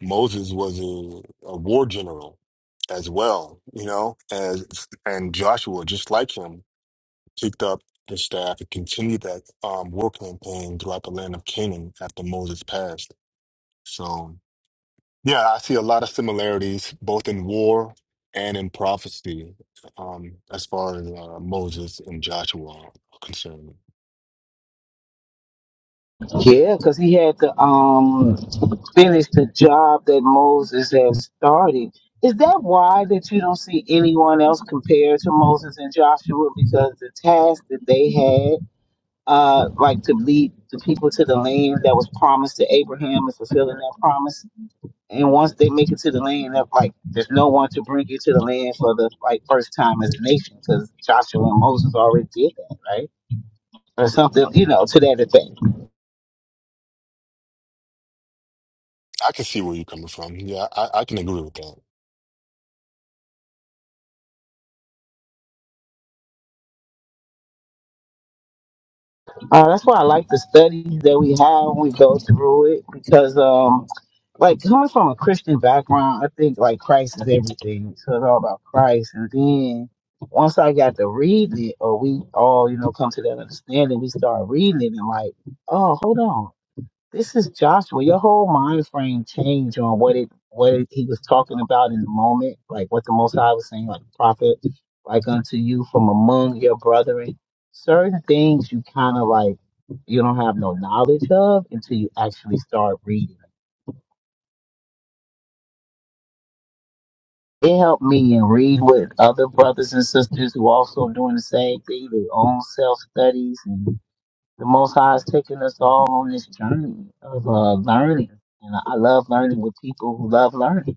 Moses was a, a war general as well, you know, as and Joshua, just like him, picked up the staff and continued that um, war campaign throughout the land of Canaan after Moses passed. So, yeah, I see a lot of similarities both in war and in prophecy um, as far as uh, Moses and Joshua are concerned. Yeah, because he had the um finish the job that Moses has started. Is that why that you don't see anyone else compared to Moses and Joshua? Because the task that they had, uh, like to lead the people to the land that was promised to Abraham and fulfilling that promise. And once they make it to the land, that like there's no one to bring you to the land for the like first time as a nation, because Joshua and Moses already did that, right? Or something, you know, to that effect. I can see where you're coming from. Yeah, I, I can agree with that. Uh, that's why I like the studies that we have. when We go through it because, um, like coming from a Christian background, I think like Christ is everything. So it's all about Christ. And then once I got to read it, or we all, you know, come to that understanding, we start reading it and like, oh, hold on. This is Joshua. Your whole mind frame changed on what it what it, he was talking about in the moment, like what the Most High was saying, like the prophet, like unto you from among your brethren. Certain things you kind of like you don't have no knowledge of until you actually start reading. It helped me and read with other brothers and sisters who also doing the same thing, their own self studies, and the Most High is taking us all on this journey of uh, learning. And I love learning with people who love learning.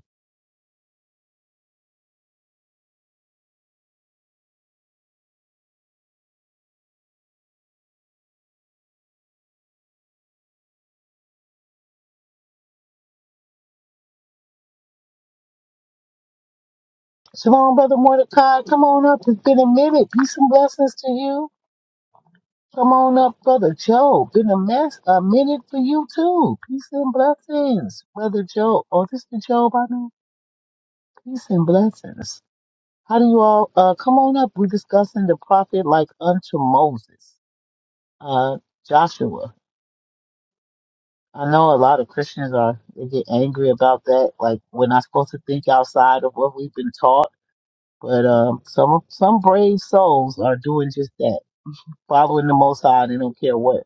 Shalom, Brother Mordecai. Come on up. It's been a minute. Peace and blessings to you. Come on up, Brother Joe. Been a mess, a minute for you too. Peace and blessings, Brother Joe. Oh, this is Joe by now. Peace and blessings. How do you all, uh, come on up. We're discussing the prophet like unto Moses, uh, Joshua. I know a lot of Christians are, they get angry about that. Like we're not supposed to think outside of what we've been taught, but, um, some, some brave souls are doing just that Following the Most High, they don't care what.